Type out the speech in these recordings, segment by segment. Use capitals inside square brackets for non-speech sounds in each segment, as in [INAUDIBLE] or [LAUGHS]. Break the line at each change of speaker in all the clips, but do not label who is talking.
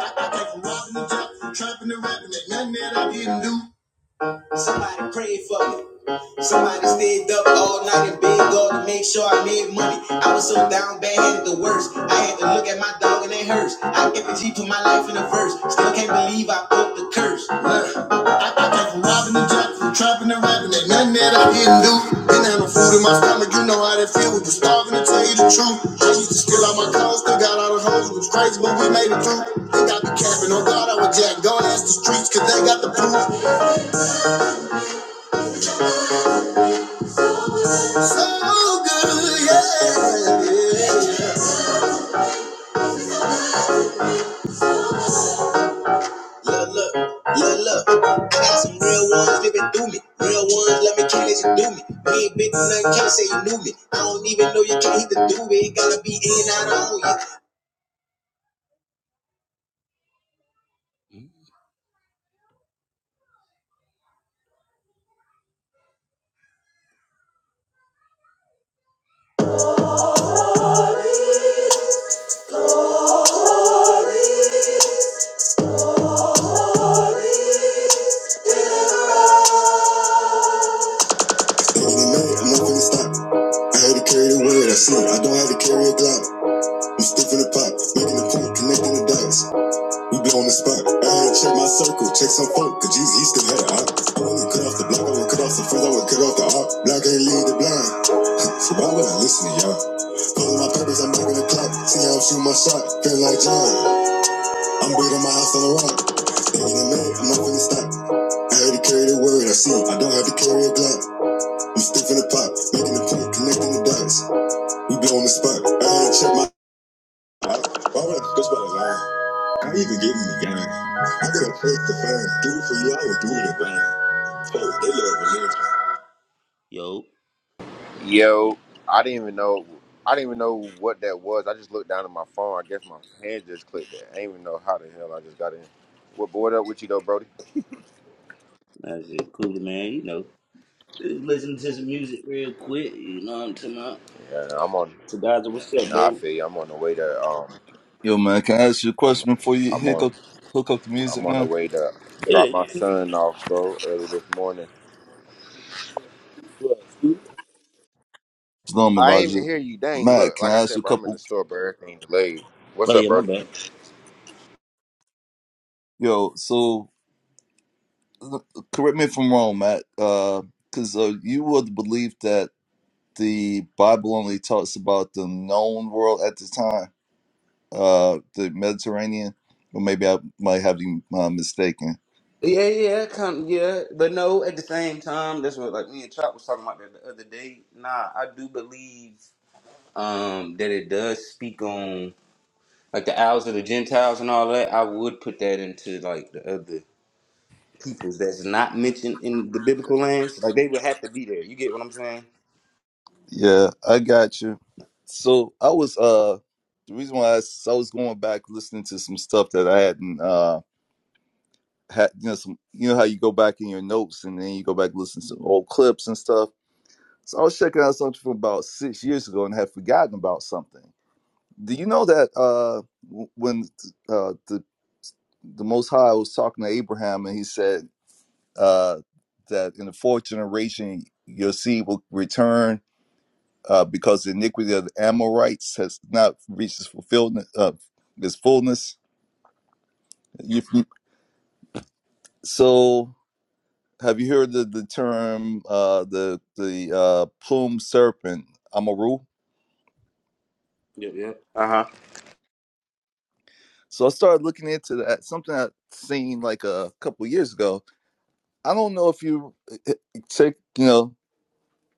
I came from robbing and jumping, trapping and rapping, ain't nothing that I didn't do. Somebody prayed for me. Somebody stayed up all night in bed dog to make sure I made money. I was so down bad, had the worst. I had to look at my dog and it hurts. I kept a G put my life in a verse. Still can't believe I broke the curse. Look. I I from robbing and jacking, from trapping and rapping, ain't nothing that I didn't do. Didn't no food in my stomach, you know how that feel when you starving to tell you the truth. I used to steal out my clothes, still got all the hoes, it was crazy, but we made it through. Think I be capping, oh God, I was jack, go ask the streets, cause they got the proof. So good, yeah. yeah, yeah. Look, look, look, look. I got some real ones living through me. Real ones, let me can't let you do me. We ain't been through nothing, can't say you knew me. I don't even know you can't hit the do it. Gotta be in, out, on you. Late at night, I'm not finna stop. I had to carry the weight, I see it. I don't have to carry a Glock. I'm stiff in the pot, making the point, connecting the dots. We blowing the spot. I had to check my circle, check some folk, cause Jesus, he still had a op. I wouldn't cut off the block, I would cut off the friends, I would cut off the op. Block ain't lead the blind, so why would I listen to y'all? Pulling my purpose, I'm knocking the clock. See how I'm shooting my shot, feeling like John. I'm building my house on the rock. Late at night, I'm not finna stop. I had to carry the word, I see it. I don't have to carry a Glock. I'm stiff in the pot, making the point, connecting the dots. We go on the spot. I ain't check my. out. Why would I bitch about a line? I ain't even giving the game. I got a place to find. Do it for you, I would do it in vain. Oh, they love religion.
Yo, I didn't even know. I didn't even know what that was. I just looked down at my phone. I guess my hand just clicked that. I didn't even know how the hell I just got in. What board up with you though, Brody? Yeah, I'm on. Nah, I feel you. I'm on the way to. Um,
Yo, man, can I ask you a
I'm.
question before you
I'm
hook
on.
up, hook up the
I'm
music,
on the
man?
way to drop my son off, bro. Early this morning.
Shalom,
I ain't even
Elijah.
hear you. Dang,
Matt,
look.
can
Like I
I ask
said,
you a
bro, I'm in the
couple?
store, bro. Everything delayed. What's up, Brody?
Yo, so uh, correct me if I'm wrong, Matt, because uh, you were the belief that the Bible only talks about the known world at the time, uh, the Mediterranean, or maybe I might have you uh, mistaken. Yeah, I got you. So I was uh, the reason why I, s- I was going back listening to some stuff that I hadn't. uh, had you know some you know how you go back in your notes and then you go back and listen to old clips and stuff. So I was checking out something from about six years ago and had forgotten about something. Do you know that uh, when uh, the the Most High was talking to Abraham and he said uh, that in the fourth generation your seed will return uh, because the iniquity of the Amorites has not reached its fulfillment uh, its fullness. You, so Have you heard the, the term uh, the the uh, plume serpent Amaru? So I started looking into that. Something I seen like a couple years ago. I don't know if you eh, eh, take you know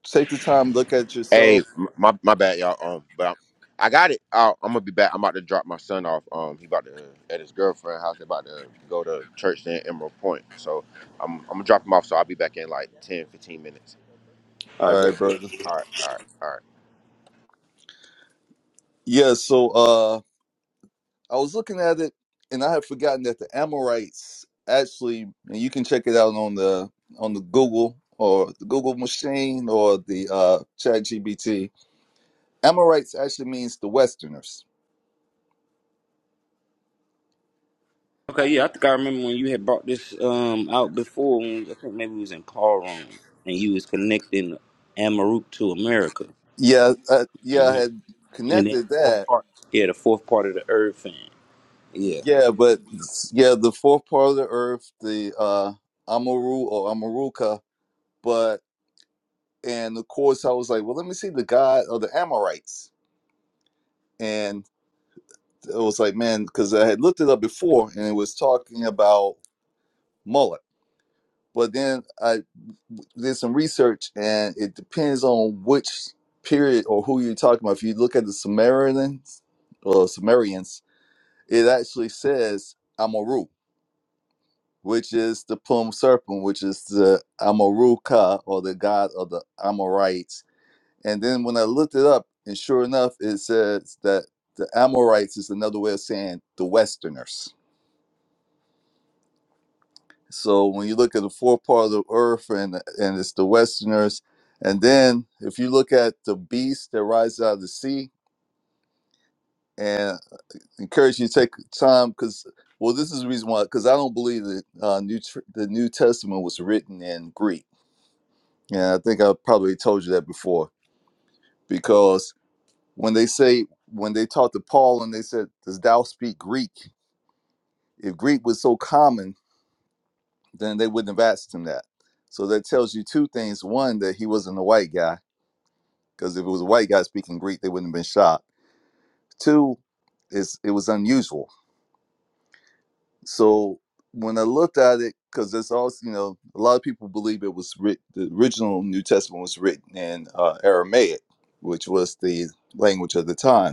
take the time look at
Hey,
yourself.
m- my my bad, y'all. Um, but I'm, I got it. i I'm gonna be back. I'm about to drop my son off. Um, he about to uh, at his girlfriend house. They about to go to church in Emerald Point. So I'm I'm gonna drop him off. So I'll be back in like ten fifteen minutes.
All right, brother.
All right, all right, all right.
Yeah. So uh, I was looking at it, and I had forgotten that the Amorites actually, and you can check it out on the on the Google or the Google machine or the uh, Chat GBT. Amorites actually means the Westerners Yeah, uh, yeah, I had connected that. Yeah, but yeah, the fourth part of the earth, the uh Amaru or Amaruka, but and of course I was like, well, let me see the god of the Amorites, and it was like, man, because I had looked it up before, and it was talking about Moloch, but then I did some research, and it depends on which period or who you're talking about. If you look at the Sumerians or Sumerians, it actually says Amaru which is the Pum Serpent, which is the Amaruka or the god of the Amorites. And then when I looked it up, and sure enough, it says that the Amorites is another way of saying the Westerners. So when you look at the four part of the earth and and it's the Westerners, and then if you look at the beast that rises out of the sea, and I encourage you to take time because well, this is the reason why because I don't believe that uh, New Tr- the New Testament was written in Greek Yeah, I think I probably told you that before because when they say when they talked to Paul and they said, "Does thou speak Greek?" If Greek was so common, then they wouldn't have asked him that. So that tells you two things: one, that he wasn't a white guy, because if it was a white guy speaking Greek, they wouldn't have been shocked. Two, is it was unusual. So when I looked at it, because it's also you know a lot of people believe it was writ- the original New Testament was written in uh, Aramaic, which was the language of the time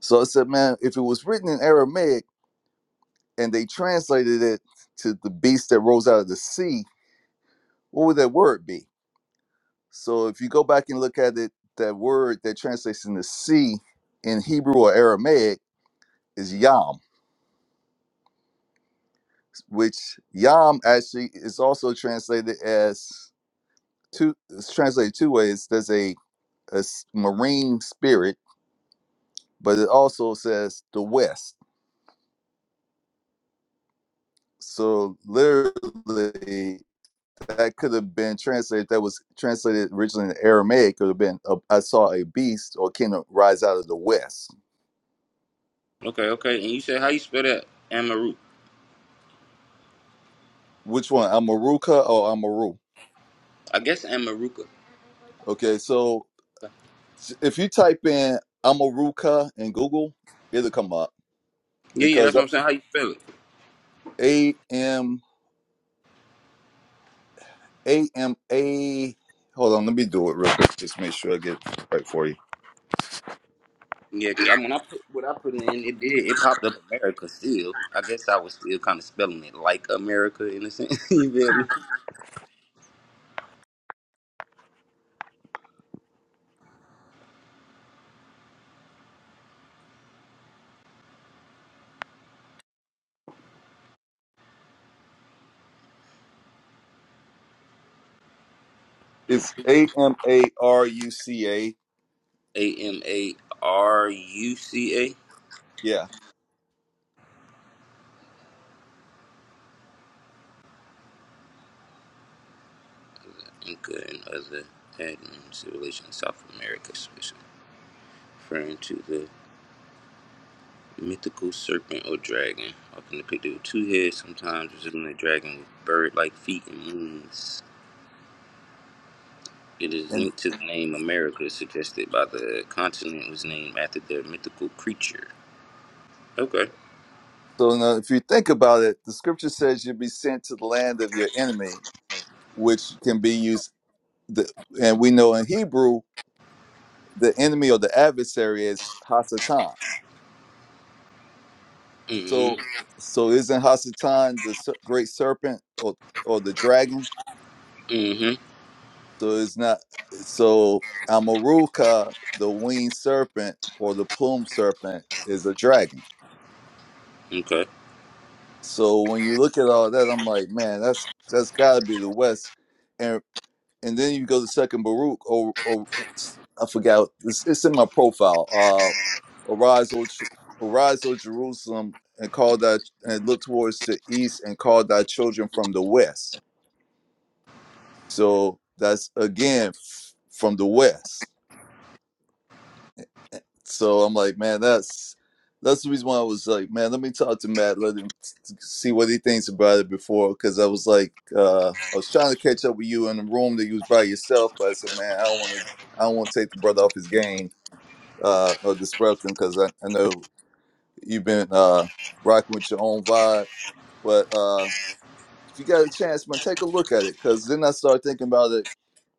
So I said, man, if it was written in Aramaic and they translated it to the beast that rose out of the sea, what would that word be? So if you go back and look at it, that word that translates in the sea in Hebrew or Aramaic is yam, which yam actually is also translated as two. It's translated two ways. There's a, a s- marine spirit, but it also says the west. So literally, that could have been translated that was translated originally in Aramaic could have been uh, I saw a beast or kingdom rise out of the west. Which one? Amaruka or Amaru? Okay, so if you type in Amaruka in Google, it'll come up because A M A M A hold on, let me do it real quick. Just make sure I get it right for you. It's A M A R U C A. Yeah. And so now if you think about it, the scripture says you'll be sent to the land of your enemy which can be used. The, and we know in Hebrew, the enemy or the adversary is Hasatan. So, so isn't Hasatan the ser- great serpent or or the dragon? So it's not. So Amaruka, the winged serpent or the plumed serpent, is a dragon. So when you look at all that, I'm like, man, that's that's got to be the West, and and then you go to Second Baruch or, or I forgot. It's, it's in my profile. uh, Arise, O, Ch- arise, O Jerusalem, and call thy and look towards the east, and call thy children from the west. So that's again f- from the west. So I'm like, man, that's that's the reason why I was like, man, let me talk to Matt, let him t- t- see what he thinks about it before, because I was like, uh, I was trying to catch up with you in the room that you was by yourself, but I said, man, I don't want to, I don't want to take the brother off his game, uh, or disrupt him, because I, I know you've been uh rocking with your own vibe But uh, if you got a chance, man, take a look at it. Because then I started thinking about it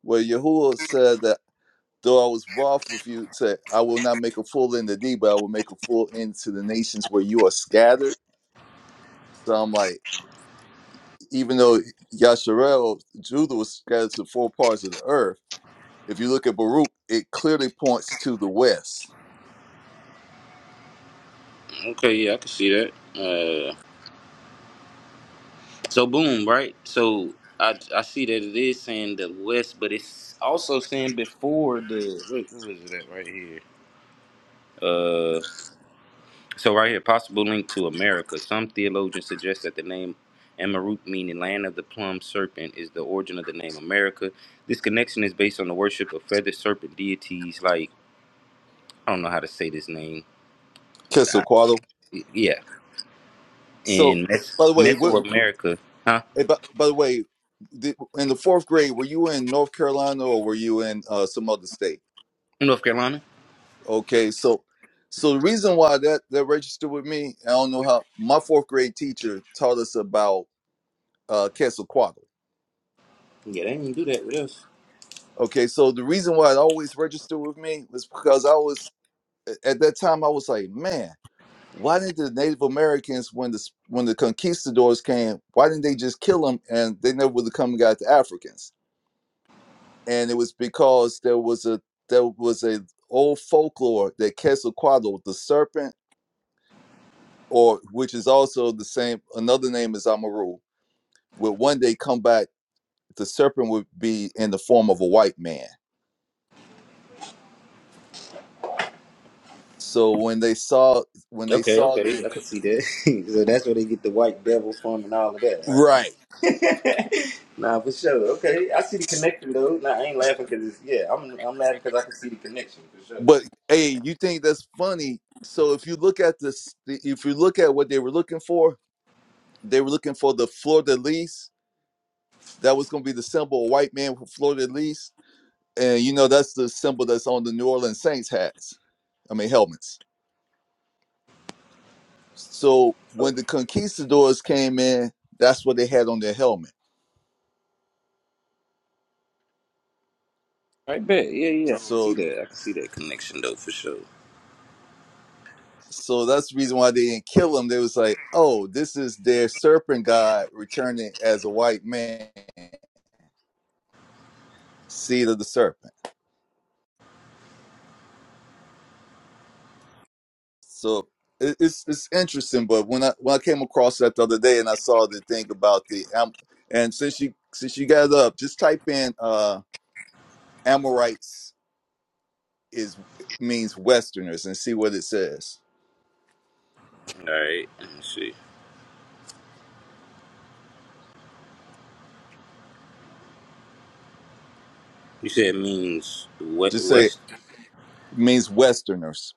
where Yahuwah said that though I was wroth with you, said, I will not make a full end to thee, but I will make a full end to the nations where you are scattered. So I'm like, even though Yasharel, Judah was scattered to four parts of the earth, if you look at Baruch, it clearly points to the west. Quetzalcoatl. So, by the way, what, eh, by, by the way, the, in the fourth grade, were you in North Carolina or were you in uh, some other state? Okay, so so the reason why that that registered with me, I don't know how my fourth grade teacher taught us about uh Quetzalcoatl. Okay, so the reason why it always registered with me was because I was a- at that time I was like, man, why didn't the Native Americans when the s- when the conquistadors came, why didn't they just kill them and they never would have come and got the Africans? And it was because there was a there was a old folklore that Quetzalcoatl, the serpent or which is also the same another name is Amaru, will one day come back. The serpent would be in the form of a white man. So when they saw when they saw them, co- right? But hey, you think that's funny? So if you look at this, if you look at what they were looking for, they were looking for the fleur de lis. That was going to be the symbol, a white man with fleur de lis, and you know that's the symbol that's on the New Orleans Saints hats. I mean helmets. So when the conquistadors came in, that's what they had on their helmet. So so that's the reason why they didn't kill him. They was like, oh, this is their serpent god returning as a white man, seed of the serpent. So it, it's it's interesting. But when I when I came across that the other day and I saw the thing about the Am- and since you since you got it up, just type in uh Amorites is means Westerners and see what it says. Just say means Westerners.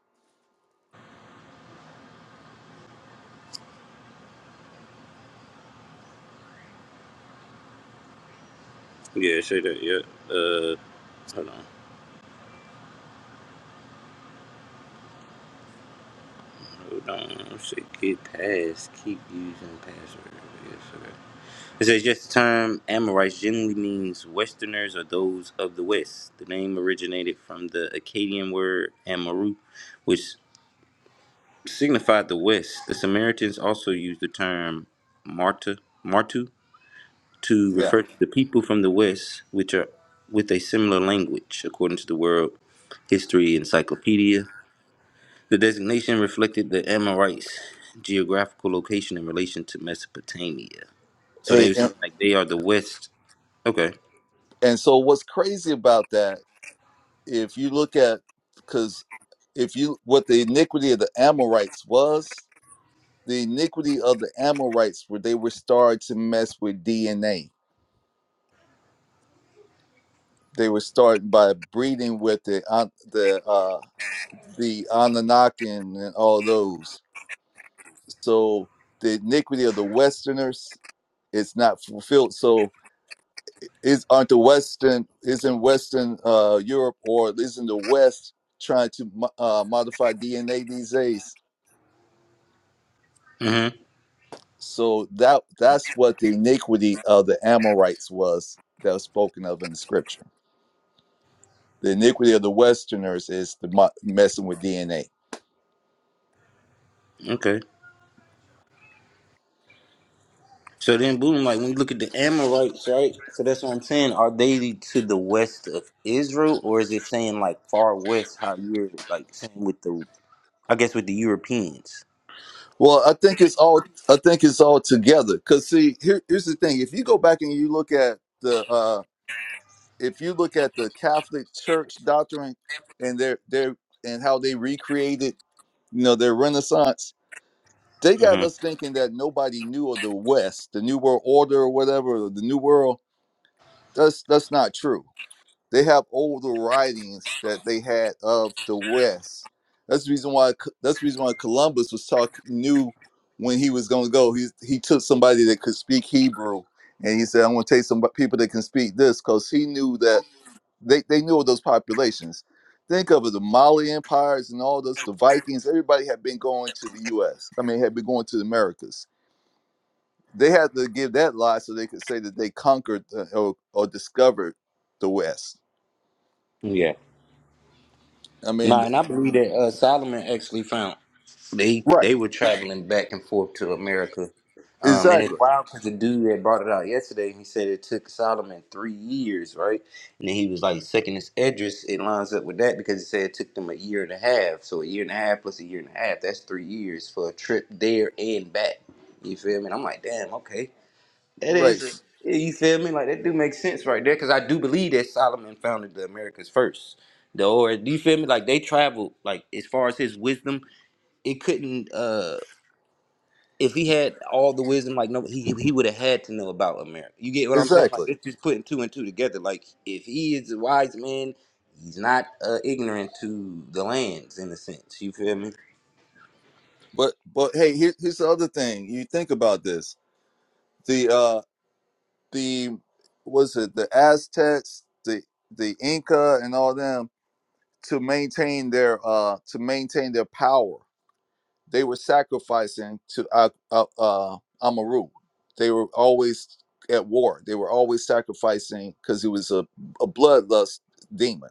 Yeah. Hey, and, and so what's crazy about that, if you look at, because if you, what the iniquity of the Amorites was, the iniquity of the Amorites were they were starting to mess with DNA. They were starting by breeding with the An- the uh, the Ananakin and all those. So the iniquity of the Westerners is not fulfilled. So is on the western is in western uh europe or is in the west trying to mo- uh, modify dna these days so that that's what the iniquity of the amorites was that was spoken of in the scripture the iniquity of the westerners is the mo- messing with dna well i think it's all i think it's all together because see here, here's the thing if you go back and you look at the uh if you look at the catholic church doctrine and their their and how they recreated you know, their renaissance, they got us thinking that nobody knew of the West, the New World Order or whatever, the New World. That's that's not true. They have older writings that they had of the West. That's the reason why Co- that's the reason why Columbus was talking knew when he was going to go. He he took somebody that could speak Hebrew and he said, "I'm going to take some people that can speak this," because he knew that they they knew of those populations. Think of it, the Mali empires and all those, the Vikings. Everybody had been going to the U.S. I mean, had been going to the Americas. They had to give that lie so they could say that they conquered uh, or, or discovered the West. I mean, right? Exactly. Right. Exactly. But but hey, here, here's the other thing. You think about this. The uh the was it the Aztecs, the the Inca, and all them to maintain their uh to maintain their power. They were sacrificing to uh, uh, uh Amaru. They were always at war. They were always sacrificing because it was a, a bloodlust demon.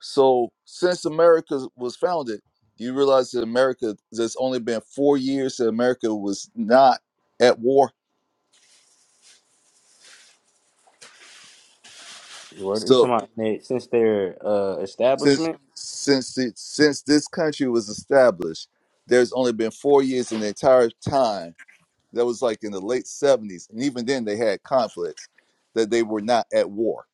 So since America was founded, you realize that America there's only been four years that America was not at war. So since since it, since this country was established, there's only been four years in the entire time That was like in the late 70s. And even then, they had conflicts that they were not at war.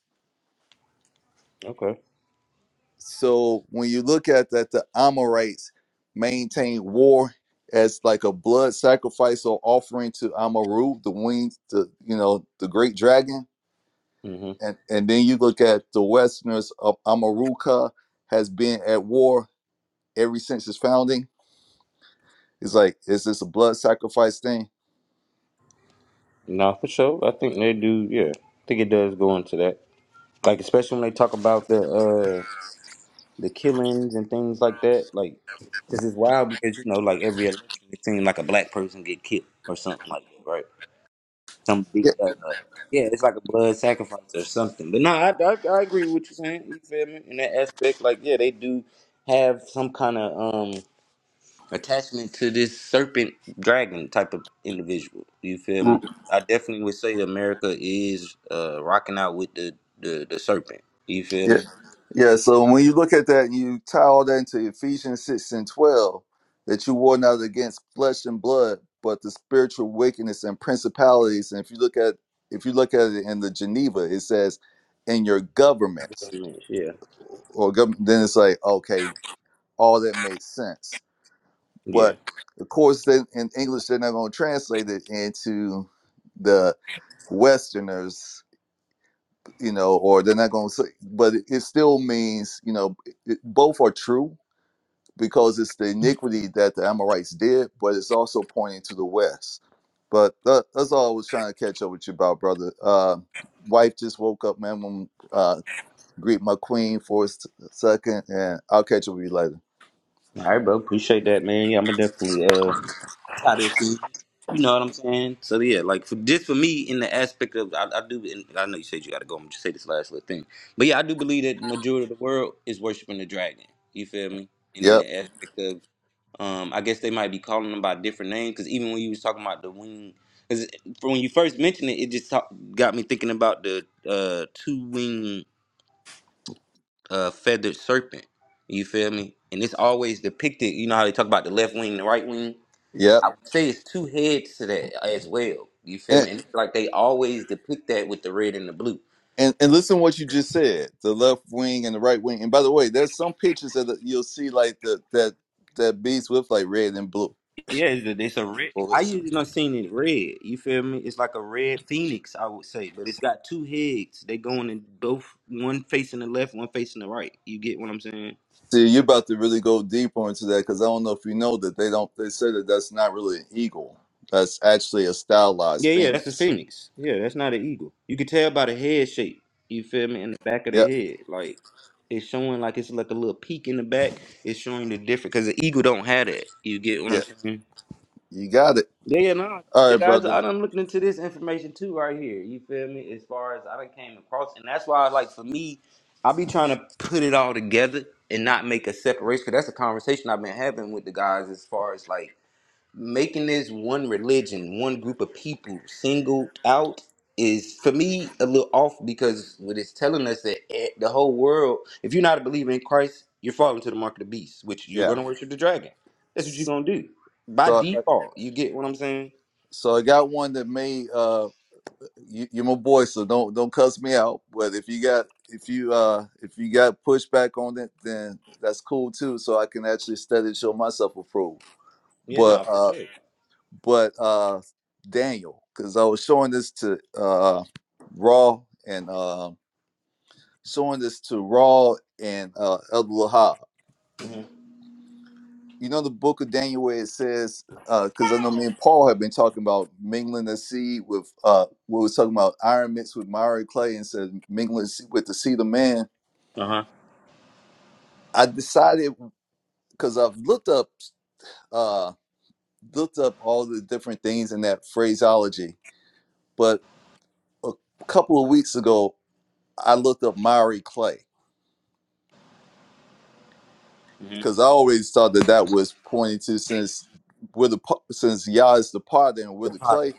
So when you look at that, the Amorites maintained war as like a blood sacrifice or offering to Amaru, the winged, the you know, the great dragon. And and then you look at the Westerners of Amaruka has been at war ever since its founding. It's like, is this a blood sacrifice thing? Yeah, yeah, Yeah, so when you look at that and you tie all that into Ephesians 6 and 12, that you war not against flesh and blood, but the spiritual wickedness and principalities. And if you look at if you look at it in the Geneva, it says in your governments or government then it's like, okay, all that makes sense. But of course then in English they're not gonna translate it into the Westerners, you know, or they're not gonna say but it it still means, you know, it, both are true because it's the iniquity that the Amorites did, but it's also pointing to the west. But that, that's all I was trying to catch up with you about, brother. Uh, wife just woke up, man. I'm gonna, uh, greet my queen for a s- second, and I'll catch up with you later. Yep, yep. And, and and listen to what you just said, the left wing and the right wing. And by the way, there's some pictures that you'll see like the that that beast with like red and blue. See, you're about to really go deeper into that because I don't know if you know that they don't. They say that that's not really an eagle. That's actually a stylized phoenix. Yep. Yeah. You got it. All right, brother. Yeah. So, so I got one that may. Uh, you, you're my boy, so don't don't cuss me out. But if you got if you uh if you got pushback on it, then that's cool too. So I can actually study to show myself approved. But uh. but uh Daniel, because I was showing this to uh Raw and uh, showing this to Raw and uh El Lahab. You know the book of Daniel where it says, because I know me and Paul have been talking about mingling the seed with uh we was talking about iron mixed with miry clay and said mingling se- with the seed of man. I decided because I've looked up uh looked up all the different things in that phraseology, but a couple of weeks ago I looked up Maori clay because I always thought that that was pointing to since we're the pa- since Yah is the potter and we're the clay.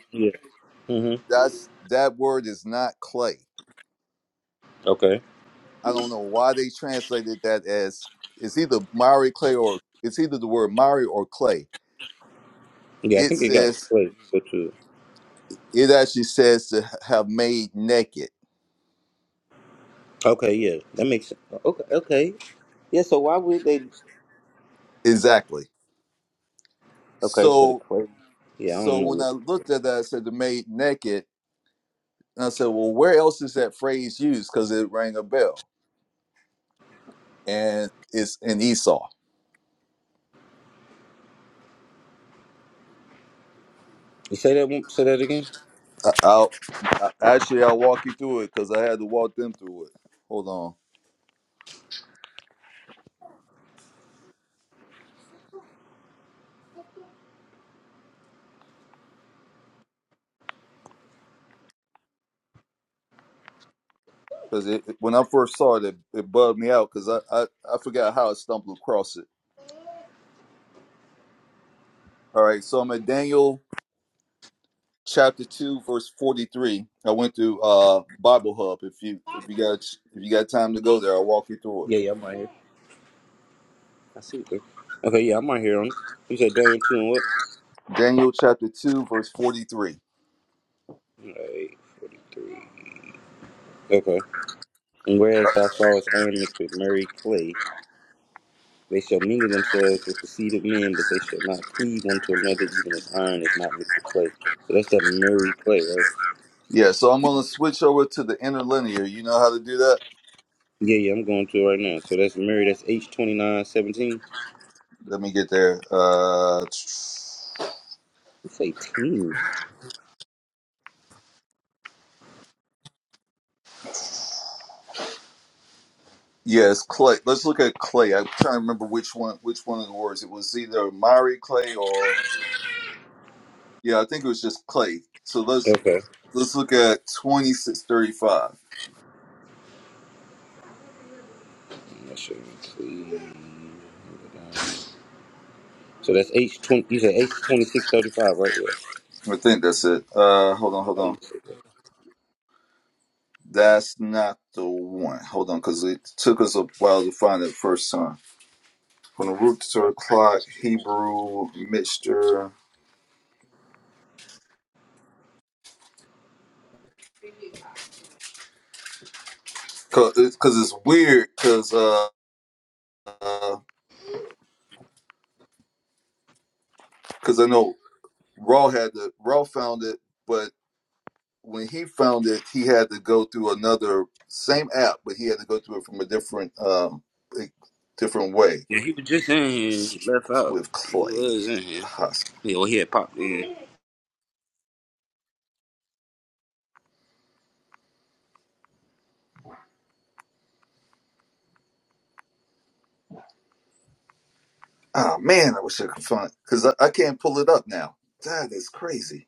That's that word is not clay. I don't know why they translated that as it's either Maori clay or it's either the word Maori or clay. It says it actually says to have made naked exactly. So so when I looked at that, I said the made naked, and I said, well, where else is that phrase used? Because it rang a bell and it's in Esau. I'll I- actually I'll walk you through it because I had to walk them through it. Hold on, because it, it- when I first saw it, it, it bugged me out because I, I I forgot how I stumbled across it. All right, so I'm at Daniel chapter two, verse forty three. I went to uh, Bible Hub. If you if you got if you got time to go there, I'll walk you through it. Daniel chapter two, verse forty three. Yeah, so I'm gonna switch over to the interlinear. You know how to do that? Let me get there. Uh, Yes, Clay. Let's look at Clay. I'm trying to remember which one which one of the words. It was either Mari Clay or yeah, I think it was just Clay. So let's let's look at twenty six thirty five. I think that's it. Uh hold on, hold on. That's not the one. Hold on, because it took us a while to find it first time. From the root to the clock, Hebrew mixture. Cause, it's- cause it's weird. Cause uh, uh, cause I know Raw had the Raw found it, but. when he found it, he had to go through another same app, but he had to go through it from a different um a different way with Clay Husk. Oh man, I wish I could find because I, I can't pull it up now. That is crazy.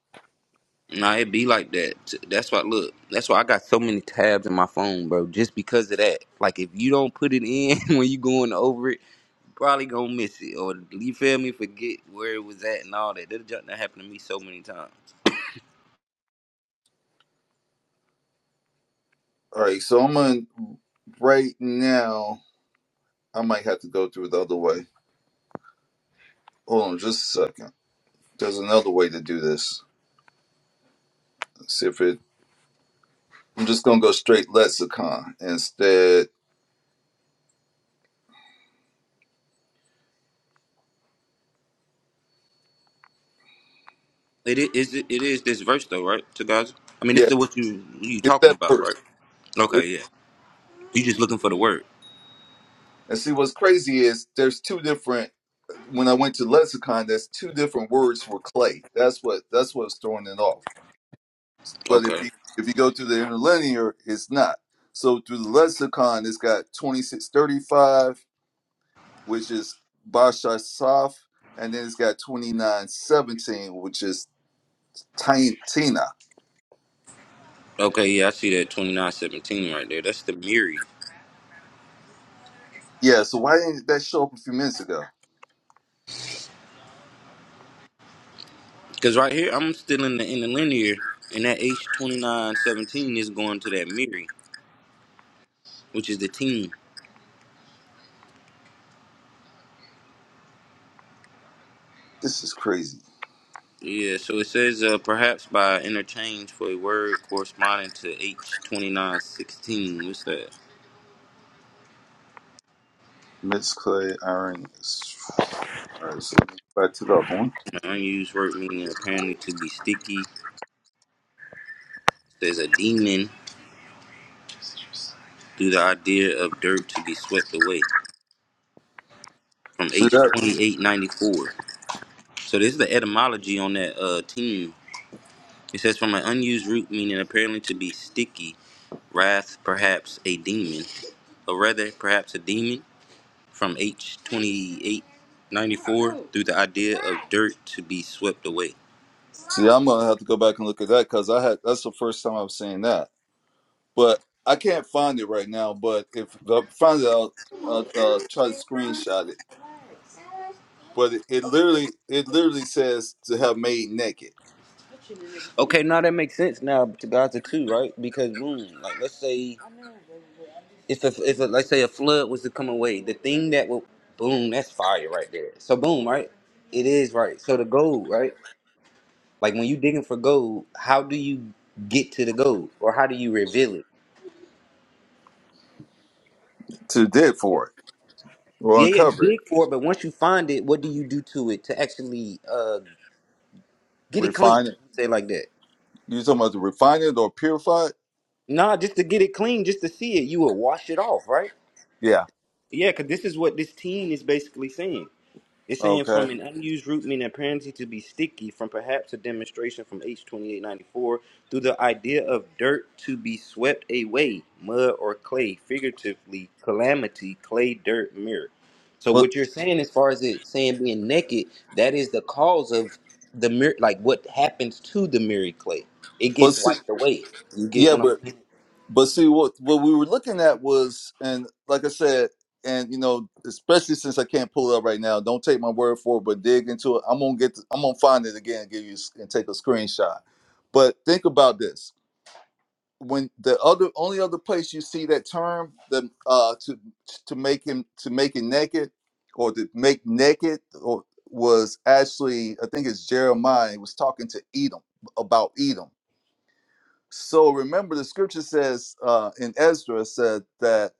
All right, so I'm gonna right now. I might have to go through the other way. Hold on, just a second. There's another way to do this. Let's see if it. I'm just gonna go straight lexicon instead. Yeah, it's that verse. And see, what's crazy is there's two different. When I went to lexicon, there's two different words for clay. That's what that's what's throwing it off. But if you if you go to the interlinear, it's not. So through the lexicon, it's got 2635, which is Basha Saf, and then it's got 2917, which is Tain- Tina. Yeah. So why didn't that show up a few minutes ago? This is crazy. Miss clay, iron. All right. So let me go back to that one. See that See, I'm gonna have to go back and look at that because I had that's the first time I've seen that, but I can't find it right now. But if, I find it, I'll, I'll uh, try to screenshot it. But it, it literally, it literally says to have made naked, to dig for it, or uncover it, refine it. You talking about to refine it or purify it? Yeah. Okay. But but see, yeah, but But see, what what we were looking at was, and like I said, and you know, especially since I can't pull it up right now, don't take my word for it, but dig into it. I'm gonna get, I'm gonna find it again, and give you s- and take a screenshot. But think about this: when the other, only other place you see that term, the uh, to to make him to make it naked, or to make naked, or was actually, I think it's Jeremiah. He was talking to Edom about Edom so remember, the scripture says uh, in Ezra said that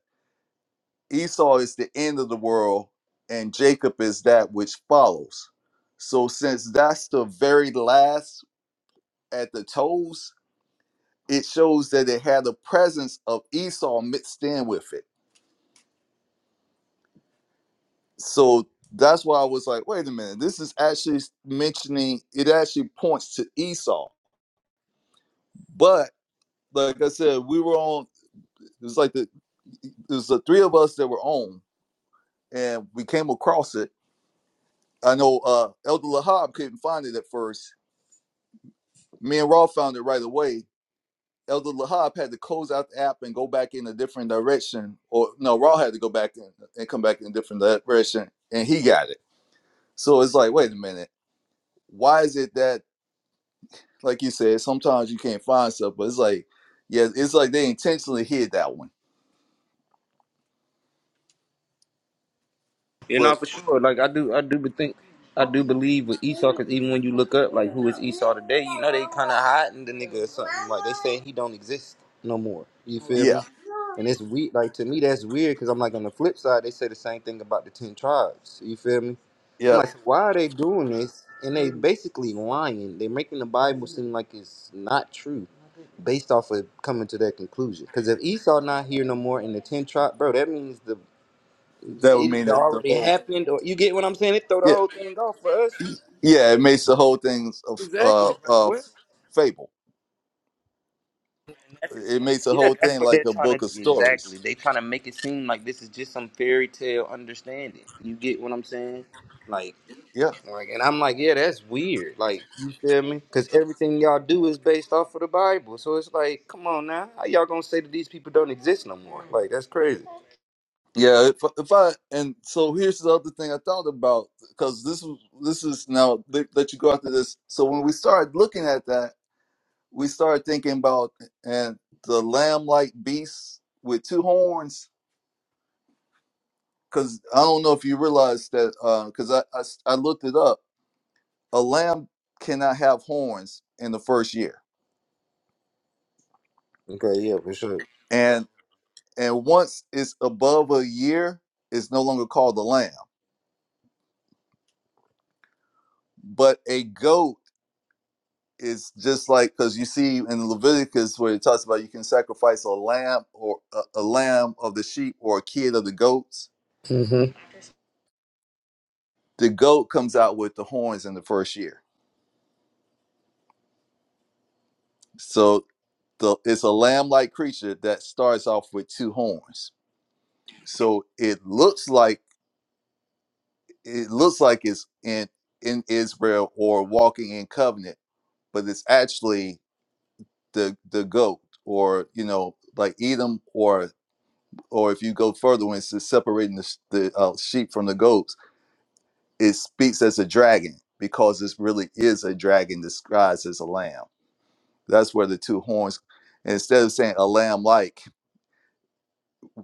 Esau is the end of the world, and Jacob is that which follows. So since that's the very last at the toes, it shows that it had the presence of Esau mixed in with it. So that's why I was like, wait a minute, this is actually mentioning it actually points to Esau. But like I said, we were on. It was like the it was the three of us that were on, and we came across it I know uh, Elder Lahab couldn't find it at first. Me and Raw found it right away. Elder Lahab had to close out the app and go back in a different direction, or no, Raw had to go back in and come back in a different direction, and he got it. So it's like, wait a minute, why is it that, like you said, sometimes you can't find stuff, but it's like, yeah, it's like they intentionally hid that one. But yeah, yeah, that would mean that the whole yeah, yeah, it makes the whole thing a f- uh, uh, fable. It makes the whole thing like a book of stories. Yeah, yeah. If, if I and so here's the other thing I thought about because this was this is now let, let you go after this. So when we started looking at that, we started thinking about and the lamb-like beast with two horns. Because I don't know if you realize that because I, I s- I looked it up. A lamb cannot have horns in the first year, and and once it's above a year, it's no longer called a lamb, but a goat it's just like because you see in Leviticus where it talks about you can sacrifice a lamb or a, a lamb of the sheep or a kid of the goats. The goat comes out with the horns in the first year, so the it's a lamb-like creature that starts off with two horns. So it looks like it looks like it's in in Israel or walking in covenant, but it's actually the the goat or you know like Edom or. or if you go further when it's separating the, the uh, sheep from the goats, it speaks as a dragon because this really is a dragon disguised as a lamb. That's where the two horns. And Instead of saying a lamb like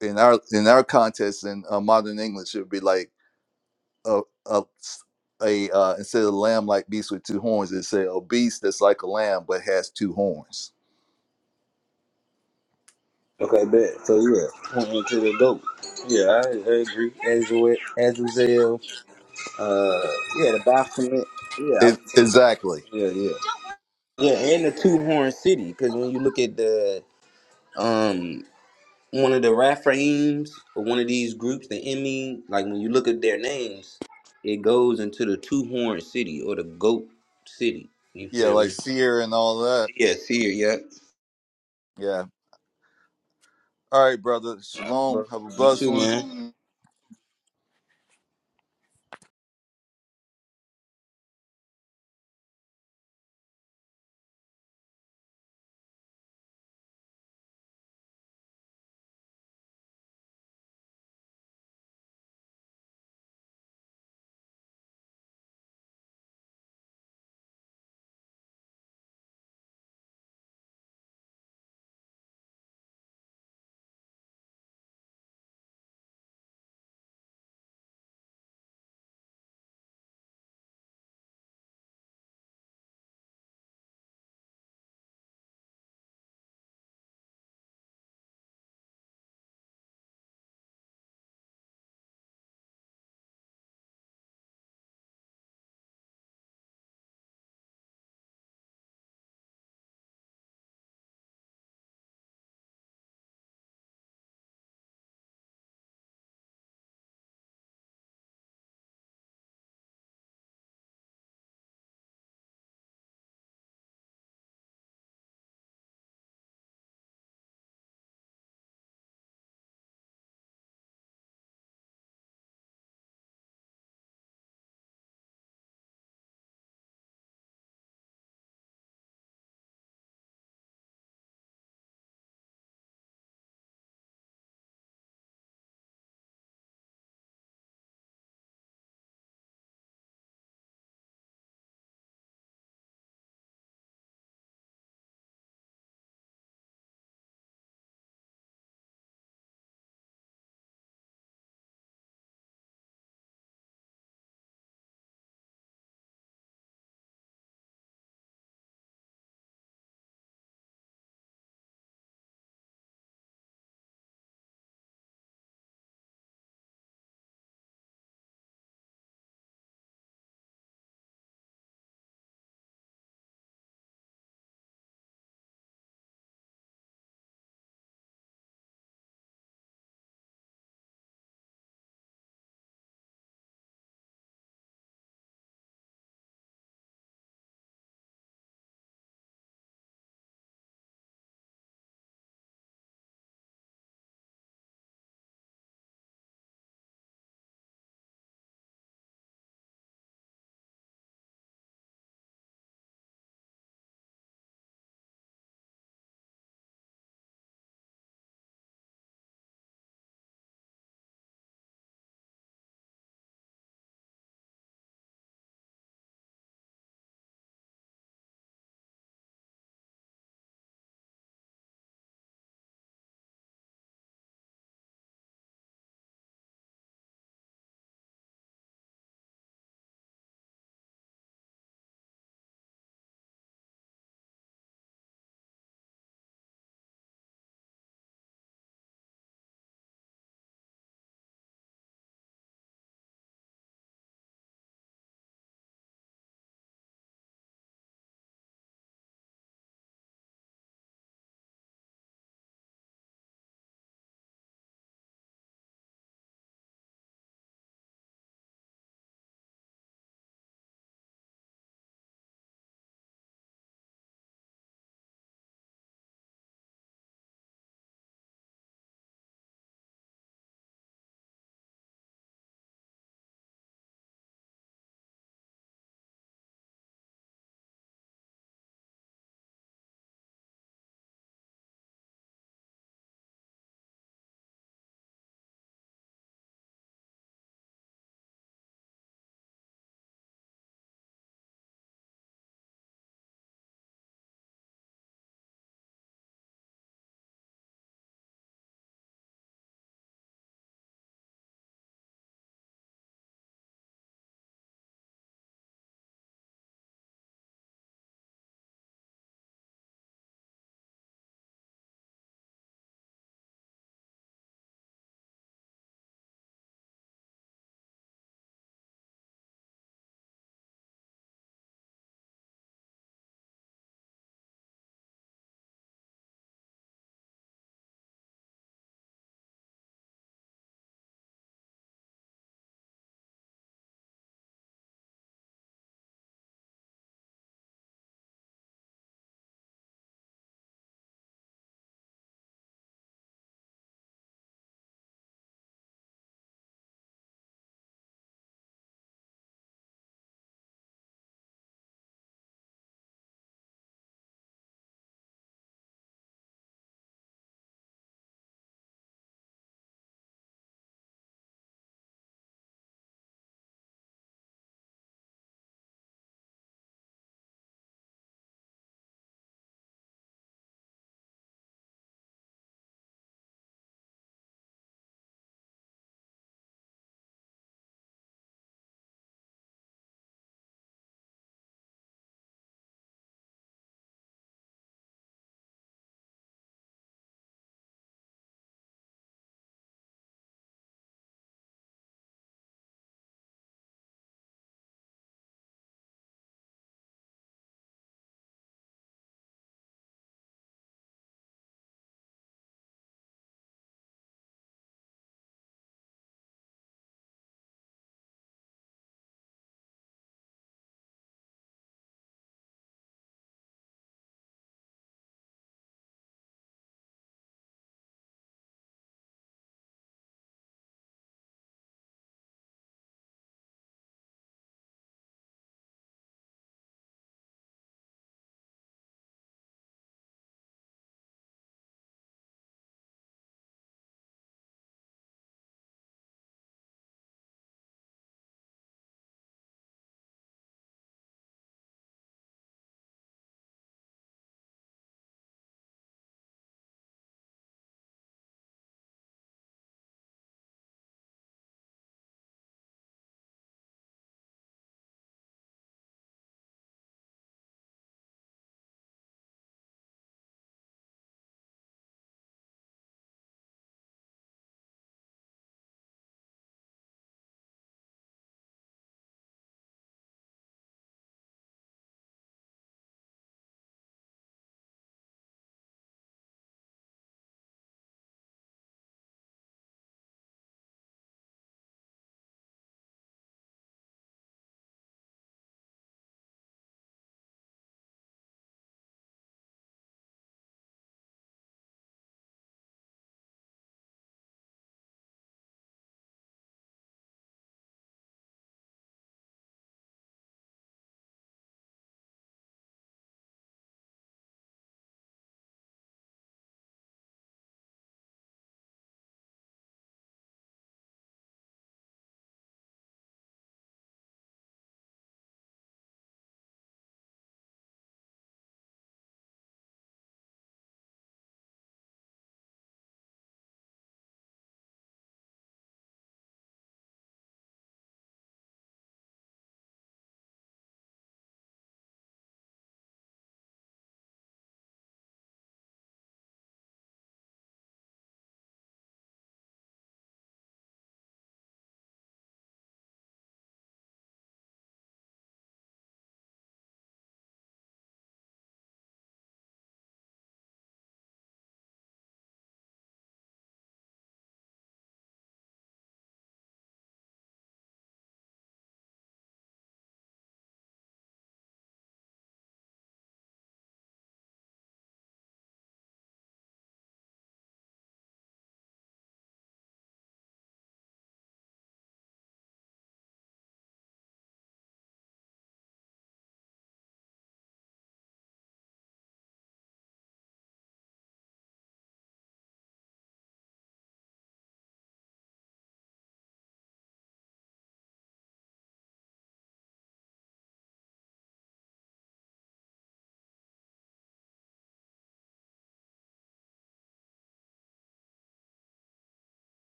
in our in our context in uh, modern English, it would be like a a, a uh, instead of lamb like beast with two horns, it say a beast that's like a lamb but has two horns. It, exactly. Yeah, like seer and all that. Yeah. All right, brother. Shalom. Have a blessed one.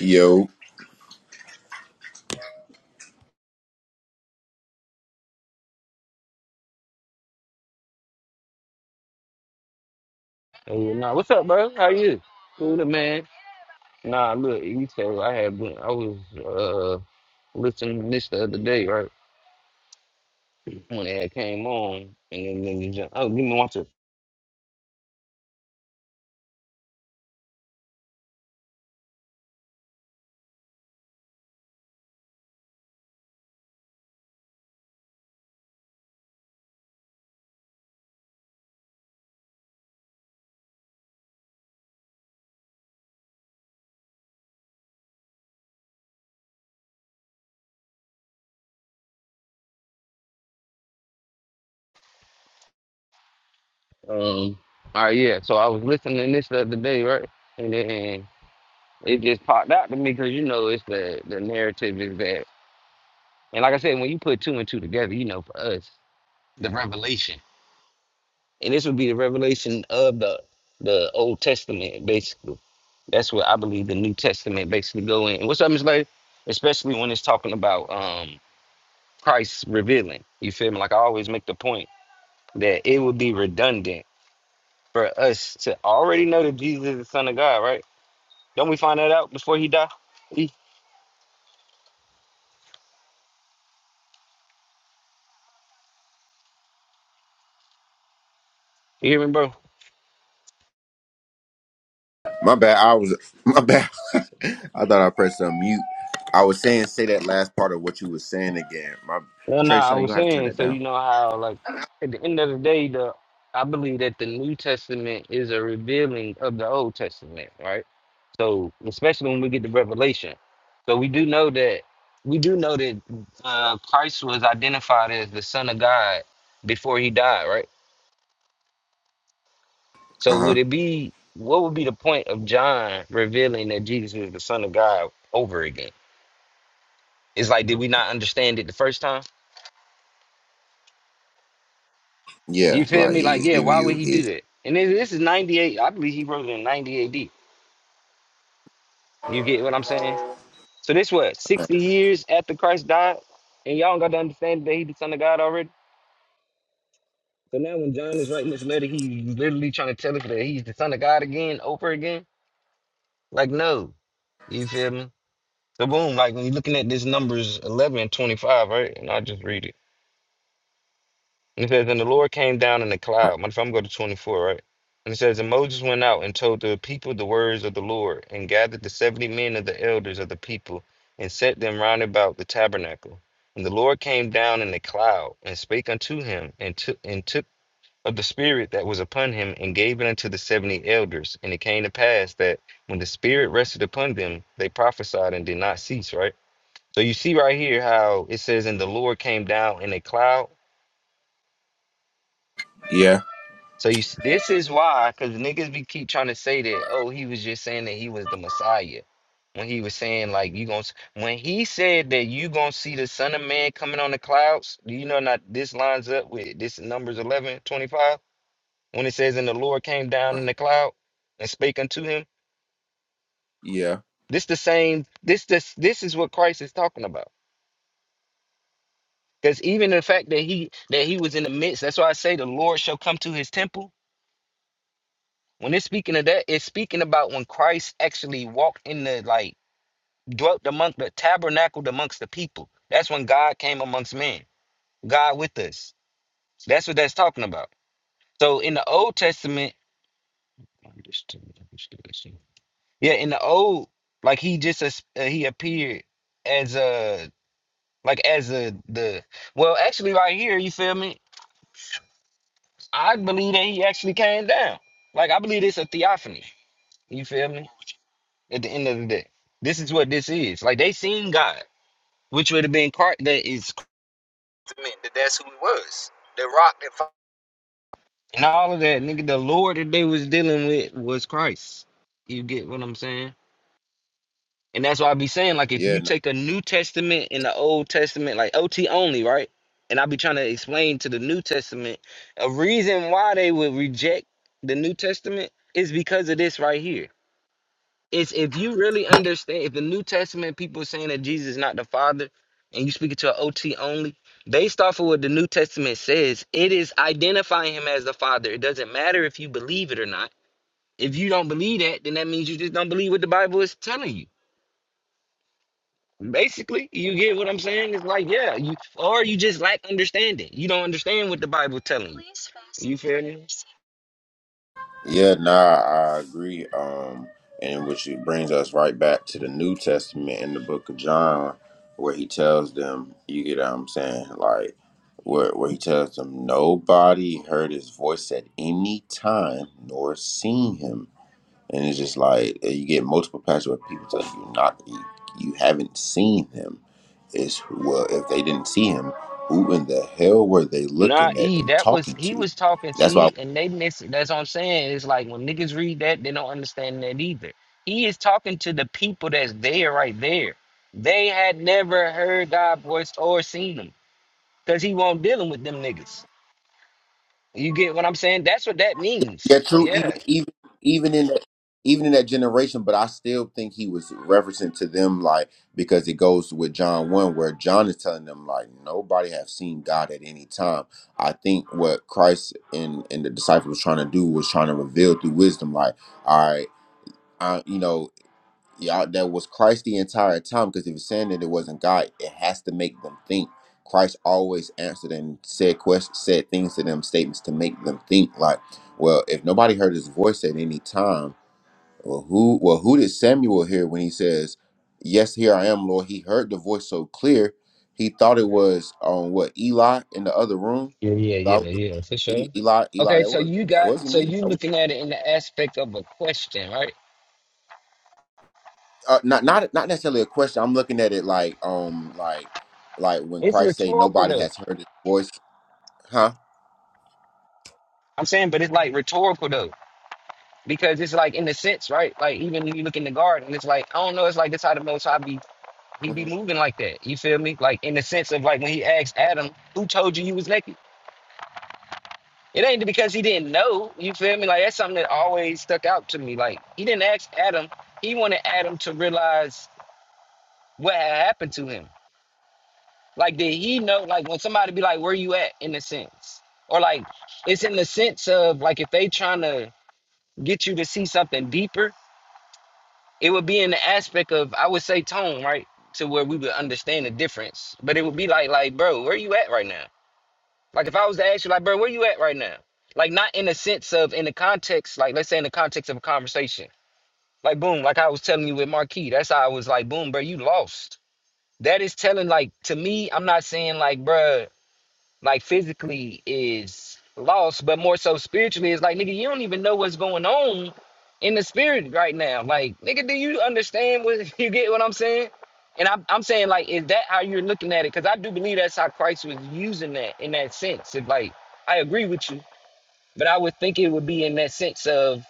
Yo,
I was listening to this the other day, right? And then it just popped out to me because you know it's the the narrative is that, and like I said, when you put two and two together, you know, for us, the revelation, and this would be the revelation of the the Old Testament, basically. That's what I believe the New Testament basically go in. And what's up, Miss Lady? Especially when it's talking about um Christ revealing. You feel me? Like I always make the point that it would be redundant for us to already know that Jesus is the Son of God, right? Don't we find that out before he died? You hear me, bro?
my bad. I was my bad. [LAUGHS] I thought I pressed unmute. I was saying say that last part of what you was saying again. My
No, no,
Trey
I
son, you
was
gonna have to turn
saying,
that
so
down.
you know how like at the end of the day, the I believe that the New Testament is a revealing of the Old Testament, right? So especially when we get to Revelation. So we do know that we do know that uh, Christ was identified as the Son of God before he died, right? So
Uh huh.
would it be what would be the point of John revealing that Jesus is the Son of God over again? It's like, did we not understand it the first time? You
Yeah,
feel
like
me? Like,
he's
yeah,
giving
why would
you
he do
his.
that? And this, this is 98. I believe he wrote it in 90 AD. You get what I'm saying? So this what, 60 years after Christ died? And y'all got to understand that he's the Son of God already? So now when John is writing this letter, he's literally trying to tell us that he's the Son of God again, over again? Like, no. You feel me? So boom, like when you're looking at this numbers 11 and 25, right? And I just read it. And it says, and the Lord came down in the cloud. What if I'm going to 24, right? And it says, and Moses went out and told the people the words of the Lord and gathered the 70 men of the elders of the people and set them round about the tabernacle. And the Lord came down in the cloud and spake unto him and took and took of the spirit that was upon him and gave it unto the 70 elders. And it came to pass that when the spirit rested upon them, they prophesied and did not cease, right? So you see right here how it says, and the Lord came down in a cloud.
Yeah.
So you s- this is why, because niggas be keep trying to say that, oh, he was just saying that he was the Messiah. When he was saying, like, you gonna s- when he said that you gonna see the Son of Man coming on the clouds, do you know not this lines up with this in numbers 11 25 when it says, and the Lord came
Uh,
down in the cloud and spake unto him?
Yeah.
This the same, this this this is what Christ is talking about. Because even the fact that he that he was in the midst, that's why I say the Lord shall come to his temple. When it's speaking of that, it's speaking about when Christ actually walked in the like dwelt among the tabernacled amongst the people. That's when God came amongst men. God with us. That's what that's talking about. So in the Old Testament, yeah, in the old, like he just as- uh, he appeared as a like as a the well actually right here, you feel me? I believe that he actually came down. Like I believe it's a theophany. You feel me? At the end of the day, this is what this is. Like they seen God, which would have been car- that is I mean, that that's who he was. The rock that fo- and all of that, nigga. The Lord that they was dealing with was Christ. You get what I'm saying? And that's why I be saying, like, if
Yeah.
you take a New Testament and the Old Testament, like OT only, right? And I be trying to explain to the New Testament a reason why they would reject the New Testament is because of this right here. It's if you really understand, if the New Testament people saying that Jesus is not the Father, and you speak it to an OT only, based off of what the New Testament says, it is identifying him as the Father. It doesn't matter if you believe it or not. If you don't believe that, then that means you just don't believe what the Bible is telling you. Basically, you get what I'm saying? It's like, yeah, you or you just lack understanding. You don't understand what the Bible telling you. You feel me?
Yeah, nah, I agree. Um, and which it brings us right back to the New Testament in the book of John, where he tells them, you get what I'm saying? Like, where, where he tells them, nobody heard his voice at any time nor seen him. And it's just like, uh, you get multiple passages where people tell you not, you, you haven't seen him. It's, well, if they didn't see him, who in the hell were they
Nah,
looking at
E,
and
that was
talking
he
to?
was talking,
That's why
see, and they miss it. That's what I'm saying. It's like when niggas read that, they don't understand that either. He is talking to the people that's there right there. They had never heard God's voice or seen him. Cause he won't dealing with them niggas. You get what I'm saying? That's what that
Yeah,
means.
true. Even
Yeah.
even even in that even in that generation, but I still think he was referencing to them like because it goes with John one where John is telling them like nobody have seen God at any time. I think what Christ and and the disciples was trying to do was trying to reveal through wisdom like all right. I, you know, y'all that was Christ the entire time because if it's saying that it wasn't God, it has to make them think. Christ always answered and said questions, said things to them, statements to make them think. Like, well, if nobody heard his voice at any time, well, who, well, who did Samuel hear when he says, "Yes, here I am, Lord"? He heard the voice so clear, he thought it was on um, what Eli in the other room.
Yeah, yeah,
That
yeah,
was
yeah, for
E-
sure.
Eli, Eli,
Okay,
that
so
was
you
that
got
wasn't
so
me.
you looking at it in the aspect of a question, right?
uh, not not not necessarily a question. I'm looking at it like um like like when
It's
Christ say
rhetorical
nobody
though.
has heard his voice, huh?
I'm saying, but it's like rhetorical though. Because it's like in the sense, right? Like even when you look in the garden, it's like, I don't know, it's like this how the most high be he
Mm-hmm.
be moving like that. You feel me? Like in the sense of like when he asked Adam, who told you you was naked? It ain't because he didn't know, you feel me? Like that's something that always stuck out to me. Like he didn't ask Adam, he wanted Adam to realize what had happened to him. Like, did he know? Like, when somebody be like, "Where you at?" in a sense, or like, it's in the sense of like if they trying to get you to see something deeper, it would be in the aspect of I would say tone, right, to where we would understand the difference. But it would be like, like, bro, where you at right now? Like, if I was to ask you, like, bro, where you at right now? Like, not in the sense of in the context, like, let's say in the context of a conversation, like, boom, like I was telling you with Marquis, that's how I was like, boom, bro, you lost. That is telling, like, to me, I'm not saying like, bruh like physically is lost, but more so spiritually is like, nigga, you don't even know what's going on in the spirit right now. Like, nigga, do you understand what [LAUGHS] you get what I'm saying? And I'm, I'm saying, like, is that how you're looking at it? Because I do believe that's how Christ was using that in that sense. If, like, I agree with you, but I would think it would be in that sense of,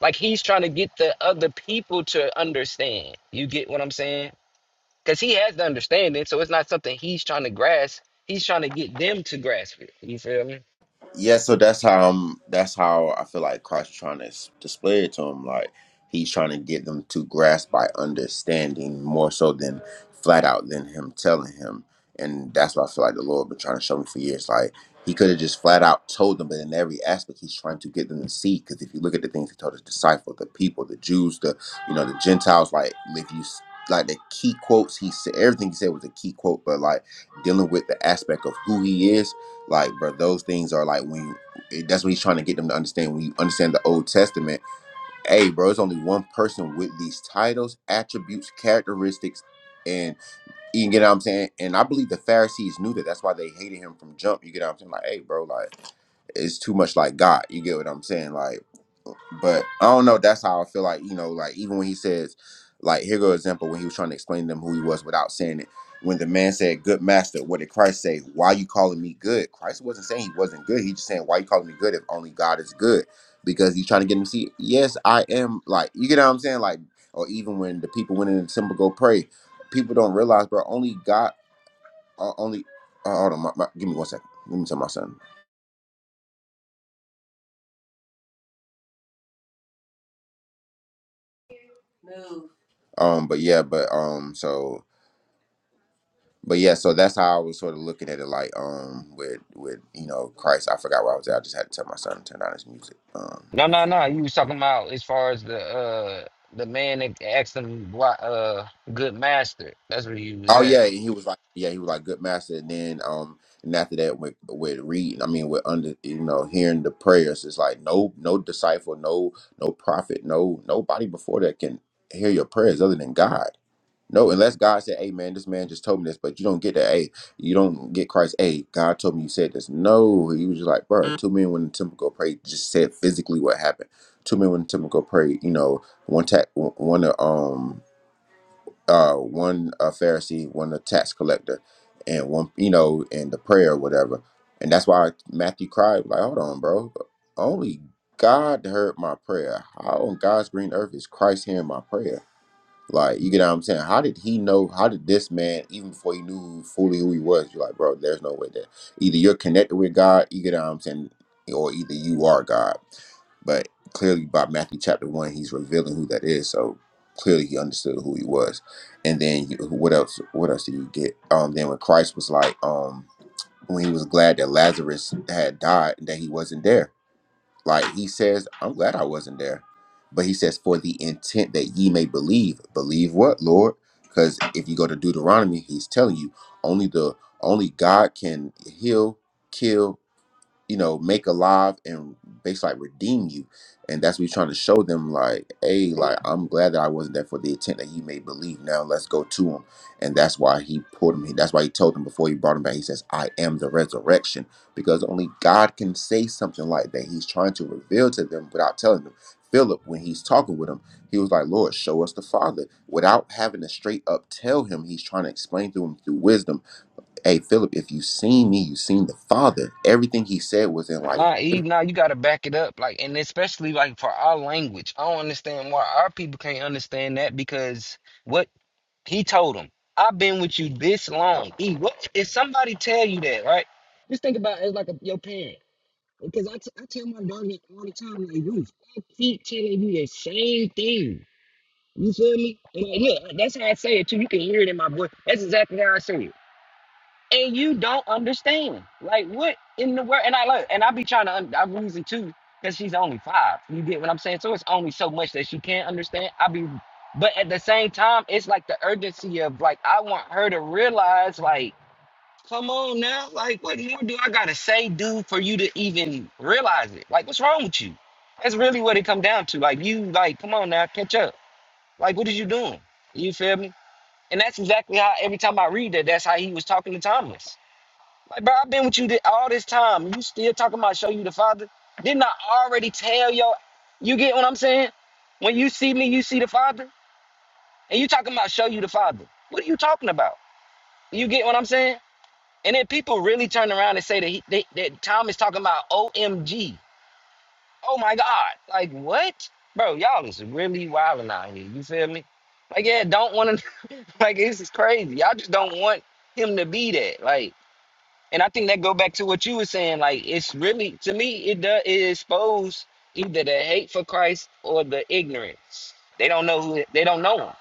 like, he's trying to get the other people to understand. You get what I'm saying? because he has the understanding, so it's not something he's trying to grasp. He's trying to get them to grasp it. You feel me?
Yeah, so that's how um that's how I feel like Christ trying to s- display it to him. Like he's trying to get them to grasp by understanding more so than flat out than him telling him. And that's what I feel like the Lord been trying to show me for years. Like he could have just flat out told them, but in every aspect he's trying to get them to see. Because if you look at the things he told his disciples, the people, the Jews, the you know the Gentiles, like if you s- like the key quotes he said, everything he said was a key quote. But like dealing with the aspect of who he is like, bro, those things are like when you, that's what he's trying to get them to understand. When you understand the Old Testament, hey, bro, it's only one person with these titles, attributes, characteristics, and you get what I'm saying. And I believe the Pharisees knew that. That's why they hated him from jump. You get what I'm saying? Like, hey, bro, like it's too much like God. You get what I'm saying? Like. But I don't know. That's how I feel like you know, like even when he says, like here go example when he was trying to explain to them who he was without saying it. When the man said, "Good master," what did Christ say? Why you calling me good? Christ wasn't saying he wasn't good. He just saying, "Why you calling me good if only God is good?" Because he's trying to get him to see, yes, I am. Like you get what I'm saying? Like or even when the people went in the temple go pray, people don't realize, bro. Only God, uh, only. Uh, hold on, my, my, give me one second. Let me tell my son. Um, but yeah, but um, so but yeah, so that's how I was sort of looking at it, like um, with with you know Christ. I forgot where I was at. I just had to tell my son to turn on his music. Um,
No, no, no. You was talking about as far as the uh the man that asked him why uh good master. That's where you was
oh
at.
yeah, and he was like, yeah, he was like good master. And then um, and after that with with reading, I mean with under you know hearing the prayers, it's like no no disciple, no no prophet, no nobody before that can hear your prayers other than God. No, unless God said, "Hey, man, this man just told me this," but you don't get that. Hey, you don't get Christ. Hey, God told me you said this. No, he was just like, bro, two men went in the temple go pray. Just said physically what happened. Two men went in the temple go pray. You know, one tax, one uh, um, uh, one a Pharisee, one a tax collector, and one, you know, and the prayer or whatever. And that's why Matthew cried, like, "Hold on, bro. Only God heard my prayer. How on God's green earth is Christ hearing my prayer?" Like, you get what I'm saying? How did he know? How did this man, even before he knew who- fully who he was, you're like, bro, there's no way that either you're connected with God, you get what I'm saying, or either you are God. But clearly, by Matthew chapter one, he's revealing who that is. So clearly, he understood who he was. And then, you, what else? What else did you get? Um, then when Christ was like, um, when he was glad that Lazarus had died and that he wasn't there like he says, I'm glad I wasn't there. But he says, for the intent that ye may believe. Believe what, Lord? Because if you go to Deuteronomy, he's telling you only the only God can heal, kill, you know, make alive and basically like redeem you. And that's what he's trying to show them, like, hey, like I'm glad that I wasn't there for the intent that he made believe. Now let's go to him. And that's why he pulled him. That's why he told him before he brought him back, he says, I am the resurrection. Because only God can say something like that. He's trying to reveal to them without telling them. Philip, when he's talking with him, he was like, Lord, show us the Father. Without having to straight up tell him, he's trying to explain to him through wisdom hey Philip, if you seen me, you seen the Father. Everything he said was in like,
Nah, Eve, nah, you gotta back it up. Like and especially like for our language. I don't understand why our people can't understand that because what he told him, I've been with you this long. Eve. what if somebody tell you that, right? Just think about it as like a, your parent. Because I, t- I tell my daughter that all the time, like, you I keep telling you the same thing. You feel me? And like, yeah, that's how I say it too. You can hear it in my voice. That's exactly how I say it. And you don't understand. Like, what in the world? And I look, and I be trying to, un- I losing too, because she's only five. You get what I'm saying? So it's only so much that she can't understand. I be, but at the same time, it's like the urgency of, like, I want her to realize, like, Come on now. Like, what more do I gotta say, do for you to even realize it? Like, what's wrong with you? That's really what it come down to. Like, you like, come on now, catch up. Like, what is you doing? You feel me? And that's exactly how every time I read that, that's how he was talking to Thomas. Like, bro, I've been with you th- all this time. You still talking about show you the father? Didn't I already tell yo? You get what I'm saying? When you see me, you see the father, and you talking about show you the father. What are you talking about? You get what I'm saying? And then people really turn around and say that, he, they, that Tom is talking about OMG. Oh my God. Like, what? Bro, y'all is really wilding out here. You feel me? Like, yeah, don't want to, [LAUGHS] like, this is crazy. Y'all just don't want him to be that. Like, and I think that go back to what you were saying. Like, it's really, to me, it does, it expose either the hate for Christ or the ignorance. They don't know who, they don't know him.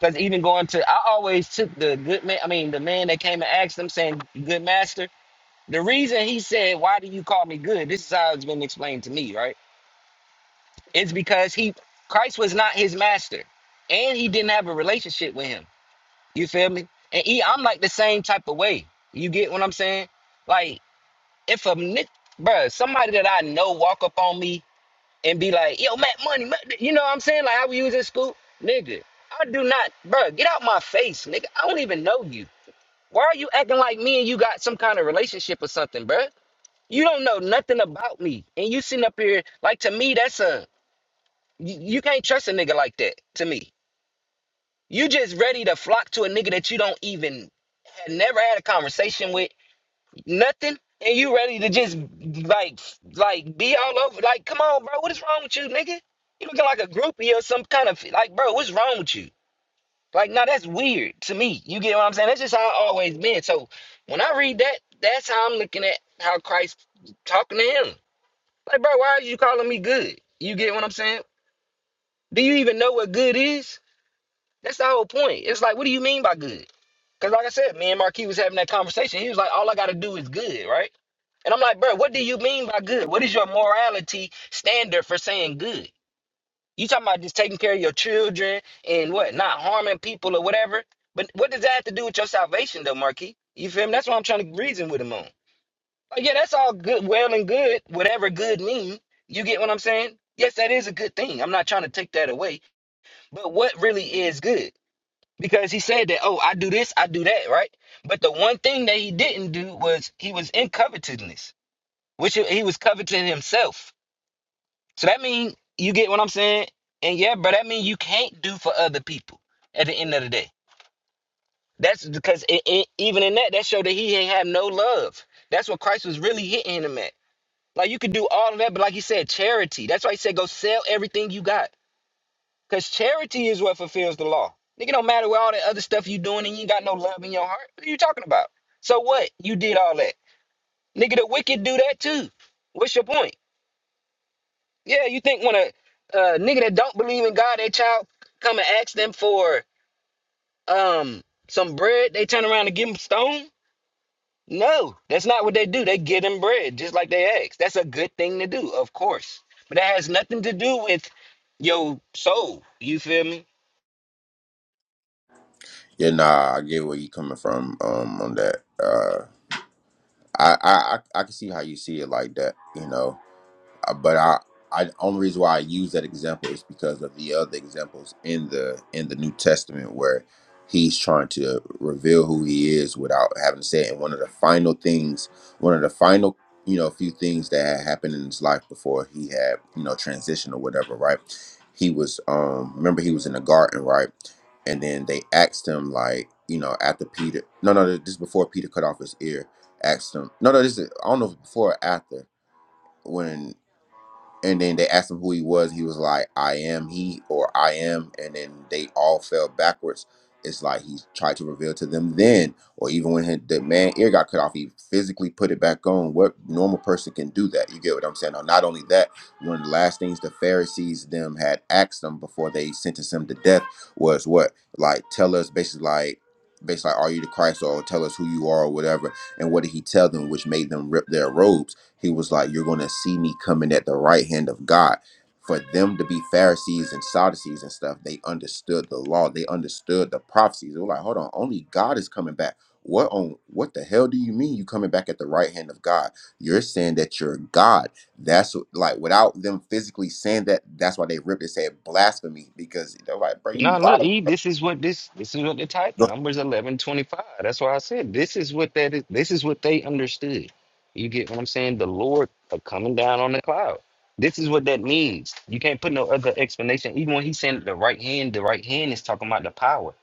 Because even going to, I always took the good man, I mean, the man that came and asked them saying, good master the reason he said, Why do you call me good? This is how it's been explained to me, right? It's because he Christ was not his master. And he didn't have a relationship with him. You feel me? And he, I'm like the same type of way. You get what I'm saying? Like, if a nigga, bruh, somebody that I know walk up on me and be like, yo, Matt Money, Matt, you know what I'm saying? Like how we use in school? Nigga, I do not, bruh, get out my face, nigga. I don't even know you. Why are you acting like me and you got some kind of relationship or something, bruh? You don't know nothing about me. And you sitting up here, like to me, that's a you, you can't trust a nigga like that to me. You just ready to flock to a nigga that you don't even had never had a conversation with, nothing, and you ready to just like like be all over. Like, come on, bro, what is wrong with you, nigga? You looking like a groupie or some kind of like, bro, what's wrong with you? Like, nah, that's weird to me. You get what I'm saying? That's just how I always been. So when I read that, that's how I'm looking at how Christ talking to him. Like, bro, why are you calling me good? You get what I'm saying? Do you even know what good is? That's the whole point. It's like, what do you mean by good? Because, like I said, me and Marquis was having that conversation. He was like, all I got to do is good, right? And I'm like, bro, what do you mean by good? What is your morality standard for saying good? You talking about just taking care of your children and what, not harming people or whatever? But what does that have to do with your salvation, though, Marquis? You feel me? That's what I'm trying to reason with him on. Like, yeah, that's all good, well and good, whatever good mean. You get what I'm saying? Yes, that is a good thing. I'm not trying to take that away. But what really is good? Because he said that, oh, I do this, I do that, right? But the one thing that he didn't do was he was in covetousness, which he he was coveting himself. So that means you get what I'm saying? And yeah, but that means you can't do for other people at the end of the day. That's because it, it, even in that, that showed that he ain't have no love. That's what Christ was really hitting him at. Like you could do all of that, but like you said, charity. That's why he said go sell everything you got. Because charity is what fulfills the law. Nigga don't matter what all that other stuff you doing and you ain't got no love in your heart. What are you talking about? So what? You did all that. Nigga, the wicked do that too. What's your point? Yeah, you think when a uh, nigga that don't believe in God, that child come and ask them for um some bread, they turn around and give them stone? No, that's not what they do. They get them bread just like they ask. That's a good thing to do, of course. But that has nothing to do with your soul. You feel me?
yeah, nah, I get where you coming from um, on that. Uh, I, I I I can see how you see it like that, you know. Uh, But I, I only reason why I use that example is because of the other examples in the in the New Testament where he's trying to reveal who he is without having to say it. And one of the final things, one of the final you know few things that had happened in his life before he had you know transition or whatever, right? He was um remember he was in the garden, right? and then they asked him like you know after peter no no this is before peter cut off his ear asked him no no this is i don't know if it's before or after when and then they asked him who he was. He was like, "I am he," or "I am," and then they all fell backwards. It's like he tried to reveal to them then, or even when his, the man ear got cut off, he physically put it back on. What normal person can do that? You get what I'm saying? Now, not only that, one of the last things the Pharisees them had asked them before they sentenced him to death was what? Like, tell us basically like. Basically, like, are you the Christ, or tell us who you are, or whatever? And what did he tell them, which made them rip their robes? He was like, You're going to see me coming at the right hand of God. For them to be Pharisees and Sadducees and stuff, they understood the law. They understood the prophecies. They were like, Hold on, only God is coming back. What on what the hell do you mean you coming back at the right hand of God? You're saying that you're God. That's what- like without them physically saying that, that's why they ripped it, said blasphemy, because they're like, bro, you
No, look,
wild.
E, this is what this this is what the title
Go-
numbers eleven twenty five. That's why I said this is what that is this is what they understood. You get what I'm saying? The Lord are coming down on the cloud. This is what that means. You can't put no other explanation. Even when he said the right hand, the right hand is talking about the power.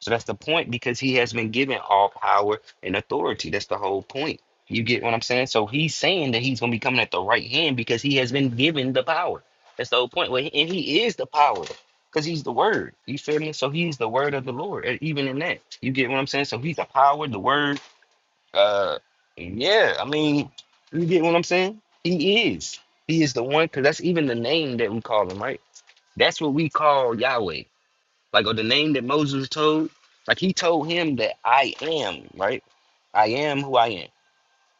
So that's the point because he has been given all power and authority. That's the whole point. You get what I'm saying? So he's saying that he's gonna be coming at the right hand because he has been given the power. That's the whole point. Well, and he is the power because he's the word. You feel me? So he's the word of the Lord. and Even in that, you get what I'm saying. So he's the power, the word. Uh, yeah. I mean, you get what I'm saying. He is. He is the one. Because that's even the name that we call him, right? That's what we call Yahweh. Like or the name that Moses told. Like he told him that I am, right? I am who I am.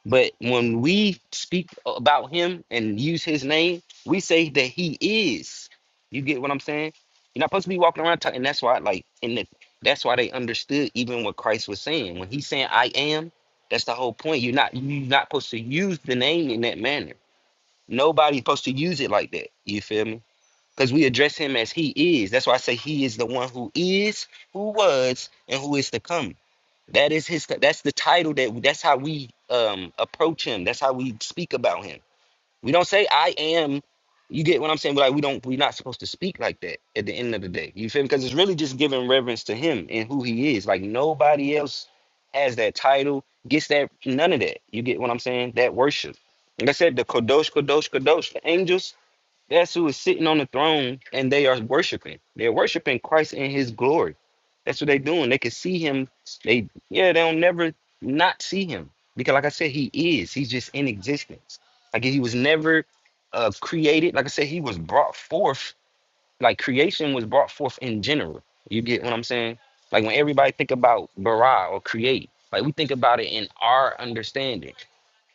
But when we speak about him and use his name, we say that he is. You get what I'm saying? You're not supposed to be walking around talking. And that's why, like, and the, that's why they understood even what Christ was saying. When he's saying "I am," that's the whole point. You're not you're not supposed to use the name in that manner. Nobody's supposed to use it like that. You feel me? because we address him as he is. That's why I say he is the one who is, who was, and who is to come. That is his. That's the title that. That's how we um approach him. That's how we speak about him. We don't say I am. You get what I'm saying? Like we don't. We're not supposed to speak like that at the end of the day. You feel me? Because it's really just giving reverence to him and who he is. Like nobody else has that title, gets that none of that. You get what I'm saying? That worship. Like I said, the kadosh, kadosh, kadosh. The angels that's who is sitting on the throne and they are worshiping. They're worshiping Christ in his glory. That's what they're doing. They can see him. They yeah, they'll never not see him. Because like I said, he is. He's just in existence. Like he was never uh created. Like I said, he was brought forth. Like creation was brought forth in general. You get what I'm saying? Like when everybody think about bara or create, like we think about it in our understanding.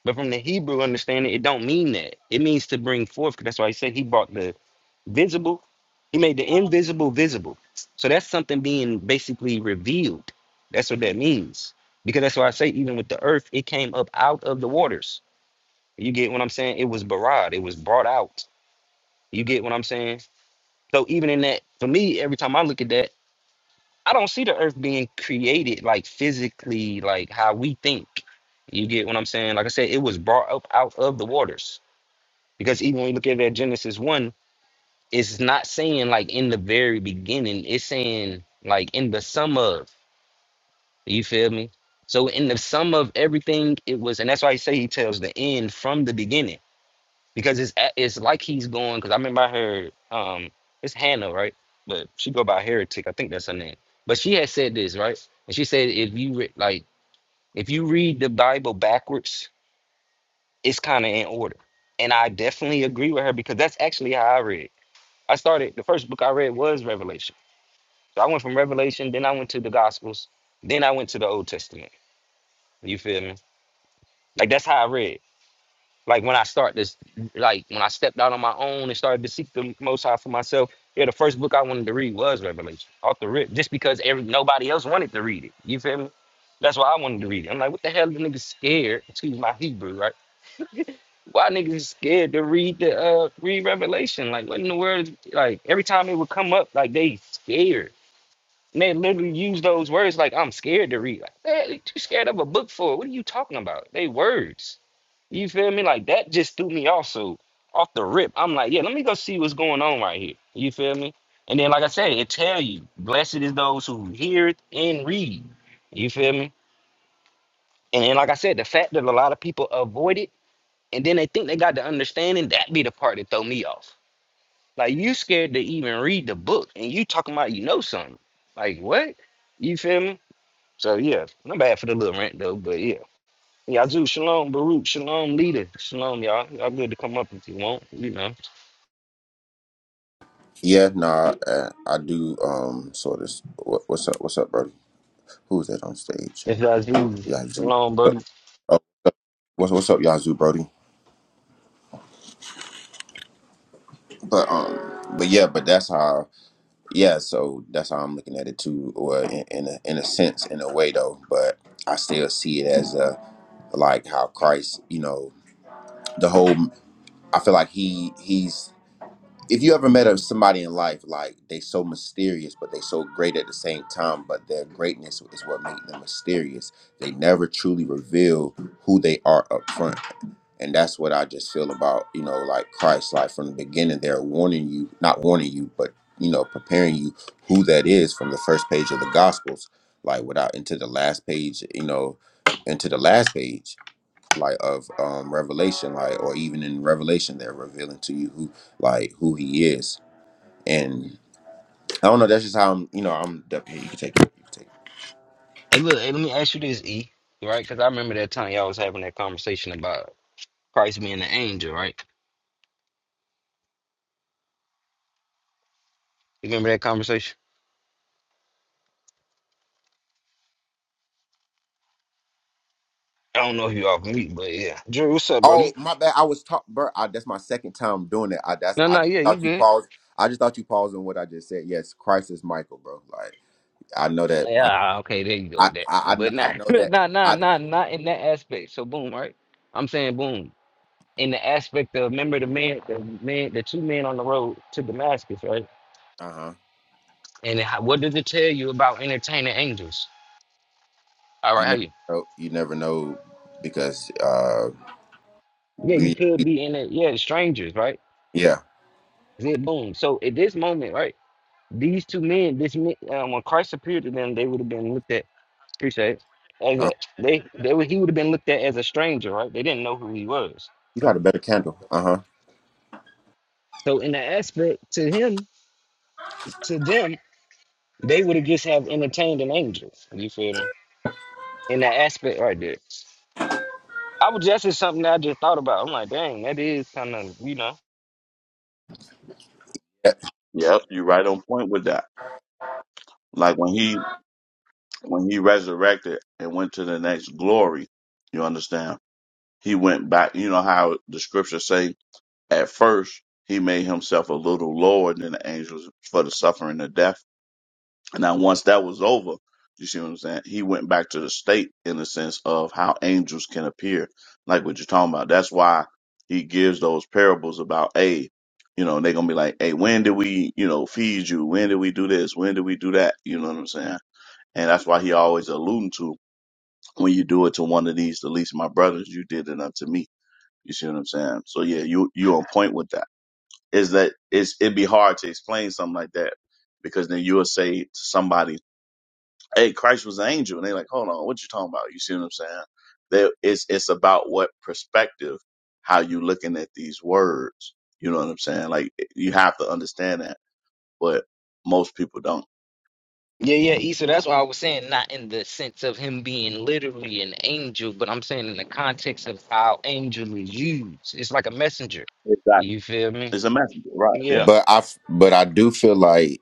But from the Hebrew understanding, it don't mean that. It means to bring forth. 'cause That's why he said he brought the visible. He made the invisible visible. So that's something being basically revealed. That's what that means. Because that's why I say, even with the earth, it came up out of the waters. You get what I'm saying? It was barad. It was brought out. You get what I'm saying? So even in that, for me, every time I look at that, I don't see the earth being created like physically, like how we think. You get what I'm saying? Like I said, it was brought up out of the waters. Because even when you look at that Genesis 1, it's not saying like in the very beginning, it's saying like in the sum of. You feel me? So in the sum of everything, it was, and that's why he say he tells the end from the beginning. Because it's a- it's like he's going, because I remember I heard um it's Hannah, right? But she go by heretic, I think that's her name. But she had said this, right? And she said if you re- like if you read the Bible backwards, it's kind of in order. And I definitely agree with her because that's actually how I read. I started the first book I read was Revelation. So I went from Revelation, then I went to the Gospels, then I went to the Old Testament. You feel me? Like that's how I read. Like when I start this, like when I stepped out on my own and started to seek the Most High for myself, yeah, the first book I wanted to read was Revelation, off the rip, just because every nobody else wanted to read it. You feel me? That's why I wanted to read it. I'm like, what the hell, the niggas scared? Excuse my Hebrew, right? Why niggas is scared to read the uh read Revelation? Like, what in the world? Like every time it would come up, like they scared. And they literally use those words like I'm scared to read. Like, man, you too scared of a book for? What are you talking about? They words. You feel me? Like that just threw me off. So off the rip, I'm like, yeah, let me go see what's going on right here. You feel me? And then, like I said, it tell you, blessed is those who hear it and read. You feel me? And then, like I said, the fact that a lot of people avoid it and then they think they got the understanding, that be the part that throw me off. Like you scared to even read the book and you talking about you know something. Like what? You feel me? So yeah, not bad for the little rant though, but yeah. Yazoo, shalom, Baruch, shalom, leader, shalom, y'all. Y'all good to come up if you want, you know.
Yeah, nah, uh, I do um sort of what, what's up, what's up, bro? Who's that on stage?
It's Yazoo,
Yeah, I
shalom,
do.
buddy.
What's what's up, Yazoo Brody? But um, but yeah, but that's how yeah. So that's how I'm looking at it too, or in in a, in a sense, in a way though. But I still see it as a like how Christ, you know, the whole. I feel like he he's. If you ever met a, somebody in life, like they so mysterious, but they so great at the same time, but their greatness is what makes them mysterious. They never truly reveal who they are up front. and that's what I just feel about you know like Christ like from the beginning they're warning you not warning you but you know preparing you who that is from the first page of the Gospels like without into the last page you know into the last page like of um Revelation like or even in Revelation they're revealing to you who like who he is and I don't know that's just how I'm you know I'm definitely you can take it you can take it.
Hey, look, hey, let me ask you this, E, right? Because I remember that time y'all was having that conversation about Christ being an angel, right? You remember that conversation? I don't know if you off mute, but yeah. Drew, what's up,
Oh,
buddy?
my bad. I was talking, bro. I, that's my second time doing it. I that's
No,
I
no,
just
yeah, you
thought you
good.
paused. I just thought you paused on what I just said. Yes, Christ is Michael, bro. Like I know that. I
Yeah, okay, there you go.
I
with That,
I, I kn-
but
I
not, [LAUGHS]
know that.
not, not,
I
not, not in that aspect. So boom, right? I'm saying boom. in the aspect of remember the man, the man, the two men on the road to Damascus, right?
uh huh.
And how, what does it tell you about entertaining angels? All right,
You
how
never
you?
know. You never know because uh
Yeah, you
we
could be in it. Yeah, strangers, right?
yeah.
Then boom. So at this moment, right, these two men, this men, um, when Christ appeared to them, they would have been looked at. Appreciate it. As
Uh,
a, they, they would, he would have been looked at as a stranger, right? They didn't know who he was,
you
right?
got a better candle. Uh huh.
So in the aspect to him, to them, they would have just have entertained an angel. You feel me? In that aspect, right there. I was just it's something that I just thought about. I'm like, dang, that is kind of you know.
Yep, you're right on point with that. Like when he when he resurrected and went to the next glory, you understand? He went back. You know how the scriptures say at first he made himself a little lower than the angels for the suffering of death. And now once that was over, you see what I'm saying? He went back to the state in the sense of how angels can appear, like what you're talking about. That's why he gives those parables about, hey, you know, they're gonna be like, hey, when did we, you know, feed you? When did we do this? When did we do that? You know what I'm saying? And that's why he always alluding to when you do it to one of these, the least of my brothers, you did it unto me. You see what I'm saying? So yeah, you you on point with that. Is that it's it'd be hard to explain something like that because then you'll say to somebody hey, Christ was an angel. And they're like, hold on, what you talking about? You see what I'm saying? There, it's, it's about what perspective, how you looking at these words. You know what I'm saying? Like eh, you have to understand that, but most people don't.
Yeah, yeah, Issa. That's why I was saying not in the sense of him being literally an angel, but I'm saying in the context of how angel is used. It's like a messenger.
Exactly.
You feel me?
It's a messenger, right?
Yeah.
Yeah.
But I f- but I do feel like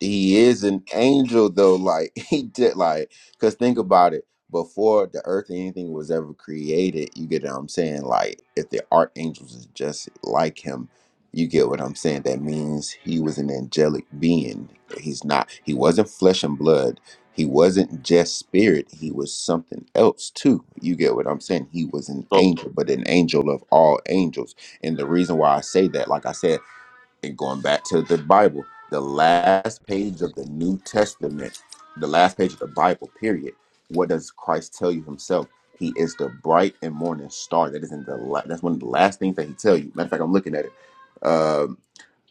he is an angel though. Like [LAUGHS] he did like because think about it. Before the earth and anything was ever created, you get what I'm saying? Like if the archangels is just like him, you get what I'm saying? That means he was an angelic being. He's not he wasn't flesh and blood. He wasn't just spirit. He was something else too. You get what I'm saying? He was an
So
angel, but an angel of all angels. And the reason why I say that, like I said, and going back to the Bible, the last page of the New Testament, the last page of the Bible, period. What does Christ tell you himself? He is the bright and morning star. That is in the la- that's one of the last things that he tell you. Matter of fact, I'm looking at it. Um,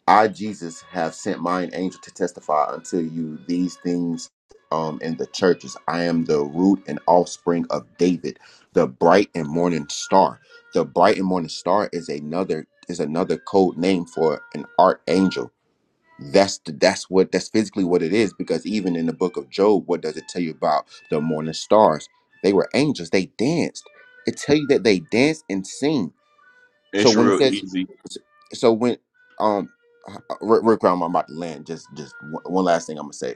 I, Jesus, have sent mine angel to testify unto you these things um, in the churches. I am the root and offspring of David, the bright and morning star. The bright and morning star is another is another code name for an archangel. That's the, that's what that's physically what it is because even in the book of Job, what does it tell you about the morning stars? They were angels. They danced. It tell you that they danced and sing so
it's
when it
real
says,
easy.
so so when um, real real quick, I'm about to land. Just just one one last thing I'm gonna say.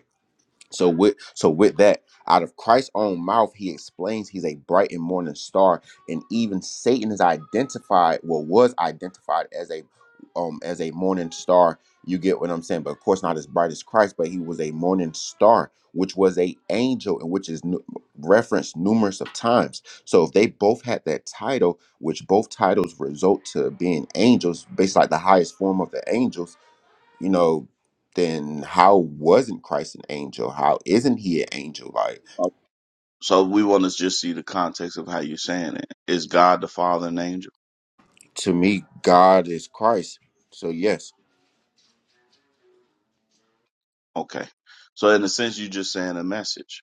So with so with that, out of Christ's own mouth, he explains he's a bright and morning star, and even Satan is identified, well, was identified as a um as a morning star. You get what I'm saying, but of course not as bright as Christ, but he was a morning star, which was a angel, and which is nu- referenced numerous of times. So if they both had that title, which both titles result to being angels, based like the highest form of the angels you know, then how wasn't Christ an angel? How isn't he an angel? Like
Uh, So we want to just see the context of how you're saying it. Is God the Father an angel?
to me, God is Christ. So yes,
Okay. So in a sense, you're just saying a message.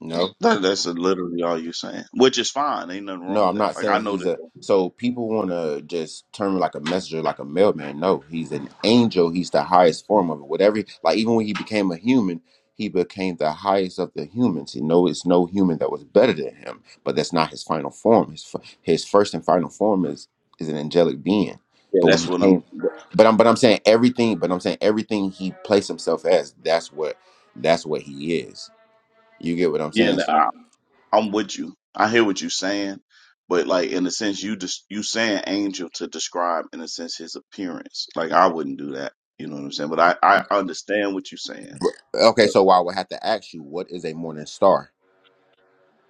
no.
That, that's literally all you're saying, which is fine. Ain't nothing wrong
No,
with
I'm
that.
not
Like I
saying
know
he's
that.
a. So people want to just term him like a messenger, like a mailman. No, he's an angel. He's the highest form of it. Whatever, like even when he became a human, he became the highest of the humans. You know, it's no human that was better than him. But that's not his final form. His f- his first and final form is is an angelic being.
Yeah,
But when
that's
he
what
came,
I'm.
but I'm but I'm saying everything. But I'm saying everything he placed himself as. That's what that's what he is. You get what I'm
Yeah,
saying?
like, I,
So
I'm with you. I hear what you're saying, but like in a sense, you just you saying angel to describe in a sense his appearance. Like I wouldn't do that. You know what I'm saying? But I I understand what you're saying.
okay,
But,
so I would have to ask you, what is a morning star?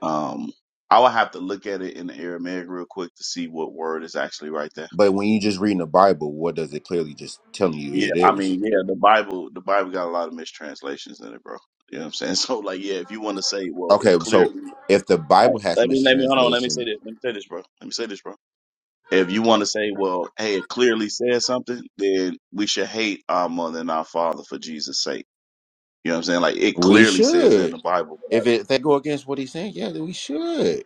um, I would have to look at it in the Aramaic real quick to see what word is actually right there.
But when you just reading the Bible, what does it clearly just telling you
Yeah,
it
I
is?
mean, yeah, the Bible the Bible got a lot of mistranslations in it, bro. You know what I'm saying? [LAUGHS] So like, yeah, if you want to say, well, it
Okay,
clearly
so if the
like
Bible has
let me let me hold on, let me say
mistranslation,
this, let me say this, bro, let me say this, bro If you want to say, well, hey, it clearly says something, then we should hate our mother and our father for Jesus' sake. You know what I'm saying? Like it
we
clearly says that in
should.
the Bible. But I-
If, it, if they go against what he's saying, yeah, then we should.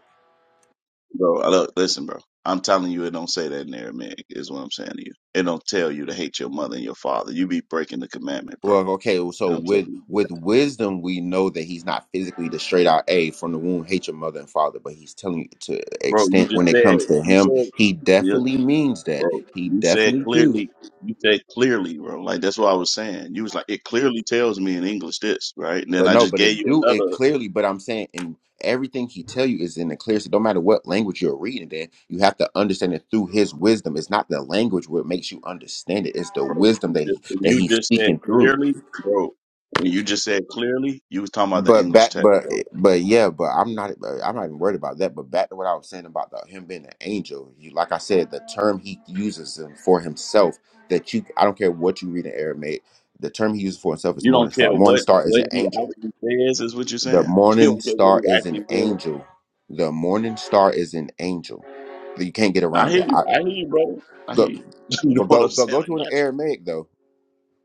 Bro, I look, listen, bro. I'm telling you, it don't say that in Aramaic. Is what I'm saying to you. It don't tell you to hate your mother and your father. You be breaking the commandment, bro.
Well, okay,
It
so
don't tell
with
you to do that,
with wisdom, we know that he's not physically the straight out A from the womb, hate your mother and father, but he's telling you to
bro. You
extent
just
when it
said
comes to
you
him,
said
he
yeah,
definitely means that.
bro.
He
You said
definitely do.
clearly. You said clearly, bro. Like that's what I was saying. You was like, it clearly tells me in English this, right? And then
But
I
no,
just
but
gave
it
you
do it
another.
clearly. But I'm saying, and everything he tell you is in the clear. So no matter what language you're reading, then you have to understand it through his wisdom. It's not the language what makes you understand it. It's the wisdom that
Just-
he,
when
that
You
he's
just said
speaking through.
clearly, bro. When you just said clearly, you was talking about the
But
English
back,
text,
but
bro.
but yeah, but I'm not. but I'm not even worried about that. But back to what I was saying about the, him being an angel. You, like I said, the term he uses him for himself. That you, I don't care what you read in Aramaic. The term he uses for himself is
You don't
morning
care
star. Morning
what
star is
what
an
he
angel
actually says is what you're
The
saying. [LAUGHS] You
morning
don't care what
star
he
is an
actually says.
angel. The morning star is an angel. But you can't get
I
around
hear
that.
you.
I
I hear you, bro. I hear
go,
you. [LAUGHS] You
but
know what
go
I'm
go
saying?
go
I
to an
got you.
Aramaic though.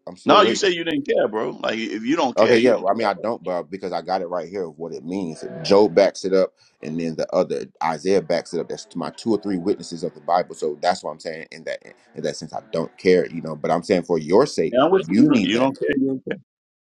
I'm still
No, you
waiting.
say you didn't care, bro. Like if you don't care,
Okay,
you
yeah.
don't
Well, I mean,
care.
I don't, but because I got it right here of what it means. Job backs it up, and then the other Isaiah backs it up. That's my two or three witnesses of the Bible. So that's what I'm saying. In that in that sense, I don't care, you know. But I'm saying for your sake,
Yeah, I'm with you.
you
You don't,
need
you
that,
don't care. you don't care.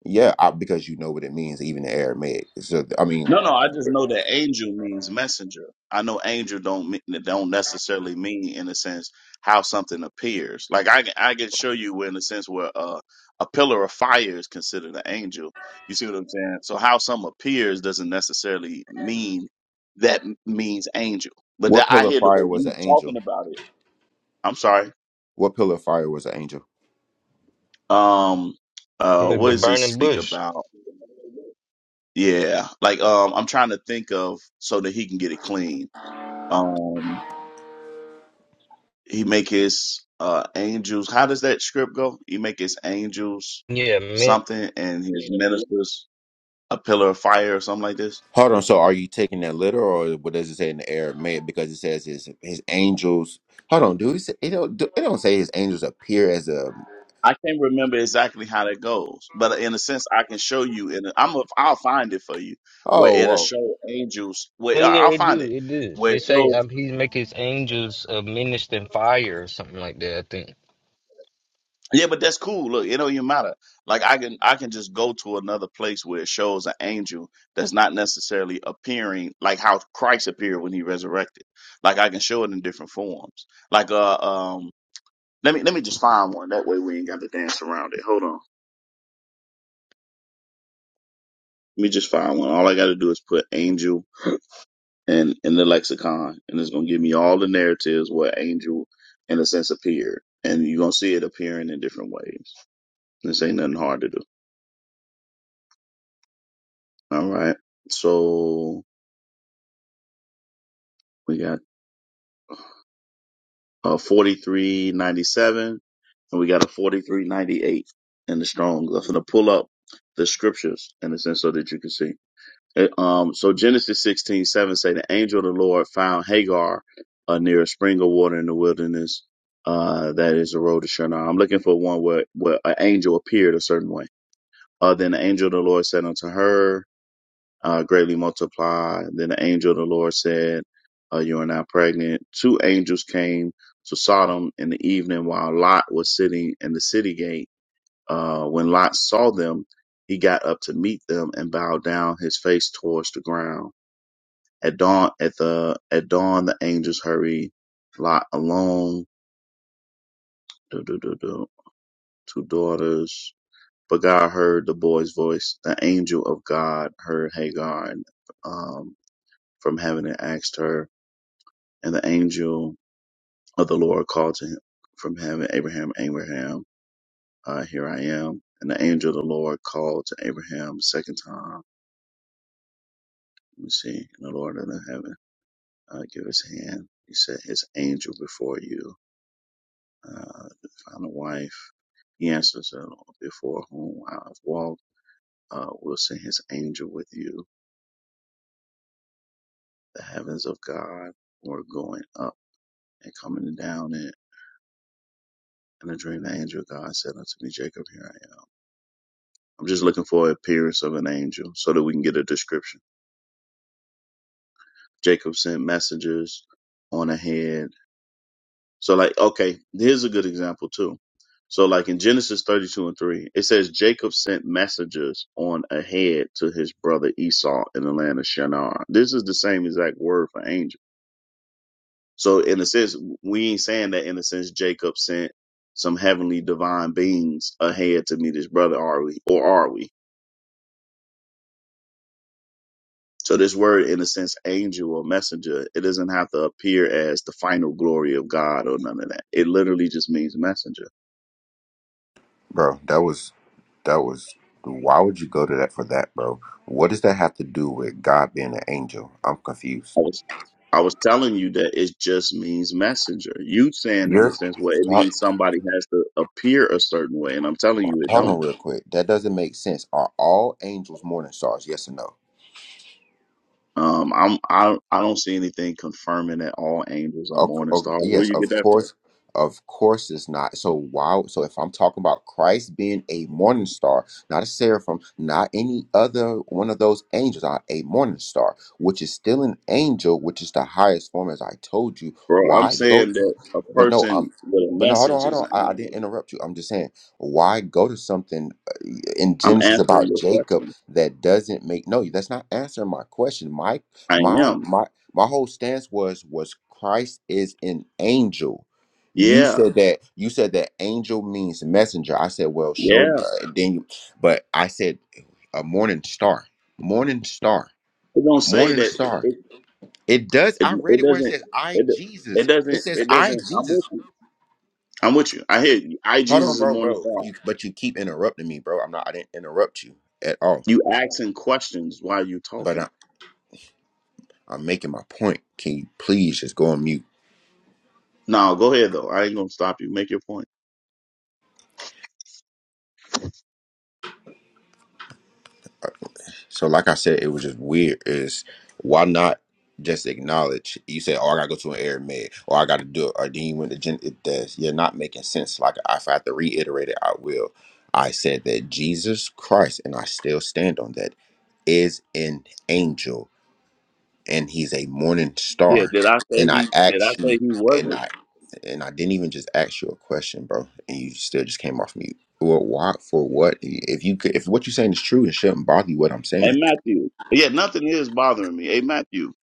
yeah, I, because you know what it means, even in Aramaic. So I mean,
No, no, I just know that angel means messenger. I know angel don't mean, don't necessarily mean in a sense how something appears. Like I can- I can show you where in a sense where uh, a pillar of fire is considered an angel. You see what I'm saying? So how some appears doesn't necessarily mean that m- means angel. But that
what
I
pillar of
hear the way
fire was
you
an
were
angel?
talking about it. I'm sorry.
What pillar of fire was an angel?
Um, uh,
With
what
the
does this
burning
speak
bush.
about? Yeah, like um, I'm trying to think of so that he can get it clean. Um, he make his uh angels. How does that script go? He make his angels
Yeah, man.
something and his ministers a pillar of fire or something like this.
Hold on. So, are you taking that literal, or what does it say in the air? because it says his his angels. Hold on. Do he say it don't do, it don't say his angels appear as a?
I can't remember exactly how that goes, but in a sense, I can show you. And I'm a, I'll find it for you where
Oh,
it'll
whoa.
show angels. Where
Yeah,
I- I'll
it do.
find it
It do.
where it
It say
shows
um, he make his angels uh, ministering fire or something like that. I think.
Yeah, but that's cool. Look, it don't even matter. Like I can I can just go to another place where it shows an angel that's not necessarily appearing like how Christ appeared when he resurrected. Like I can show it in different forms. Like uh um let me let me just find one. That way we ain't got to dance around it. Hold on. Let me just find one. All I gotta do is put angel and in the lexicon and it's gonna give me all the narratives where angel in a sense appeared. And you're gonna see it appearing in different ways. This ain't nothing hard to do. All right. So We got a 4397 and we got a 4398 in the Strong's. I'm going to pull up the scriptures in a sense so that you can see. It, um, so Genesis 16 7 say the angel of the Lord found Hagar uh, near a spring of water in the wilderness. Uh, that is the road to Shinar. I'm looking for one where, where an angel appeared a certain way. Uh, then the angel of the Lord said unto her, uh, greatly multiply. Then the angel of the Lord said, uh, You are now pregnant. Two angels came to Sodom in the evening while Lot was sitting in the city gate. Uh, when Lot saw them, he got up to meet them and bowed down his face towards the ground. At dawn, at the at dawn, the angels hurried Lot alone. Du- du- du- du. Two daughters. But God heard the boy's voice. The angel of God heard Hagar um, from heaven and asked her, And the angel of the Lord called to him from heaven, Abraham, Abraham, uh, here I am. And the angel of the Lord called to Abraham a second time. Let me see. And the Lord of the heaven, uh, give his hand. He said, his angel before you, uh, to find a wife. He answers, uh, before whom I have walked, uh, will send his angel with you. The heavens of God were going up and coming down it. And the dream the angel of God said unto me, Jacob, here I am. I'm just looking for an appearance of an angel so that we can get a description. Jacob sent messengers on ahead. So like, okay, here's a good example too. So like in Genesis 32 and 3, it says Jacob sent messengers on ahead to his brother Esau in the land of Shinar. This is the same exact word for angel. So in a sense, we ain't saying that in a sense Jacob sent some heavenly divine beings ahead to meet his brother, are we? Or are we? So this word, in a sense, angel or messenger, it doesn't have to appear as the final glory of God or none of that. It literally just means messenger.
bro, that was that was. Why would you go to that for that, bro? What does that have to do with God being an angel? I'm
I
confused.
was I was telling you that it just means messenger. You saying in a
You're
sense, well, it
hold,
means somebody has to appear a certain way, and I'm telling you, it
hold
don't.
on real quick. That doesn't make sense. Are all angels morning stars? Yes or no?
Um, I'm I I don't see anything confirming that all angels are
Of,
morning
of
stars. Where
yes,
you get
of
that from?
course, of course it's not. So why? So if I'm talking about Christ being a morning star, not a seraphim, not any other one of those angels, uh, a morning star, which is still an angel, which is the highest form, as I told you.
Bro, I'm
Why go?
saying
To,
that a
but no,
person
um,
with a
but no, hold on,
message
hold
is
on.
an
I, I didn't
angel.
interrupt you. I'm just saying, why go to something uh, in
I'm
Genesis
answering
about
your
Jacob
question.
that doesn't make no? That's not answering my question. My
I
my
am.
my my whole stance was was Christ is an angel. You
Yeah.
said that you said that angel means messenger. I said, well, show
Yeah.
uh, then, you- but I said a morning star, morning star,
It don't say
morning
that it
star.
it,
It does.
it,
I read
it
it where it
doesn't
says I
it, it
Jesus. It
doesn't
says
it
I
doesn't I'm
Jesus.
with you. I'm with you. I hear you. I
Hold
Jesus
on,
is
bro,
more than
bro.
five.
You, but you keep interrupting me, bro. I'm not. I didn't interrupt you at all.
You asking questions while you
But I,
talking.
I'm making my point. Can you please just go on mute?
No, go ahead though. I ain't gonna stop you. Make your point.
So, like I said, it was just weird. Is why not just acknowledge? You say, "Oh, I gotta go to an air med, or I gotta do it," or then you went to gen. It does. You're not making sense. Like if I have to reiterate it, I will. I said that Jesus Christ, and I still stand on that, is an angel, and he's a morning
Yeah,
star.
did I say
And I
he did I
asked you,
say he
and
wasn't?
I, and I didn't even just ask you a question, bro, and you still just came off mute. Well, why? For what? If you could, if what you're saying is true, it shouldn't bother you. What I'm saying
And Matthew. Yeah, nothing is bothering me. Hey Matthew.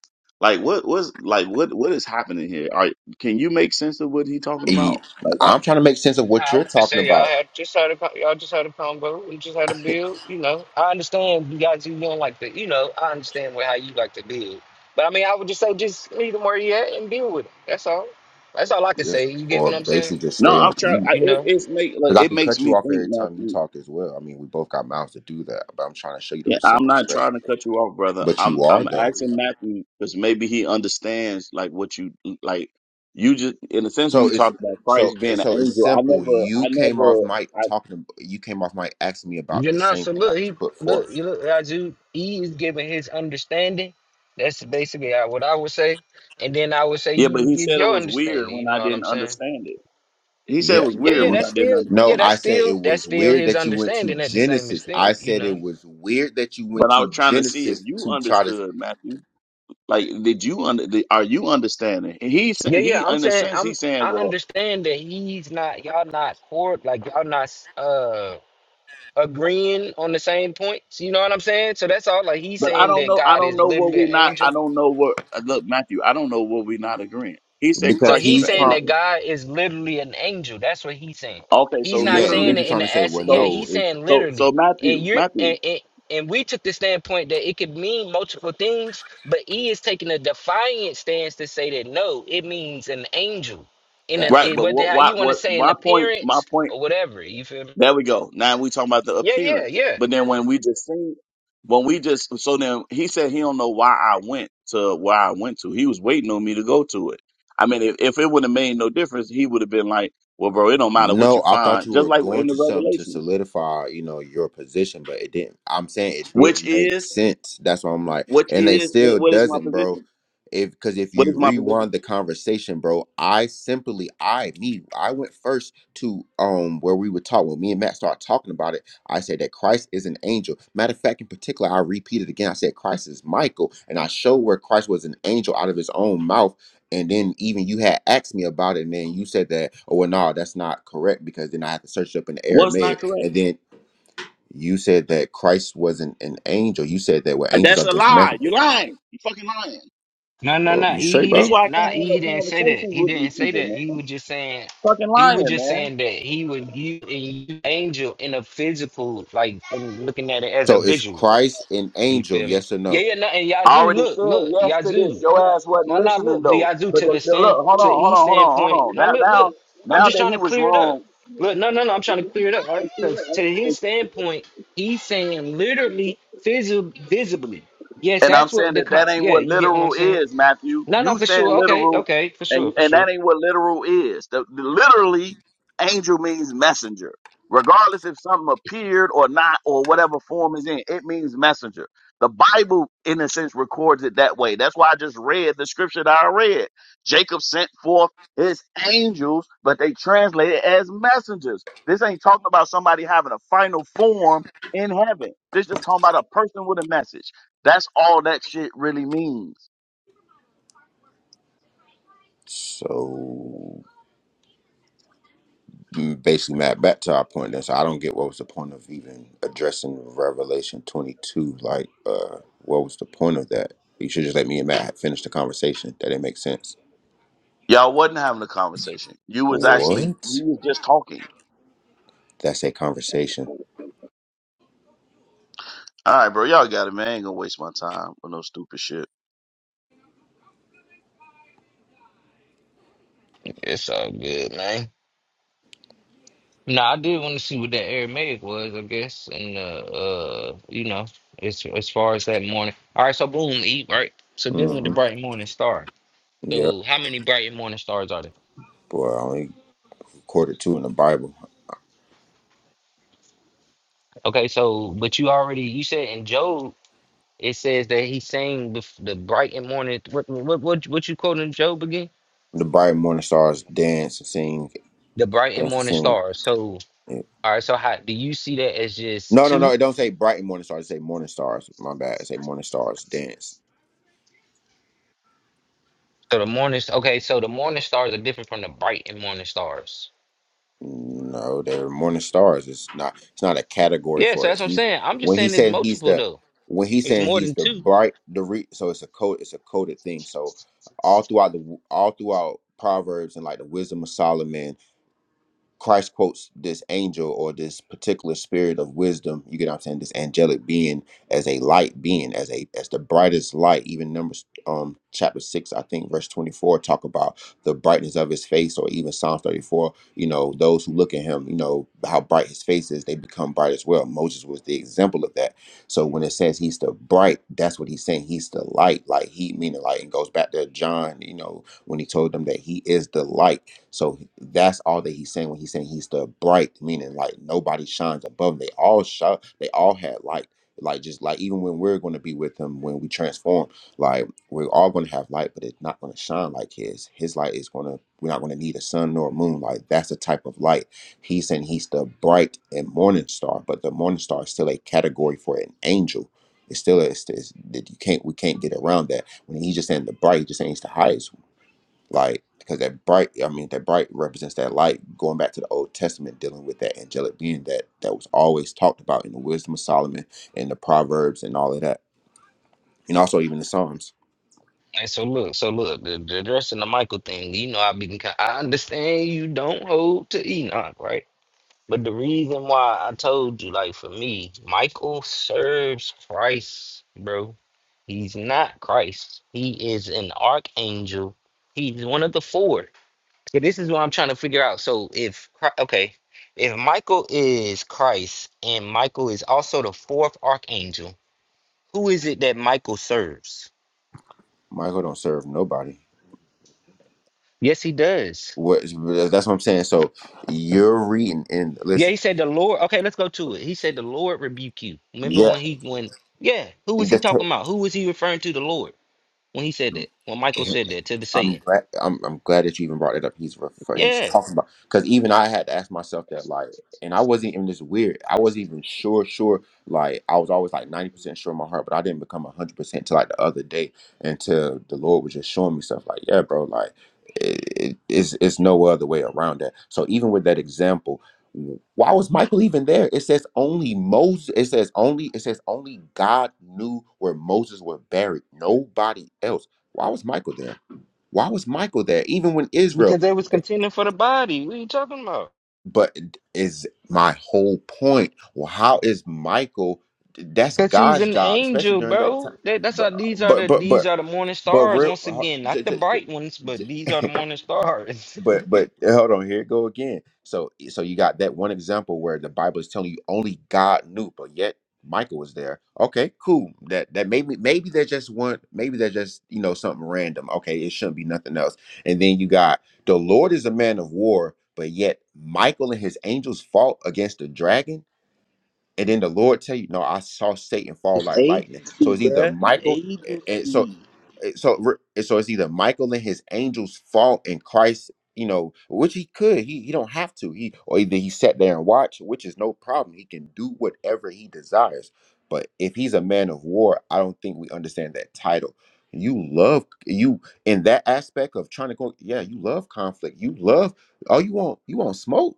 Like what what's like what what is happening here? All right, can you make sense of what he talking
E-
about? Like I-
I'm trying to make sense of what
I
you're
would just
talking
say y'all
about,
had just had a co- y'all just had a combo. We just had a build. You know, I understand you guys you don't like the you know I understand what how you like to build. But I mean, I would just say just meet him where he at and deal with him. That's all. That's all I can
yeah,
say. You get what
or
I'm saying?
basically just
no,
stay
I'm
on
trying I,
mute
You
it,
know,
it's make like,
because I
it
can
makes
cut
me
you off
think,
every time you
Matthew.
talk as well. I mean, we both got mouths to do that, but I'm trying to show you the
Yeah,
same
I'm not
respect.
trying to cut you off, brother.
But
I'm
you are
I'm
though,
asking Matthew because maybe he understands like what you like you just in a sense when
so
you
it's
talked about
so
Christ being an
so it's
angel, I
simple.
never
You
I
came
never
off mic
I
talking. You came off mic asking me about
you're
the
not.
same
So
thing I
look, he
just put
look
forth.
you look Raju. He is giving his understanding. That's basically how- what I would say. And then I would say
yeah,
you
but
would
he
give
said it
your
was weird
understanding. You
when I
know what I'm
didn't
saying?
understand it. He said it
Yeah,
was
Yeah,
weird
yeah.
n-
when
That's
I didn't
still
understand
no,
yeah.
it.
I
That's
said
still
it
that's
was
still
weird
his
that you went to
understanding at the same
Genesis. I
extent. You
said
know.
it was weird that you went
But I
to
was trying to see if
Genesis
you
to try to
understood, Matthew. Like, did you under? Did, are you understanding? And He sa-
Yeah, yeah.
he,
I'm
in a
saying
sense,
I'm
he's saying,
I
well,
understand that he's not y'all not court like y'all not uh agreeing on the same points. You know what I'm saying? So that's all like he's
but I
saying
don't
that
know. I
God
don't
is
know what
literally an
we not. I
angel
don't know what. uh, Look, Matthew, I don't know what we not agreeing. He said
So
because
Christ is
he's
he's
an
saying
trying.
that
angel.
God is literally an angel. That's what he's saying.
Okay, so
He's not
Yeah, and you're
saying
literally,
it
just
in
trying to
the
say,
ass.
well,
Yeah,
so
no,
he's
it's
saying
so so
literally. And
Matthew,
you're
Matthew,
and, and and we took the standpoint that it could mean multiple things, but E is taking a defiant stance to say that no, it means an angel. In an
facts.
right?
it,
But
whether
what?
how
Why?
you want to
What?
say an
My point. My
appearance
point.
or whatever. You feel me?
There we go. Now we talking about the
Yeah, yeah,
appearance.
yeah.
But then when we just seen, when we just so then he said he don't know why I went to where I went to. He was waiting on me to go to it. I mean, if, if it would have made no difference, he would have been like, "Well, bro, it don't matter what you
No, I thought
find."
you
Just
were
like
going
in the
to something to
Revelation,
solidify, you know, your position, but it didn't. I'm saying it
which
didn't make
is,
sense. That's why I'm like,
which
and it
is,
still
what, what is my
doesn't, bro.
position?
If because if
What is
you
my position?
rewind the conversation, bro, I simply, I me, I went first to um where we would talk when me and Matt started talking about it. I said that Christ is an angel. Matter of fact, in particular, I repeated again. I said Christ is Michael, and I showed where Christ was an angel out of his own mouth and then even you had asked me about it, and then you said that, oh well, no, that's not correct because then I had to search it up in the
What's not
Aramaic,
correct?
and then you said that Christ wasn't an angel. You said that well,
Uh,
angels
That's
are
a
just
lie. You
messengers.
lying. You fucking lying.
No, no,
Well,
no.
you
He,
straight,
he
That's
bro?
didn't.
why I can't
Nah,
have
he,
no
didn't say that.
conversations
He
with these
didn't say that.
people,
He
man.
was just saying.
Fucking
He
lying,
was just
man.
saying that he would use and use angel in a physical, like in looking at it as a
So is
visual.
Christ an
You
angel?
feel me?
Yes or
Yeah,
no?
yeah. No, and
I
Yazoo,
already
look,
said
look,
yes to this.
Yazoo.
Your ass wasn't
No, no,
listening
look, but
though.
Yazoo
But
to
the,
the
the, look,
stand
hold
to
on,
E
hold on, hold on,
standpoint.
hold on.
Now
Now,
look, look.
now,
I'm
now
just
that
trying
he
to
was
clear it up.
wrong.
Look, no, no, no. I'm trying to clear it up, right? Because to his standpoint, he's saying literally, physically, visibly. Yes,
And I'm
that's what
saying
the
that
co-
that ain't
yeah.
what
You get what I'm
literal
saying?
is, Matthew.
No, no,
You
for
saying
sure. Okay,
literal,
okay, for sure,
and
for
and that
sure.
ain't what literal is. The, the- literally, angel means messenger. Regardless if something appeared or not, or whatever form is in, it means messenger. The Bible, in a sense, records it that way. That's why I just read the scripture that I read. Jacob sent forth his angels, but they translate it as messengers. This ain't talking about somebody having a final form in heaven. This just talking about a person with a message. That's all that shit really means.
So mm, basically, Matt, back to our point. Then, so I don't get what was the point of even addressing Revelation twenty two. Like, uh, what was the point of that? You should just let me and Matt finish the conversation. That didn't make sense.
Y'all wasn't having a conversation. You was actually you
What?
was just talking.
That's a conversation.
All right, bro. Y'all got it, man. I ain't gonna waste my time with no stupid shit.
It's all good, man. No, I did want to see what that Aramaic was, I guess, and uh, uh, you know, as as far as that morning. All right, so boom, eat right. So dealing with the
hmm
bright morning star.
Yep.
So how many bright morning stars are there?
Boy, I only recorded two in the Bible.
Okay, so but you already you said in Job it says that he sang bef- the bright and morning. What what what what you quoting Job again?
The bright morning stars dance and sing,
The bright and
dance and
morning
sing.
stars. So
Yeah.
all right, so how do you see that as just
No, no, no.
two?
It don't say bright morning stars. It say morning stars. My bad. It say morning stars dance.
So the morning, st- okay, so the morning stars are different from the bright and morning stars.
No, they're morning stars. It's not. It's not a category
Yeah, so
for
that's
it.
what I'm
He's,
saying. I'm just
when he
saying it's
said he's
multiple
the,
though.
when he's
It's
saying
more
he's
than
the
two.
bright, the re, so it's a code. It's a coded thing. So all throughout the all throughout Proverbs and like the wisdom of Solomon Christ quotes this angel or this particular spirit of wisdom, you get what I'm saying, this angelic being as a light being, as a as the brightest light. Even numbers um chapter six, I think verse 24 talk about the brightness of his face, or even Psalm 34, you know, those who look at him, you know, how bright his face is, they become bright as well. Moses was the example of that. So when it says he's the bright, that's what he's saying. He's the light, like he meaning light, and goes back to John, you know, when he told them that he is the light. So that's all that he's saying when he's saying he's the bright, meaning like nobody shines above. 'em. They all shine. They all had light. Like just like even when we're going to be with him, when we transform, like we're all going to have light, but it's not going to shine like his. His light is going to. We're not going to need a sun nor a moon. Like that's the type of light he's saying. He's the bright and morning star, but the morning star is still a category for an angel. It's still a, it's, it's, that you can't we can't get around that. When he's just saying the bright, he's just saying he's the highest like because that bright i mean that bright represents that light going back to the old testament dealing with that angelic being that that was always talked about in the wisdom of solomon and the proverbs and all of that and also even the psalms
And so look, so look, the, the dress the Michael thing. You know, I been, ki- I understand you don't hold to Enoch, right? But the reason why I told you, like for me, Michael serves Christ, bro. He's not Christ. He is an archangel. He's one of the four. So this is what I'm trying to figure out. So if Chri- okay, if Michael is Christ and Michael is also the fourth archangel, who is it that Michael serves?
michael don't serve nobody
Yes, he does.
what is, that's what i'm saying so you're reading and
Yeah,
listen
he said the Lord. Okay, let's go to it. He said the Lord rebuke you. Remember
yeah
when he when yeah, who was he
that's
talking about? Who was he referring to? The Lord when he said that. When Michael said that to the
I'm
Satan.
glad. I'm, I'm glad that you even brought it up. He's refer, he's
Yeah,
talking about because even I had to ask myself that, like, and I wasn't even this weird. I wasn't even sure, sure. Like, I was always like ninety percent sure in my heart, but I didn't become hundred percent till like the other day, until the Lord was just showing me stuff. Like, yeah, bro, like, it, it, it's it's no other way around that. So even with that example, why was Michael even there? It says only Moses. It says only. It says only God knew where Moses was buried. Nobody else. Why was Michael there? Why was Michael there? Even when
because
Israel,
they was contending for the body. What are you talking about?
but is my whole point. Well, how is Michael? That's
Cause he's
God's
an
job, especially
angel,
during that
bro.
time.
That, that's
But
how
uh,
these are
but
the
but but
these are the morning
but
stars once
real.
again, not the bright ones, but these are
[LAUGHS]
the morning stars. [LAUGHS]
But but eh, hold on, here it go again. So eh, so you got that one example where the Bible is telling you only God knew, but yet Michael was there. Okay, cool. That that maybe maybe they just want maybe they're just you know something random. Okay, it shouldn't be nothing else. And then you got the Lord is a man of war, but yet Michael and his angels fought against the dragon. And then the Lord tell you, no, I saw Satan fall like lightning. So it's either Michael. And so it- so re- eh, so it's either Michael and his angels fought and Christ, you know, which he could. He he don't have to. He or either he sat there and watched, which is no problem. He can do whatever he desires. But if he's a man of war, I don't think we understand that title. You love you in that aspect of trying to go. Yeah, you love conflict. You love. Oh, you want you want smoke.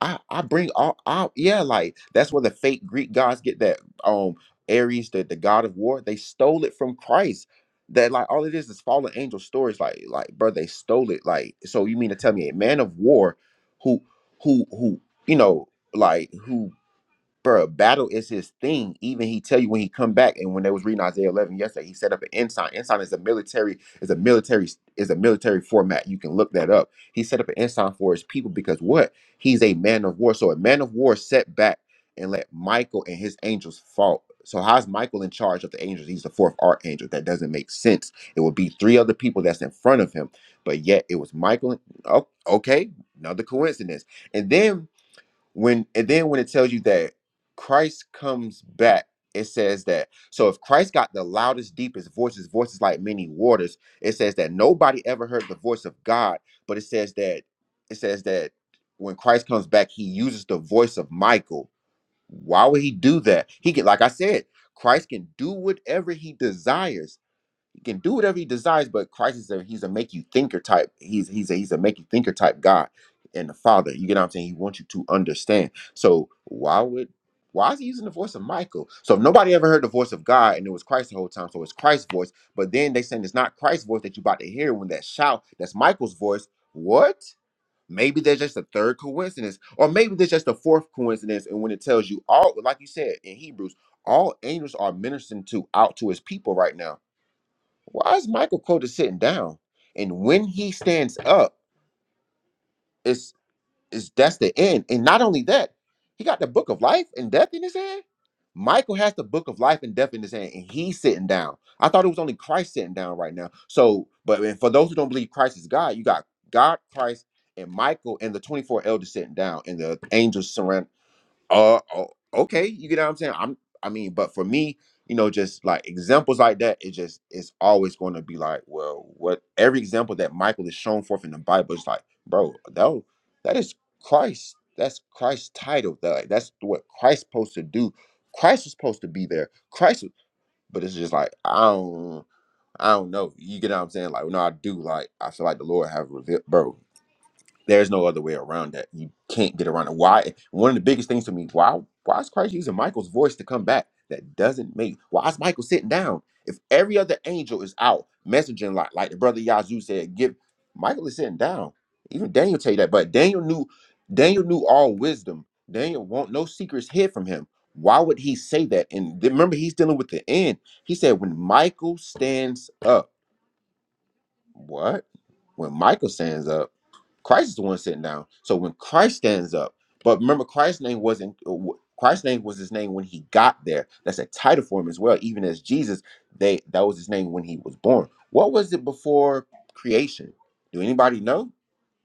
I I bring all out yeah like that's where the fake Greek gods get that um Ares the the god of war they stole it from Christ that like all it is is fallen angel stories like like bro they stole it like so you mean to tell me a man of war who who who you know like who bro, battle is his thing. Even he tell you when he come back, and when they was reading Isaiah 11 yesterday, he set up an ensign. Ensign is a military is a military is a military format. You can look that up. He set up an ensign for his people because what he's a man of war. So a man of war set back and let Michael and his angels fall. So how's Michael in charge of the angels? He's the fourth archangel. That doesn't make sense. It would be three other people that's in front of him, but yet it was Michael. and- Oh, okay, another coincidence. And then when and then when it tells you that Christ comes back, it says that. So if Christ got the loudest, deepest voices, voices like many waters, it says that nobody ever heard the voice of God, but it says that it says that when Christ comes back, he uses the voice of Michael. Why would he do that? He can, like I said, Christ can do whatever he desires. He can do whatever he desires, but Christ is a he's a make you thinker type. He's he's a he's a make you thinker type God and the Father. You get what I'm saying? He wants you to understand. So why would why is he using the voice of Michael? So if nobody ever heard the voice of God and it was Christ the whole time, so it's Christ's voice. But then they saying it's not Christ's voice that you about to hear when that shout, that's Michael's voice. What? Maybe there's just a third coincidence, or maybe there's just a fourth coincidence. And when it tells you all, like you said in Hebrews, all angels are ministering to out to his people right now. Why is Michael Porter sitting down? And when he stands up, it's is that's the end. And not only that, he got the book of life and death in his hand. Michael has the book of life and death in his hand, and he's sitting down. I thought it was only Christ sitting down right now. So, but and for those who don't believe Christ is God, you got God, Christ, and Michael, and the 24 elders sitting down, and the angels surrounding uh oh, okay you get what i'm saying i'm i mean but for me you know just like examples like that it just it's always going to be like well what every example that michael is shown forth in the bible is like bro that w- that is christ that's christ's title that like, that's what christ's supposed to do christ is supposed to be there christ was- but it's just like i don't i don't know you get what i'm saying like no i do like i feel like the lord have revealed bro there's no other way around that. You can't get around it. Why? One of the biggest things to me, why why is Christ using Michael's voice to come back? That doesn't make why is Michael sitting down? If every other angel is out messaging like like the brother Yazoo said, give Michael is sitting down. Even Daniel tell you that. But Daniel knew Daniel knew all wisdom. Daniel won't no secrets hid from him. Why would he say that? And then remember, he's dealing with the end. He said, when Michael stands up, what? When Michael stands up. Christ is the one sitting down. So when Christ stands up, but remember, Christ's name wasn't uh, wh- Christ's name was his name when he got there. That's a title for him as well. Even as Jesus, they that was his name when he was born. What was it before creation? Do anybody know?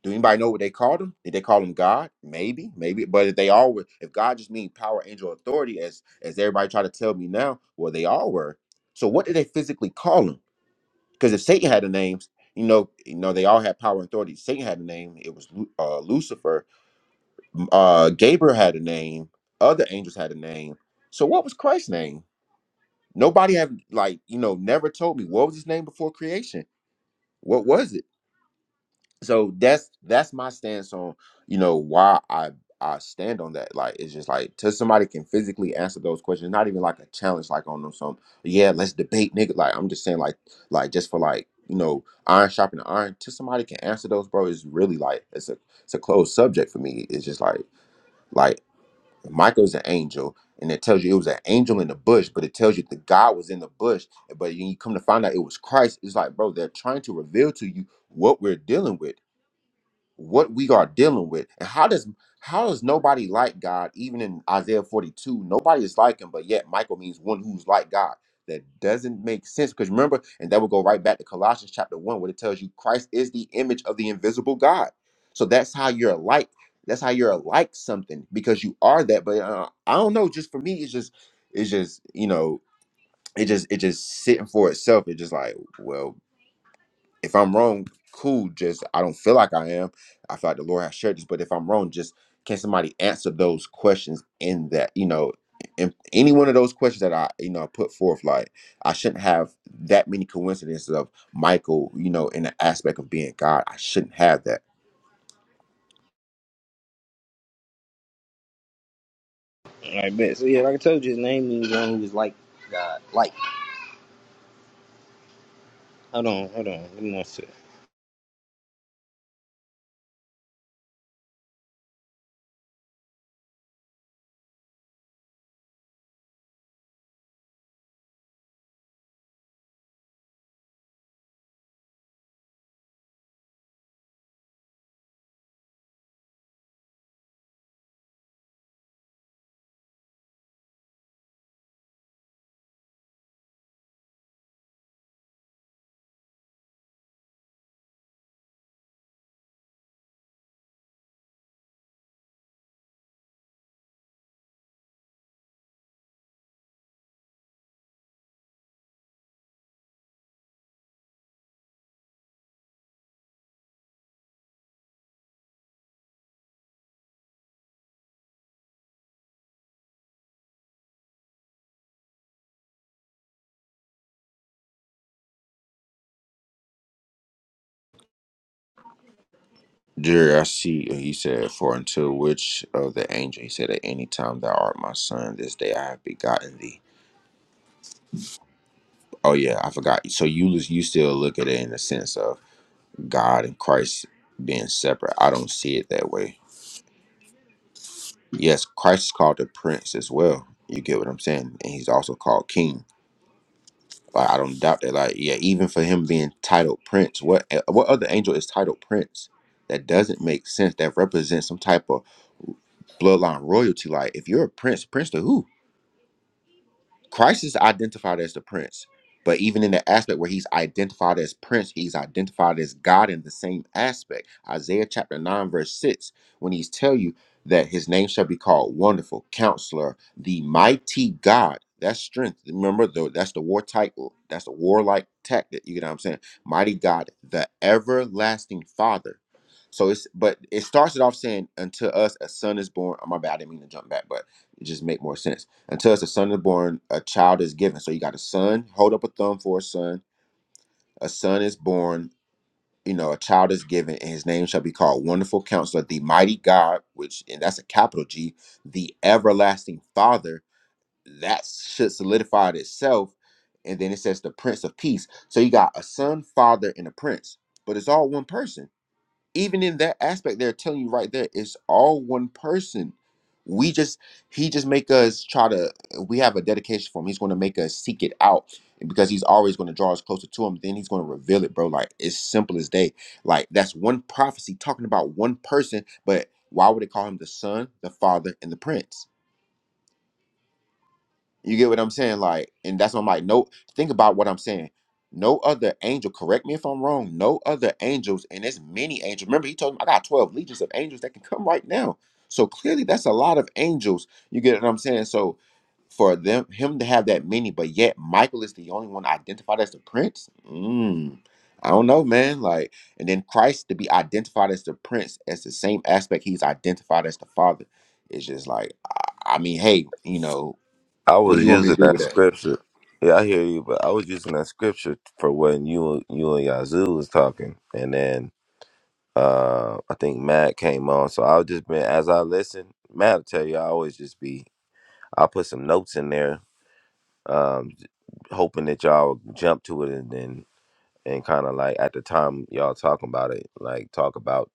Do anybody know what they called him? Did they call him God? Maybe, maybe. But if they all were, if God just mean power, angel, authority, as as everybody try to tell me now, well, they all were. So what did they physically call him? Because if Satan had a name, you know, you know, they all had power and authority. Satan had a name. It was Lu- uh, Lucifer. Uh, Gabriel had a name. Other angels had a name. So what was Christ's name? Nobody had like you know never told me what was his name before creation. What was it? so that's that's my stance on you know why i i stand on that like it's just like till somebody can physically answer those questions not even like a challenge like on them some yeah let's debate nigga like i'm just saying like like just for like you know iron sharpening iron till somebody can answer those bro is really like it's a it's a closed subject for me it's just like like michael's an angel and it tells you it was an angel in the bush but it tells you the god was in the bush but you come to find out it was christ it's like bro they're trying to reveal to you what we're dealing with what we are dealing with and how does how is nobody like god even in isaiah 42 nobody is like him but yet michael means one who's like god that doesn't make sense because remember and that will go right back to colossians chapter 1 where it tells you christ is the image of the invisible god so that's how you're like that's how you're like something because you are that but uh, i don't know just for me it's just it's just you know it just it just sitting for itself it's just like well if I'm wrong, cool. Just I don't feel like I am. I feel like the Lord has shared this, but if I'm wrong, just can somebody answer those questions in that you know, in any one of those questions that I you know put forth? Like I shouldn't have that many coincidences of Michael, you know, in the aspect of being God. I shouldn't have that. Jerry, I see. He said, "For until which of the angel?" He said, "At any time thou art my son, this day I have begotten thee." Oh yeah, I forgot. So you you still look at it in the sense of God and Christ being separate. I don't see it that way. Yes, Christ is called the Prince as well. You get what I'm saying, and he's also called King. Like I don't doubt that. Like yeah, even for him being titled Prince, what eh, what other angel is titled Prince? That doesn't make sense. That represents some type of bloodline royalty. Like if you're a prince, prince to who? Christ is identified as the prince, but even in the aspect where he's identified as prince, he's identified as God in the same aspect. Isaiah chapter 9, verse 6, when he's tell you that his name shall be called Wonderful, Counselor, the Mighty God. That's strength. Remember, though, that's the war title. That's the warlike tactic. You know what I'm saying? Mighty God, the everlasting Father. So it's, but it starts it off saying, unto us a son is born. Oh, my bad, I didn't mean to jump back, but it just make more sense until as a son is born, a child is given. So you got a son, hold up a thumb for a son. A son is born, you know, a child is given, and his name shall be called Wonderful Counselor, the Mighty God, which, and that's a capital G, the Everlasting Father. That should solidify it itself. And then it says the Prince of Peace. So you got a son, father, and a prince, but it's all one person even in that aspect they're telling you right there it's all one person we just he just make us try to we have a dedication for him he's going to make us seek it out and because he's always going to draw us closer to him then he's going to reveal it bro like it's simple as day like that's one prophecy talking about one person but why would it call him the son the father and the prince you get what I'm saying? Like, and that's what I'm like, no, think about what I'm saying. No other angel, correct me if I'm wrong, no other angels, and there's many angels. Remember, he told him, I got 12 legions of angels that can come right now. So clearly that's a lot of angels. You get what I'm saying? So for them him to have that many, but yet Michael is the only one identified as the prince. Mm, I don't know, man. Like, and then Christ to be identified as the prince as the same aspect he's identified as the father. It's just like, I, I mean, hey, you know,
I
what do
was
you want me
using
to do
that
with that?
scripture. Yeah, I hear you, but I was using that scripture for when you you and Yazoo was talking, and then uh I think Matt came on. So I was just been as I listen, Matt will tell you I always just be I put some notes in there, um, hoping that y'all would jump to it and then and kind of like at the time y'all talking about it, like talk about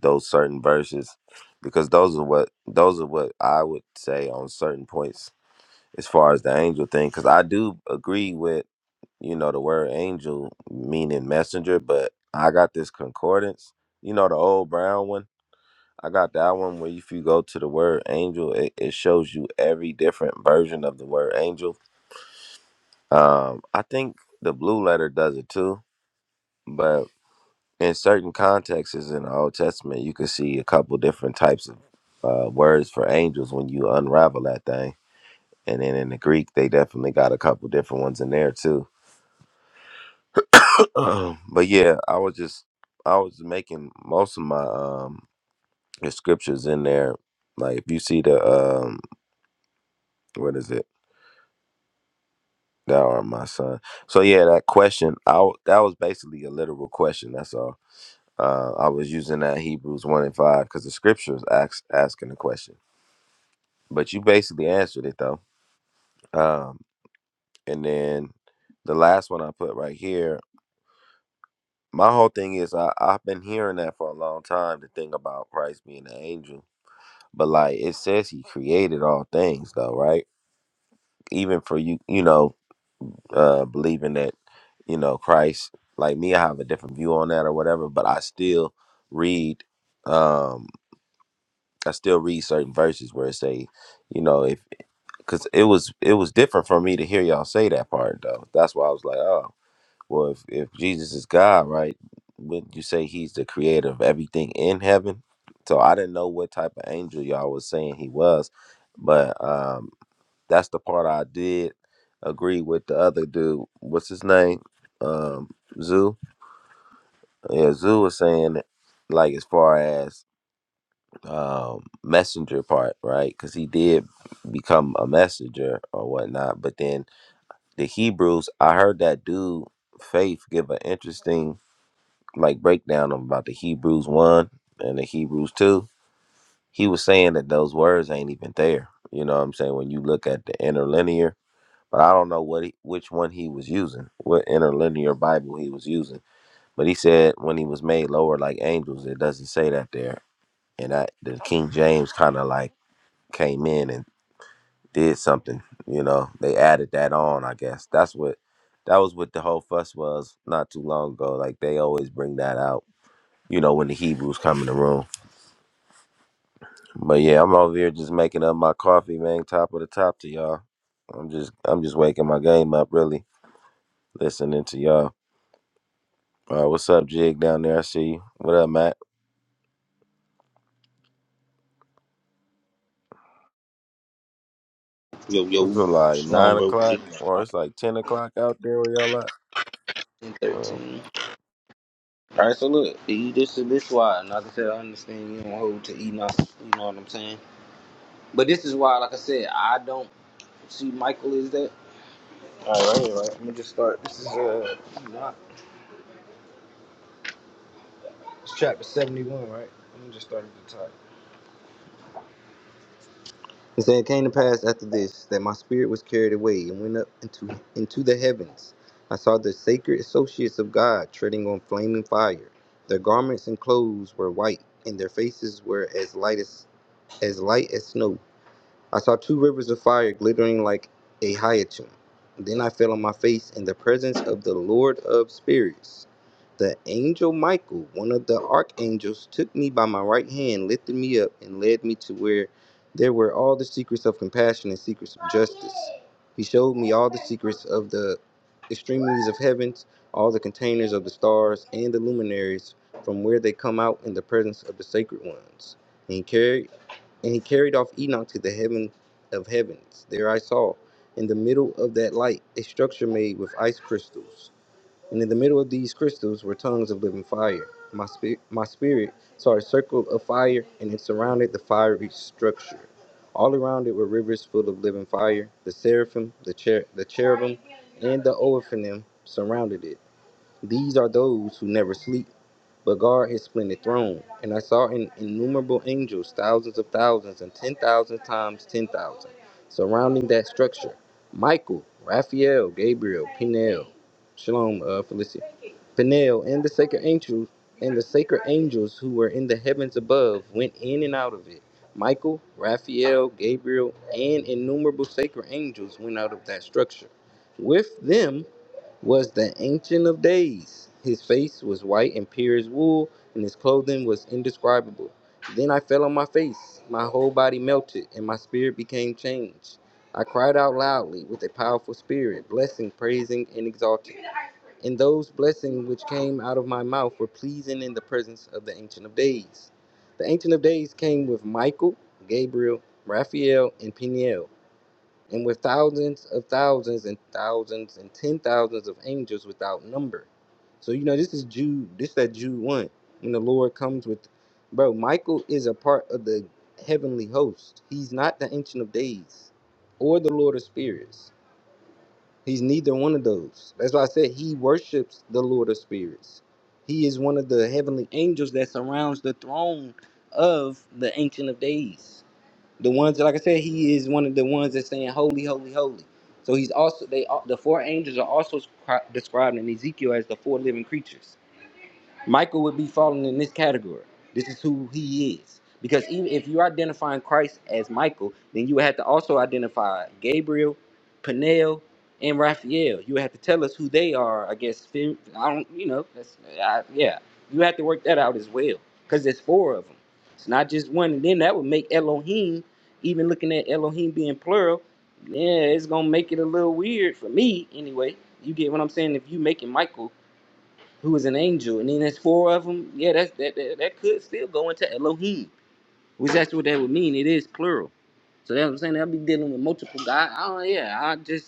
those certain verses because those are what those are what I would say on certain points as far as the angel thing because I do agree with. you know, the word angel meaning messenger, but I got this concordance, you know, the old brown one. I got that one where if you go to the word angel, it, it shows you every different version of the word angel. Um, I think the blue letter does it too, but in certain contexts in the Old Testament, you can see a couple different types of uh, words for angels when you unravel that thing. And then in the Greek, they definitely got a couple different ones in there too. Um, but yeah, I was just I was making most of my um the scriptures in there. Like if you see the um what is it? Thou art my son. So yeah, that question I w- that was basically a literal question. That's all. Uh, I was using that Hebrews one and five because the scriptures ask, asking the question. But you basically answered it though. Um, and then the last one I put right here. My whole thing is I, I've been hearing that for a long time. The thing about Christ being an angel But like it says he created all things though, right? Even for you, you know, uh believing that, you know, Christ, like me, I have a different view on that or whatever, but I still read um I still read certain verses where it say, you know, if cuz it was it was different for me to hear y'all say that part though. That's why I was like, oh, well if if Jesus is God, right? Wouldn't you say he's the creator of everything in heaven? So I didn't know what type of angel y'all was saying he was but um That's the part I did agree with the other dude. What's his name? Um, Zoo. Yeah, Zoo was saying that, like as far as um messenger part, right? Because he did become a messenger or whatnot. But then the Hebrews, I heard that dude Faith give an interesting like breakdown about the Hebrews one and the Hebrews two. He was saying that those words ain't even there. You know what I'm saying? When you look at the interlinear but I don't know what he, which one he was using, what interlinear Bible he was using. But he said when he was made lower like angels, it doesn't say that there. And that the King James kind of like came in and did something, you know. They added that on, I guess. That's what that was what the whole fuss was not too long ago. Like they always bring that out, you know, when the Hebrews come in the room. But yeah, I'm over here just making up my coffee, man. Top of the top to y'all. I'm just I'm just waking my game up, really, listening to y'all. Uh, what's up, Jig down there? I see you. What up, Matt? What's it like nine o'clock or it's like ten o'clock out there where y'all at? Well,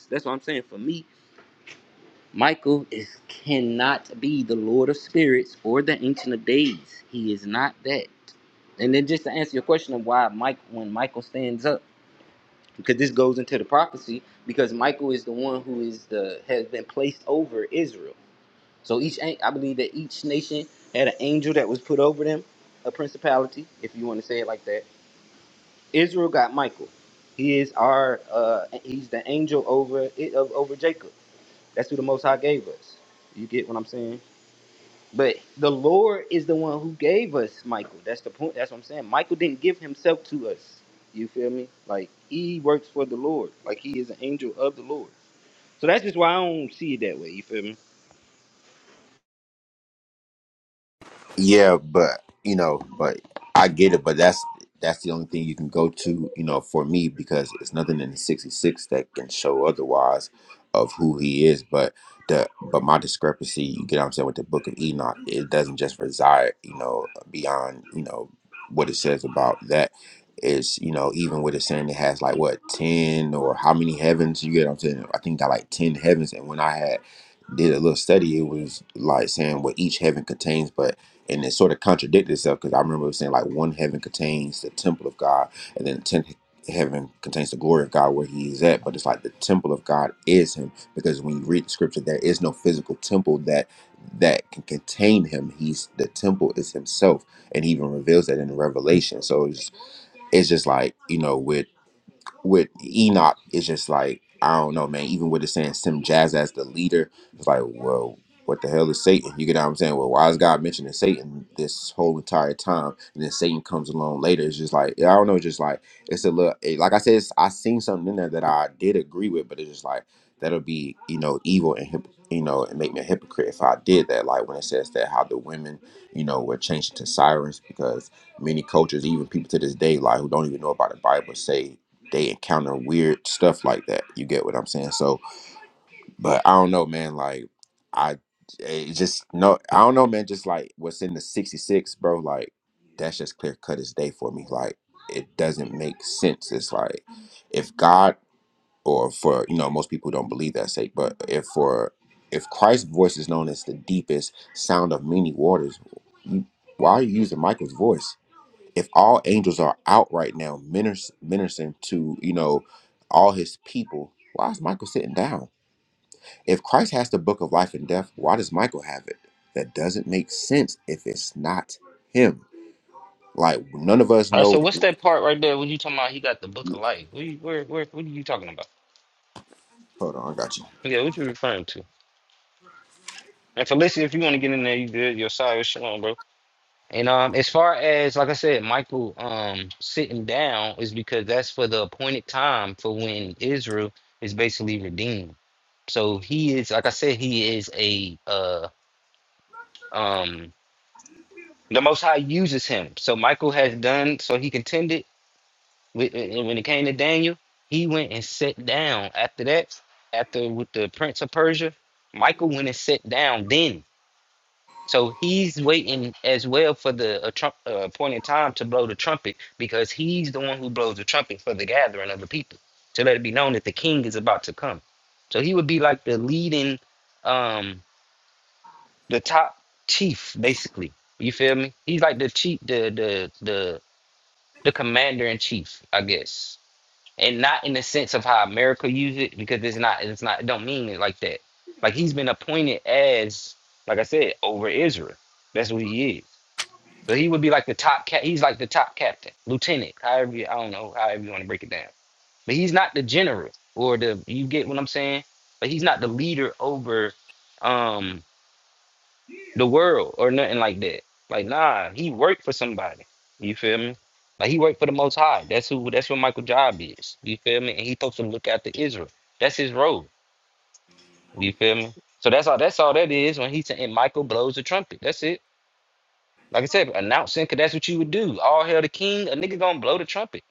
That's what I'm saying. For me, Michael is cannot be the Lord of Spirits or the Ancient of Days. He is not that. And then just to answer your question of why Mike when Michael stands up, because this goes into the prophecy, because Michael is the one who is the has been placed over Israel. So each I believe that each nation had an angel that was put over them, a principality, if you want to say it like that. Israel got Michael.
Yeah, but you know, but I get it, but that's that's the only thing you can go to, you know, for me because it's nothing in the sixty six that can show otherwise of who he is. But the but my discrepancy, you get what I'm saying, with the book of Enoch, it doesn't just reside, you know, beyond, you know, what it says about that. It's, you know, even with it saying it has like what, ten or how many heavens, you get what I'm saying? I think got like ten heavens and when I had did a little study, it was like saying what each heaven contains, but and it sort of contradicted itself because I remember saying like one heaven contains the temple of God, and then ten heaven contains the glory of God where He is at. But it's like the temple of God is Him because when you read the scripture, there is no physical temple that that can contain Him. He's the temple is Himself, and He even reveals that in Revelation. So it's it's just like you know with with Enoch, it's just like I don't know, man. Even with it saying Sim Jazz as the leader, it's like, well, what the hell is Satan? You get what I'm saying? Well, why is God mentioning Satan this whole entire time, and then Satan comes along later? It's just like I don't know, just like it's a little. It, like I said, it's, I seen something in there that I did agree with, but it's just like that'll be you know evil and hip, you know and make me a hypocrite if I did that. Like when it says that how the women you know were changed to sirens because many cultures, even people to this day, like who don't even know about the Bible, say they encounter weird stuff like that. You get what I'm saying? So, but I don't know, man. Like, I it just no, I don't know, man. Just like what's in the '66, bro. Like, that's just clear cut as day for me. Like, it doesn't make sense. It's like if God or for you know most people don't believe that sake, but if for if Christ's voice is known as the deepest sound of many waters, you- why are you using Michael's voice? if all angels are out right now minis- ministering to you know all his people why is michael sitting down if christ has the book of life and death why does michael have it that doesn't make sense if it's not him like none of us
All right,
know
so what's that part right there? When you talking about? He got the book of life. What you, where, where, what are you talking about?
hold on i got you
Yeah, what you referring to? And Felicia, if you want to get in there, you good. Your side is shalom, bro. And um, as far as like I said, Michael um sitting down is because that's for the appointed time for when Israel is basically redeemed. So he is, like I said, he is a uh um The Most High uses him. So Michael has done, so he contended. With, and when it came to Daniel, he went and sat down. After that, after with the Prince of Persia, Michael went and sat down then. So he's waiting as well for the uh, trump, uh, point in time to blow the trumpet because he's the one who blows the trumpet for the gathering of the people to let it be known that the king is about to come. So he would be like the leading, um, the top chief, basically. You feel me? He's like the chief, the the the the commander in chief, I guess, and not in the sense of how America use it because it's not it's not it don't mean it like that. Like he's been appointed as, like I said, over Israel. That's what he is. So he would be like the top cat. He's like the top captain, lieutenant, however you, I don't know, however you want to break it down. But he's not the general or the you get what I'm saying. But he's not the leader over. um the world or nothing like that. Like, nah, he worked for somebody. You feel me? Like he worked for the Most High. That's who. That's what Michael Job is. You feel me? And he supposed to look after Israel. That's his role. You feel me? So that's all. That's all that is when he said, and Michael blows the trumpet. That's it. Like I said, announcing, cause that's what you would do. All hail the king. A nigga gonna blow the trumpet.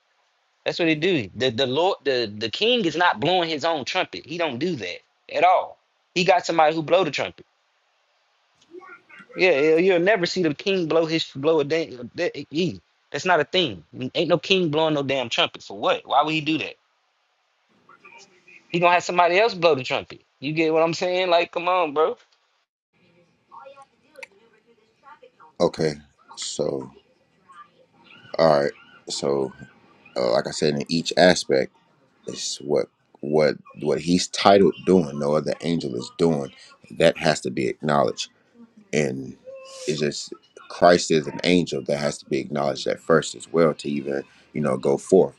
That's what he do. The the Lord, the the king is not blowing his own trumpet. He don't do that at all. He got somebody who blow the trumpet. Yeah, you- you'll never see the king blow his blow a damn. that- That's not a thing. Ain't no king blowing no damn trumpet for what? Why would he do that? He gonna have somebody else blow the trumpet. You get what I'm saying? Like, come on, bro.
okay so all right so uh, like i said in each aspect is what what what he's titled doing no other angel is doing that has to be acknowledged and it's just Christ is an angel that has to be acknowledged at first as well to even you know go forth.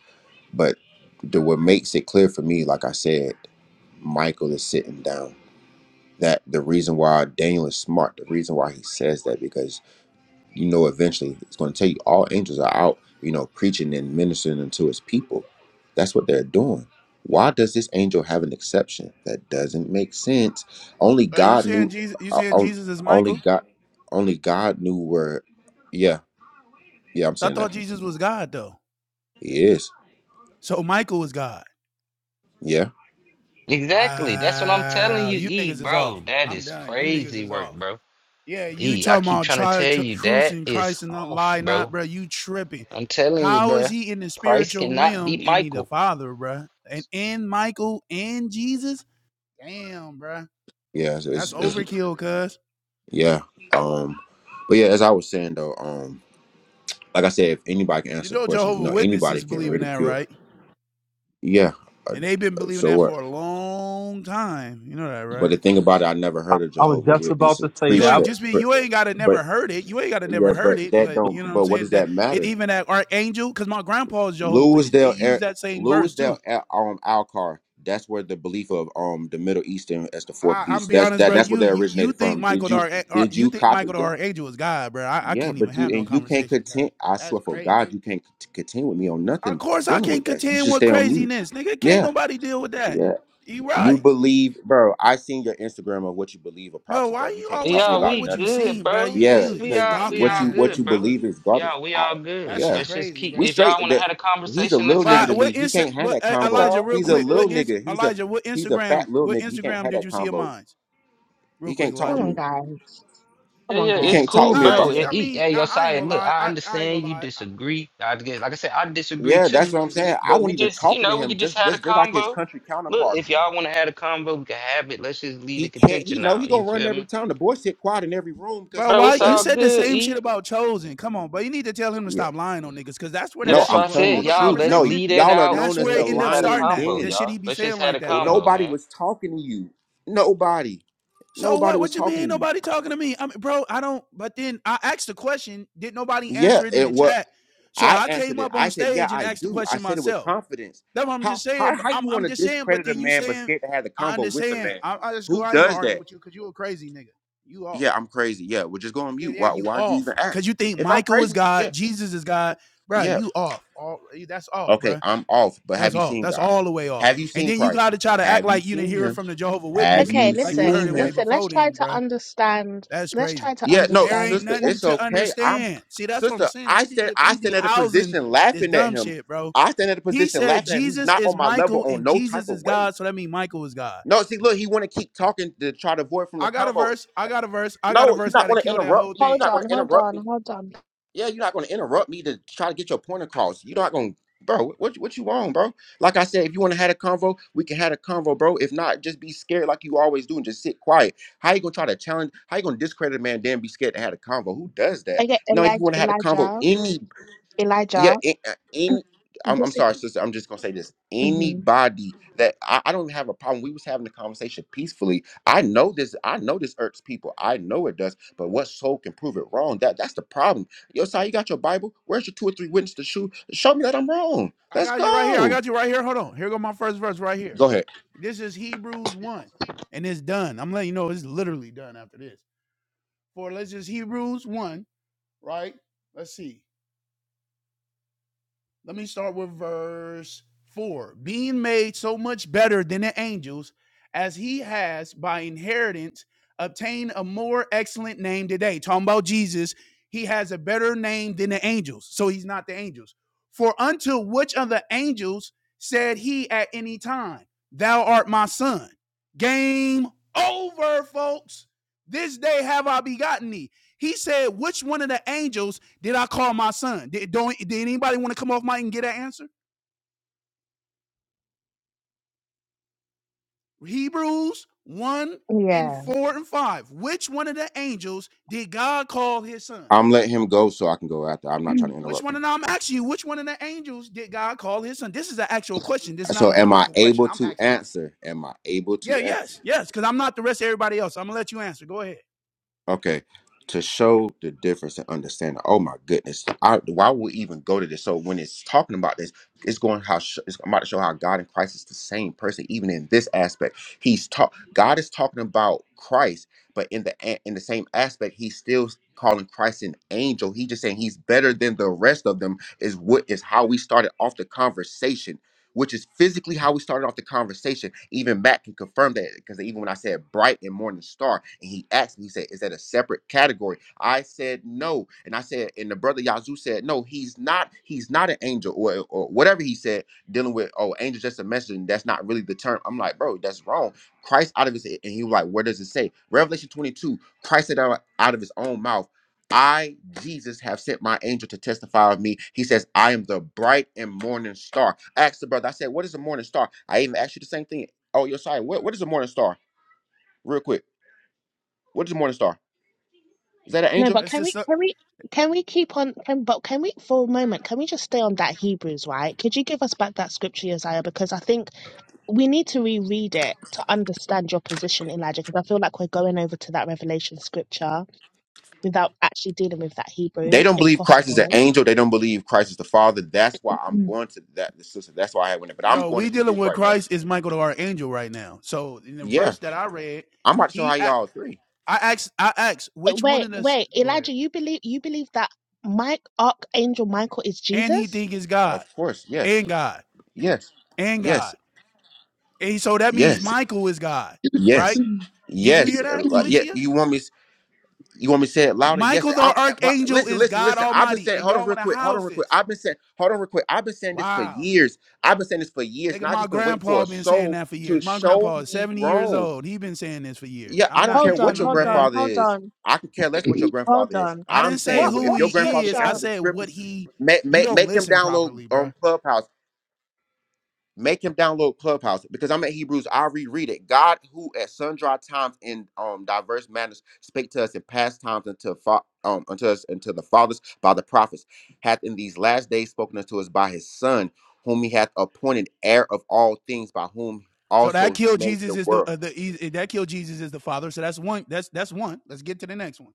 But the what makes it clear for me, like I said, Michael is sitting down. That the reason why Daniel is smart, the reason why he says that because you know, eventually it's going to take you. all angels are out, you know, preaching and ministering unto his people. That's what they're doing. Why does this angel have an exception? That doesn't make sense. Only
Are you
God
saying
knew.
Jesus? You
o-
saying
o-
Jesus is
Only
Michael?
God. Only God knew where. Yeah, yeah, I'm
I
saying that.
thought Jesus was God though.
He is.
So Michael was God.
Yeah,
Exactly. That's what I'm telling
Wow,
you,
you
E,
niggas is off.
bro. That
I'm
is
done. You niggas
crazy
is
work,
off.
bro.
Yeah, you
E, I
talking
keep
about
trying to
try
tell
tr-
you that
cruising Christ
is
and not
off,
lie not,
bro.
bro. You tripping?
I'm telling you,
How is
bro.
he in the
Christ
spiritual
cannot be
realm and he
Michael.
the Father, bro? And and Michael and Jesus? Damn, bro.
yeah, it's,
That's
it's, it's
overkill, cuz.
yeah. Um, but yeah, as I was saying though, um, like I said, if anybody can
You
answer
know
questions, you
Jehovah
know, anybody
Witnesses
can
believe in that,
ridicule.
right?
Yeah. uh,
And they've been believing
So
that
what?
for a long time. You know that,
But
right?
the thing about it, I never
I,
heard a
I was
Jehovah
just about
Witness
to say that.
You
preach
I,
ain't
that.
just be
But
you ain't gotta never
but,
heard it. You ain't gotta
yeah,
never heard
but
it,
that
but
don't.
you know what I'm
But what
saying?
does
That
that
it
matter?
even at Archangel, because my grandpa is Jehovah Witness. They
Louisdale,
use
Air,
that same verse
Louisdale,
too.
Air, um, Alcar. That's where the belief of um the Middle Eastern as the fourth
I, I'm
beast.
be
That's
honest,
that.
bro.
That's what
You
they
you, you
originated
think
from. Did
Michael the
you
Arch, Ar-
did
you
you
think
copy
Michael the
them?
Archangel is God, bro? I, I
Yeah,
can't even
but you
have no
and you can't
conversation, cuz.
contend. I
That's
swear for
crazy.
God, you can't cont- contend with me on
Of
nothing
course, I
dealing with
can't
that. You
contend
should
with
stay on mute.
craziness, nigga. Can't
Yeah,
nobody deal with that.
yeah.
You
You
right,
believe, bro. I seen your Instagram of what you believe of
bro.
prophecy,
Why
bro. You
you
can't
always
talk to me
Yeah,
talking about
about
we
what you
nothing.
good,
seen, bro?
bro.
You
Yeah,
That's
you you
we
because
all we
stalking
what
all
you
ass
what you
good,
nigga,
bro.
bro.
believe is garbage.
Yeah, we all
I,
That
good.
shit
yeah,
Let's just
crazy,
keep
we
bro.
if y'all
straight.
wanna
The,
have a
he's a
conversation, let's
little
By
nigga
have
to
it.
what
me. He
Insta,
can't have
what
that
uh,
That's
convo.
Elijah? Real
all.
He's
You
a
quick,
feel
what
little
me?
in,
nigga. He's a
Elijah? What
he's a
Instagram?
fat little
What
nigga. He can't
Instagram
have
did
that
you see of
convo.
mine? Real
He
quick,
can't talk
Come
with
Elijah.
on,
me.
guys.
Yeah,
Come on,
yeah,
He
it's
can't
guys.
talk
cool,
with
Nah,
Let's
me
not do
bro.
about
just
that.
It,
I
that.
it,
mean
hey,
I, I ain't
Josiah,
gonna
look,
lie.
I
I, I ain't
understand
gonna
you
lie. I,
disagree. I guess, like I said, I disagree
Yeah, that's
that's
too.
what I'm
crazy,
saying. I
But we
won't even
just, you
talking to
know, we
him.
could just
Just
have a
just just like his
convo.
country
Look,
counterpart.
if y'all want to have a convo, we can have it. Let's just leave
He
the
can't. He
contention
know he
out.
gonna
You
run
feel
every
me,
time. The boy sit quiet in every room because
bro.
he
bro?
know
Why
It's
you
all
better.
said the
good,
same
E.
shit about chosen? Come on, but you need to tell him to
Yeah.
stop lying on niggas because that's where
Yeah,
that
No,
that's
shit.
I'm
why I
Where
telling
said,
all
the
the
y'all,
truth.
let's
No, y-
conversation,
lead it
y'all are
out
that's
known as
and
where
the
it
let's
end
just
up
have a
lion
starting at.
combo,
That
den.
shit
y'all.
he be
Let's
saying
just have
like
a
that,
Well,
bro.
combo,
Nobody
man.
was talking to you. Nobody.
So
Nobody
what?
was
What you mean?
talking
ain't
to you.
Nobody talking to me? I mean, bro, I don't. But then I asked the question. Did nobody
Yeah,
answer it in
it
the
what
chat? So
I
I came
answered it.
up on
I said, Yeah,
stage and
I
asked the
do. I
question
said it with
myself.
confidence.
That's what I'm just
How
saying.
how
But
how
I'm
you want
I'm
to
just saying. But
discredit a
then you
man but
saying,
scared to have the
I
convo with the
understand.
man?
I, I just cool.
Who
I ain't gonna
does
argue
that?
with you because you a crazy nigga. You off.
Yeah, I'm crazy. Yeah, we're just going
Yeah,
mute.
yeah,
Why
you
why do you
off.
even
Cause
act?
you think
If I'm
Michael is
crazy,
God,
yeah,
Jesus is God, bro.
yeah.
You off. All that's off,
Okay,
bro.
I'm off. But
That's
have you
off.
seen
That's
God?
all the way off.
Have you
And
seen
then you
Christ?
got to try to act
Have you
like you didn't
seen
hear it
him?
from the Jehovah
Have
Witness,
Okay,
you
like you
listen,
heard
seen
it way
him?
listen. Let's
before
try
them,
to
bro.
understand.
That's
Let's try
crazy.
to
Yeah, no,
There
understand.
ain't
sister,
nothing
it's
Let's
to
okay. I'm
understand. See, that's what I'm
sister,
saying.
I
We be
stand
get,
I
we be
stand at a
housing
position
this
laughing at
dumb
him.
shit, bro.
I stand at a
He
position
said
laughing at him. He's
Jesus
not
is
on my level
Michael
on
and
no type
Jesus
of
is
way.
God, so that means Michael is God.
No, see, look, he wanna keep talking to try to avoid from the
I got a
convo.
verse. I got a verse. I got a
No, you're
verse
not
that'll
gonna
kill that
interrupt
whole
me. You're
hold
thing.
not
on,
gonna
hold
interrupt
on,
me.
hold on.
Yeah, you're not going to interrupt me to try to get your point across. You're not going, to bro. What what you want, bro? Like I said, if you want to have a convo, we can have a convo, bro. If not, just be scared like you always do and just sit quiet. How you gonna try to challenge? How you gonna discredit a man? Then be scared to have a convo? Who does that?
Okay,
No, if you
Elijah,
want to have a convo,
Elijah,
any yeah
Elijah.
in, uh, in I'm, I'm
This is,
sorry sister i'm just gonna say this
mhm,
anybody that I, I don't have a problem we was having the conversation peacefully i know this i know this irks people i know it does but what soul can prove it wrong that that's the problem yo si you got your bible where's your two or three witnesses to shoot show me that i'm wrong
I
let's
got you right here. I
go
got you right here. Hold on. Here go my first verse right here.
go ahead
This is Hebrews 1. And it's done. I'm letting you know it's literally done after this. For let's just Hebrews 1, right? Let's see. Let me start with verse 4. Being made so much better than the angels, as he has by inheritance obtained a more excellent name today. Talking about Jesus, he has a better name than the angels. So he's not the angels. For unto which of the angels said he at any time, Thou art my son? Game over, folks. This day have I begotten thee. He said, Which one of the angels did I call my son? Did, don't, did anybody want to come off mic and get that answer? Hebrews 1 and
Yeah.
4 and 5. Which one of the angels did God call his son?
i'm letting him go so i can go after i'm not trying
[CLEARS THROAT]
to
Which
interrupt
one?
him
And I'm asking you, which one of the angels did God call his son? This is an actual question. This is not a
so am i
rhetorical question.
able
I'm
to
actually,
answer am i able
yeah,
to answer
yes, yes, because I'm not the rest of everybody else. I'm going to let you answer. Go ahead.
Okay, to show the difference and understand. Oh my goodness, I, why would we even go to this? So when it's talking about this, it's going how sh- it's about to show how God and Christ is the same person, even in this aspect. He's talk. God is talking about Christ, but in the a- in the same aspect, he's still calling Christ an angel. He just saying he's better than the rest of them. Is what is how we started off the conversation which is physically how we started off the conversation. Even Matt can confirm that because even when I said bright and morning star, and he asked me, he said, Is that a separate category? I said no. And I said, and the brother Yazoo said, No, he's not, he's not an angel, or, or whatever he said, dealing with, oh, angel's just a message, and that's not really the term. I'm like, bro, that's wrong. Christ out of his and he was like, Where does it say? Revelation 22, Christ said out out of his own mouth. I, Jesus, have sent my angel to testify of me. He says, I am the bright and morning star. I asked the brother, I said, What is a morning star? I even asked you the same thing. Oh, you're sorry. What, what is a morning star? Real quick. What is a morning star? Is that an
No,
angel?
but
That's
can
just,
we,
so-
can we, can we keep on? Can, but can we, for a moment, can we just stay on that Hebrews? Right? Could you give us back that scripture, Isaiah? Because I think we need to reread it to understand your position, Elijah. Because I feel like we're going over to that Revelation scripture without actually dealing with that
They
Hebrews,
don't
if
believe Christ is an
possible.
angel. They don't believe Christ is the Father. That's why I'm
Mm.
going to that, the sister. That's why I went there. But I'm
no,
going
we
to
dealing
Hebrews
with
right now.
Christ is Michael the archangel right now. So in the
Yeah.
verse that I read,
I'm about to show
he,
how
I,
y'all agree.
I asked, I asked,
But
which one
wait,
of the,
wait,
go ahead.
Elijah, you believe you believe that Mike Archangel Michael is
And he
Jesus?
think is God.
Of course. Yes.
and God
Yes.
and
Yes.
God. And so that means
Yes.
Michael is God, right?
Yes.
Mm. [CLEARS THROAT]
Did you
Yes.
hear that,
Uh, Like,
Mm.
yeah.
Felicia?
You want me? You want me to say it louder? Yes.
Michael
I'm,
the
but
archangel
listen,
is
listen,
God
listen. I've been
Almighty,
saying,
and
hold on
y'all
real
want to
quick, hold on
house
real quick.
this?
I've been saying, hold on real quick. I've been saying this for
Wow,
years. I've been saying this for years, and
nigga,
I
my
just been waiting for
grandpa
a
been saying
soul
that for
to
years. My
show
grandpa is
me
seventy years
wrong.
old. He been saying this for years.
Yeah,
I'm
I don't
not,
care
you
Hold on,
what
know
your
what I'm
hold on,
saying?
grandfather
hold
is.
on,
I could care less what your
[CLEARS THROAT] hold
grandfather is.
on.
I
I'm
didn't say
What
saying well,
who
if
what
your
he
grandfather
is.
can
I
scripture
answer the
said what
scriptures,
he.
make
You
make,
don't
make him
listen
download
properly, bro.
um, Clubhouse. Make him download Clubhouse because I'm at Hebrews. I reread it. God, who at sundry times in um diverse manners spake to us in past times unto fa- um unto us unto the fathers by the prophets, hath in these last days spoken unto us by His Son, whom He hath appointed heir of all things, by whom
So that
also He
killed
made the
Jesus is
world.
the uh, the e, that killed Jesus is the Father. So that's one. That's that's one. Let's get to the next one.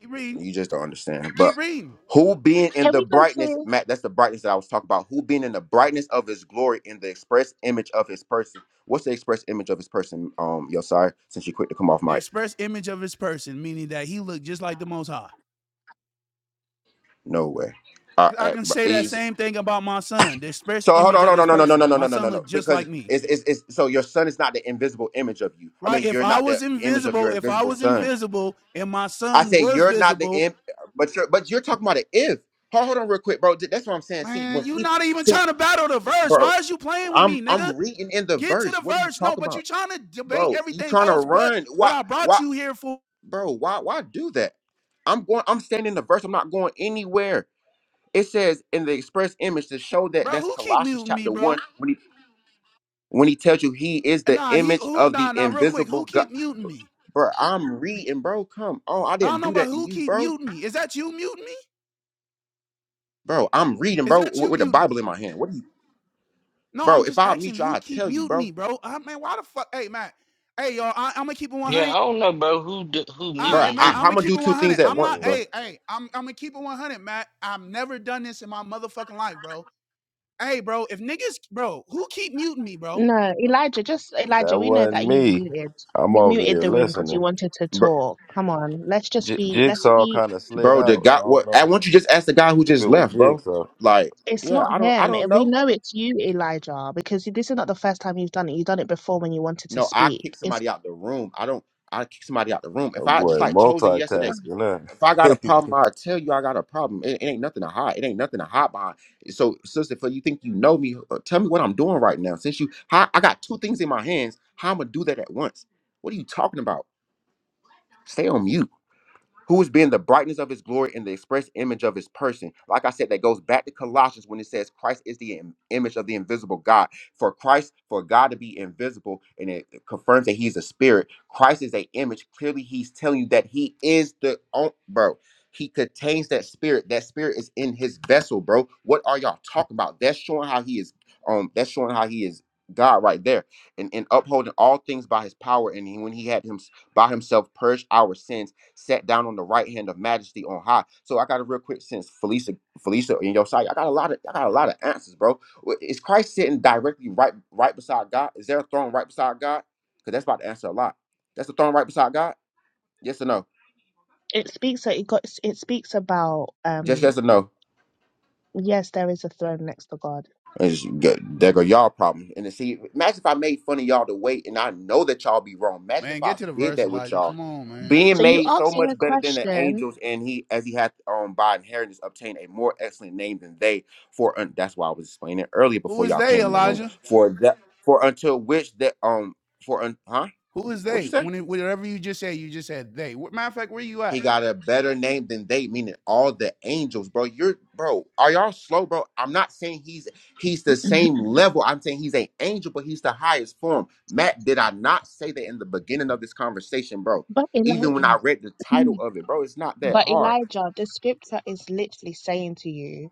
Keep reading.
You just don't understand.
Keep
But
reading.
who being in
can
the
we go
brightness,
to?
Matt, that's the brightness that I was talking about. Who being in the brightness of his glory in the express image of his person. What's the express image of his person? Um, yo, sorry, since you quick to come off
The
mic.
express image of his person, meaning that he looked just like the Most High.
No way. Uh,
I
uh,
can
but
say that
he's-
same thing about my son. The express
so hold
image
on,
of
hold
his
on, no, no, no, no,
person.
no,
My
no, no,
son
no, no.
looked just like
Because
me.
it's, it's it's so your son is not the invisible image of you. I
Right?
mean,
If
you're
I
not the
was
image of your
invisible, if I
invisible
was
son.
invisible and my
I
son
say
was
you're not the
visible,
imp, but you're but you're talking about an if. Hold, hold on, real quick, bro. That's what I'm saying. See,
man,
when
you
people
not even
see,
trying to battle the verse.
bro.
Why is you playing with me,
I'm
nigga?
I'm reading in the
Get to
verse.
the
What are you
verse. No,
talking
but you
about,
trying to debate
bro? You
everything
trying to
else but
run?
what
Why?
I brought
Why,
you here for.
bro? Why? Why do that? I'm going. I'm standing in the verse. I'm not going anywhere. It says in the express image to show that
Bro,
that's
who keep
Colossians
muting me,
chapter one
bro?
when he when he tells you he is
And
the
nah, he
image
who
of
nah
the
nah real quick, who
invisible God.
keep muting me?
Bro, I'm reading, bro. Come on, I
I don't
didn't
know,
do
but
that to
who
you,
keep
bro.
muting me? Is that you muting me?
Bro, I'm reading,
Is
bro,
that
with,
you
with the
muting me?
Bible in my hand. What do you,
No, I'm
bro? If
just
I meet
asking
you,
who
I'll
keep
tell you,
muting
bro.
me, bro. I man, why the fuck? Hey, Matt. Hey, y'all. I, am gonna keep it
Yeah,
100.
I don't know, bro, who d- who
Bro,
I
muting
Matt.
I,
who.
I'm
I'm
gonna
gonna
keep
do
it
two things
100.
at
I'm
once,
not.
yeah,
bro.
Hey, hey. I'm I'm gonna keep it 100, Matt. I've never done this in my motherfucking life, bro. Hey, bro. If niggas, bro, who keep muting me, bro?
No, Elijah, just
that
Elijah, we know
wasn't
that you've
me.
muted.
I'm
You
over
muted
here
the room because
listening.
you wanted to talk. Come on, let's just
J-
be let's
Jigsaw
be
kind of slid
bro.
out.
The guy,
I don't
what? I
know
want you just ask the guy who
if it
just
was
left, bro.
Jigsaw.
Like,
it's
yeah,
not
I don't, I
him. eh,
don't
We
know.
know it's you, Elijah, because this is not the first time you've done it. You've done it before when you wanted to
No, I
speak.
kick somebody out the room. I don't, I kick somebody out the room. If
Oh
I
boy,
just like chosen yesterday,
multitasking,
if I got
huh?
a
[LAUGHS]
problem, I tell you I got a problem. It, it ain't nothing to hide. It ain't nothing to hide behind. So, sister, for you think you know me, uh, tell me what I'm doing right now. Since you, how, I got two things in my hands. How I'm gonna do that at once? What are you talking about? Stay on mute. who is being the brightness of his glory and the express image of his person. Like I said, that goes back to Colossians when it says Christ is the im- image of the invisible God. For Christ, for God to be invisible, and it confirms that he's a spirit. Christ is a image. Clearly, he's telling you that he is the on- bro. He contains that spirit. That spirit is in his vessel, bro. What are y'all talking about? That's showing how he is. Um, that's showing how he is God right there, and and upholding all things by His power. And he, when He had Him by Himself purged our sins sat down on the right hand of majesty on high. So I got a real quick sense, Felicia, Felicia in your side, I got a lot of I got a lot of answers, bro. Is Christ sitting directly right right beside God? Is there a throne right beside God? Because that's about to answer a lot. That's the throne right beside God? Yes or no?
It speaks that it got it speaks about
Just
um
yes or no.
yes, there is a throne next to God.
It's good. There go y'all problem. And then see, imagine if I made fun of y'all to wait, and I know that y'all be wrong. Imagine
Man,
if
get
I
to the
did
verse,
that with
Elijah.
y'all,
Come on, man.
being
So you
made so
asked me a
much better than the
question,
angels, and he, as he had um by inheritance, obtained a more excellent name than they. For un- that's why I was explaining it earlier
Who
before
is
y'all
they,
came in the room.
Elijah?
For that, for until which that um for un- huh?
Who is
What
they?
you say?
When it, whatever you just said, you just said they. Matter of fact, where you
He
at?
got a better name than they, meaning all the angels, bro. You're bro, are y'all slow, bro? I'm not saying he's he's
[CLEARS THROAT]
the same level. I'm saying he's an angel, but he's the highest form. Matt, did I not say that in the beginning of this conversation, bro?
but
Even when
Elijah,
I read the
[CLEARS THROAT]
title of it, bro, it's not that
but
hard.
Elijah, the scripture is literally saying to you,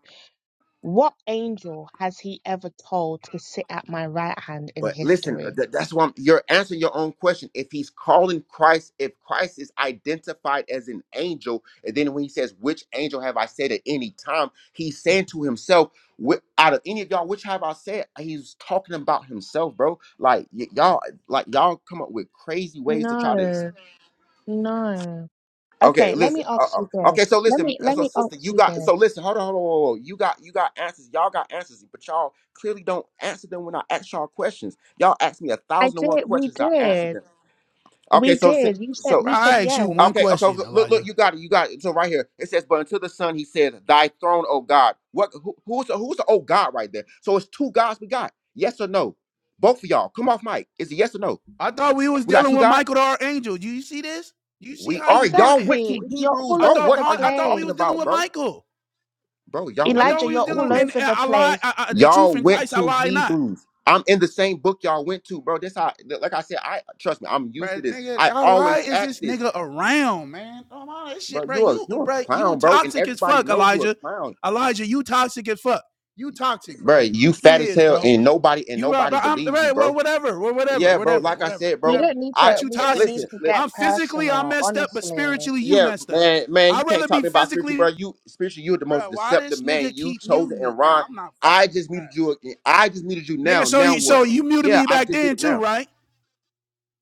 what angel has he ever told to sit at my right hand in
But listen,
history?
th- that's why I'm- you're answering your own question. If he's calling Christ, if Christ is identified as an angel, and then when he says, "Which angel have I said at any time?" He's saying to himself, "Wh- "Out of any of y'all, which have I said?" He's talking about himself, bro. Like y- y'all, like y'all come up with crazy ways to try to
No, no.
Okay,
Okay, let
listen.
me
Uh,
ask you
uh, okay,
this.
so
Let
listen.
me
uh,
let
So
me
sister,
ask
you
you
got. So
this.
listen. Hold on, hold on, hold on. You got. You got answers. Y'all got answers, but y'all clearly don't answer them when I ask y'all questions. Y'all ask me a
I
thousand and one
did. We
questions. I answer
did.
them.
We
Okay, so si-
did. You said
so
Bro,
we said
I asked
yes.
you one
okay, okay.
question,
Look, look, look,
Elijah.
you got it. You got it. So right here it says, "But unto the Son, He says, Thy throne, O God." What? Who, who's the Who's the old God right there? So it's two gods we got. Yes or no? Both of y'all. Come off mic. Is it yes or no?
I thought we was
We got
dealing
two
with
gods.
Michael our angel. Do you see this? Do you see
We
how
are
he doing
y'all
this?
went
Exactly.
to
You're
Hebrews,
all
I
bro.
over
thought
What
the
how,
are
I
you
thought we
talking
was
place.
dealing
about,
with
bro?
Michael.
Bro, y'all
I
went
thought
Elijah,
we
to
you're
was dealing
all
with, and,
Hebrews.
over
and
the
I lie.
place.
I, I, the truth
Y'all
in
went
Christ, I
to
lie not.
Hebrews. I'm in the same book y'all went to, bro. This how, like I said, I trust me. I'm used
Bro,
to this.
nigga,
I
oh, why
always
is
ask
this
this,
nigga around, man? Oh my this
bro.
shit, bro.
You a
You,
you are a
bro, you
clown, bro, and
toxic as
everybody
fuck,
know you a
Elijah.
clown,
Elijah, you toxic as fuck. You toxic,
bro.
bro.
You
You
fat as
is,
hell,
bro.
and nobody and
You right,
nobody
but I'm
believes you,
right.
bro.
Well, whatever, well, whatever,
Yeah, bro.
whatever,
Like I
whatever,
said,
We
bro.
whatever.
don't need to
I,
But you
we
I
don't
toxic.
need
listen.
to
li-
get
I'm physically I
personal,
messed up, but
honestly.
spiritually you
yeah,
messed up.
man, man. You
I'd
can't
rather
talk to
be
me about spiritual, bro.
physically,
You spiritual. You're the most
bro. Why
deceptive
this
man
nigga
you
keep
chosen,
muting me,
and
man?
Ron.
I'm not
I
fucking with
just muted you. I just muted you
you, nigga.
now.
So
Now
you so
what?
you muted
Yeah,
me
I
back
just did
then
it now.
too, right?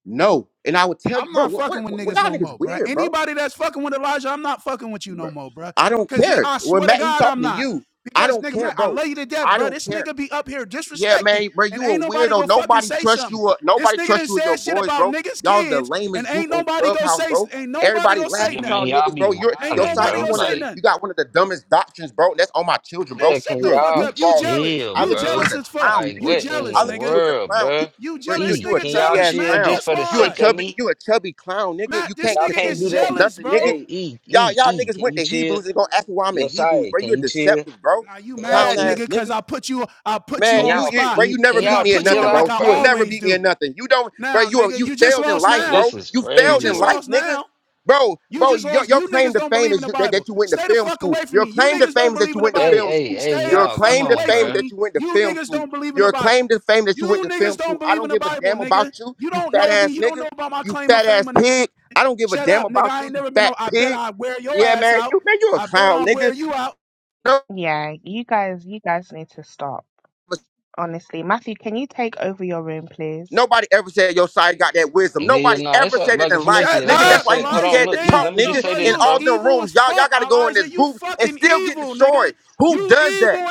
No. And I would tell you,
I'm
bro,
not
what,
fucking
what,
with
what,
niggas
y'all
no
niggas
more, bro.
weird, bro.
Anybody that's fucking with Elijah, I'm not fucking with you no
bro.
more, bro.
I don't
Cause
care.
I
When
swear to
Matt, he
God, I'm
talking to
not.
you. I
Because
don't
nigga,
care,
man, I
bro.
love you to death,
I
bro.
don't
This
care.
nigga be up here
Yeah,
disrespecting,
man, bro,
and
you a
ain't nobody
weirdo.
go fucking
Nobody
say
trusts
something.
you. uh,
This
Nobody
nigga done
trusts you and
said
your
shit
boys,
about
bro.
niggas'
Y'all the
kids, and
lamest group
ain't
on
nobody go
Clubhouse,
say,
bro.
ain't nobody
Everybody
go
laugh
say
Yeah,
at y'all
man,
nothing.
y'all
niggas,
be
bro. You're
Ain't
your
wilding,
side.
nobody
You
bro.
go
one of
say
the
Like,
nothing.
you got one of the dumbest doctrines, bro. That's on my children,
Man,
yeah,
bro.
shut
can
the
You're a
fuck
y'all
up. You
goofball, nigga.
jealous.
chill,
I
You
look at you
bro?
as
jealous
a
as fuck.
clown,
Like,
You
nigga.
what in
jealous,
the
I look at you
nigga.
as a
world,
clown. You,
bro?
You
bro, you
jealous.
E,
This
you a
nigga
can
chubby
y'all
jealous,
ass
chill
Matt.
clown.
just
That's
for the
You a
why.
sake of
chubby,
me?
you a chubby clown, nigga.
Matt,
You
this
can't
Y'all
nigga
contend
can't
is
with
do
me
that.
on
jealous,
nothing,
bro.
nigga.
Hey, E,
Y'all
E,
y'all
E,
niggas
can
went
you
to
chill?
Hebrews and gonna ask me why I'm in
Yo,
Hebrews,
sorry,
bro.
can
You're
you chill?
deceptive, bro.
Now you
Can y'all
Clown
mad,
chill?
ass
nigga, cause
nigga.
I put you I put you
Can
Man,
on the
you,
y'all
you
spot.
bro,
pe-
you
Can
never
Cause
beat
I
y'all
me in
put you
chill
nothing,
on like
bro.
out,
I
You will
bro?
never
always
beat me
do.
in nothing. You don't, bro.
Now,
You are,
nigga,
you
you just
failed in
lost
life,
Like,
now.
this
bro.
is
You
You
failed
crazy
in
just
work.
life,
lost
nigga.
now.
Bro,
You
bro,
just
your,
lost.
your
You
claim
niggas
to
don't
fame
believe in
is
the
you- that,
Bible.
that you went to
Stay the
film
fuck
school.
away from
Your
me. You
claim to
niggas
fame
don't
is that
believe
you
in the
went to
Hey,
Bible.
film
hey,
school.
hey,
Stay
Your
the
y'all, come
fuck
claim to
on,
away
fame
from
is
bro.
that
me.
you went to
You
film
niggas
school.
don't believe in the
Your
Bible.
claim to fame that you went
You
to film
niggas don't
school. I
believe
don't
in the
give a
Bible,
damn
nigga.
about you,
You
you
don't
fat
know me.
ass
You don't
nigga.
know about my
You
claim of
fat
fame
ass
or no.
pig. I don't give a
Shut
damn
up, nigga.
about
I
you,
ain't
you
never been
fat
on. I bet
pig.
I wear your
Yeah,
ass
man.
out.
You man, you a
I bet
clown,
I'll wear
nigga.
you out.
No
Yeah, you guys you guys need to stop. Honestly. Matthew, can you take over your room, please?
Nobody ever said your side got that wisdom.
Yeah, yeah,
Nobody
nah, it's
ever
uh,
said it
like a
in life.
Shut
Felicia. That's
Nigga,
what I
that's
up,
why
said.
you be
Hold on,
Elijah.
scared to
look, E,
talk,
let me
Damn,
just
nigga,
say
bro.
in
this,
You was
bro.
all them
evil as
rooms. Y'all, y'all
fuck,
gotta go in
Elijah.
these
You
groups and
fucking
still get
evil, nigga.
destroyed. Who
You
does that?
evil and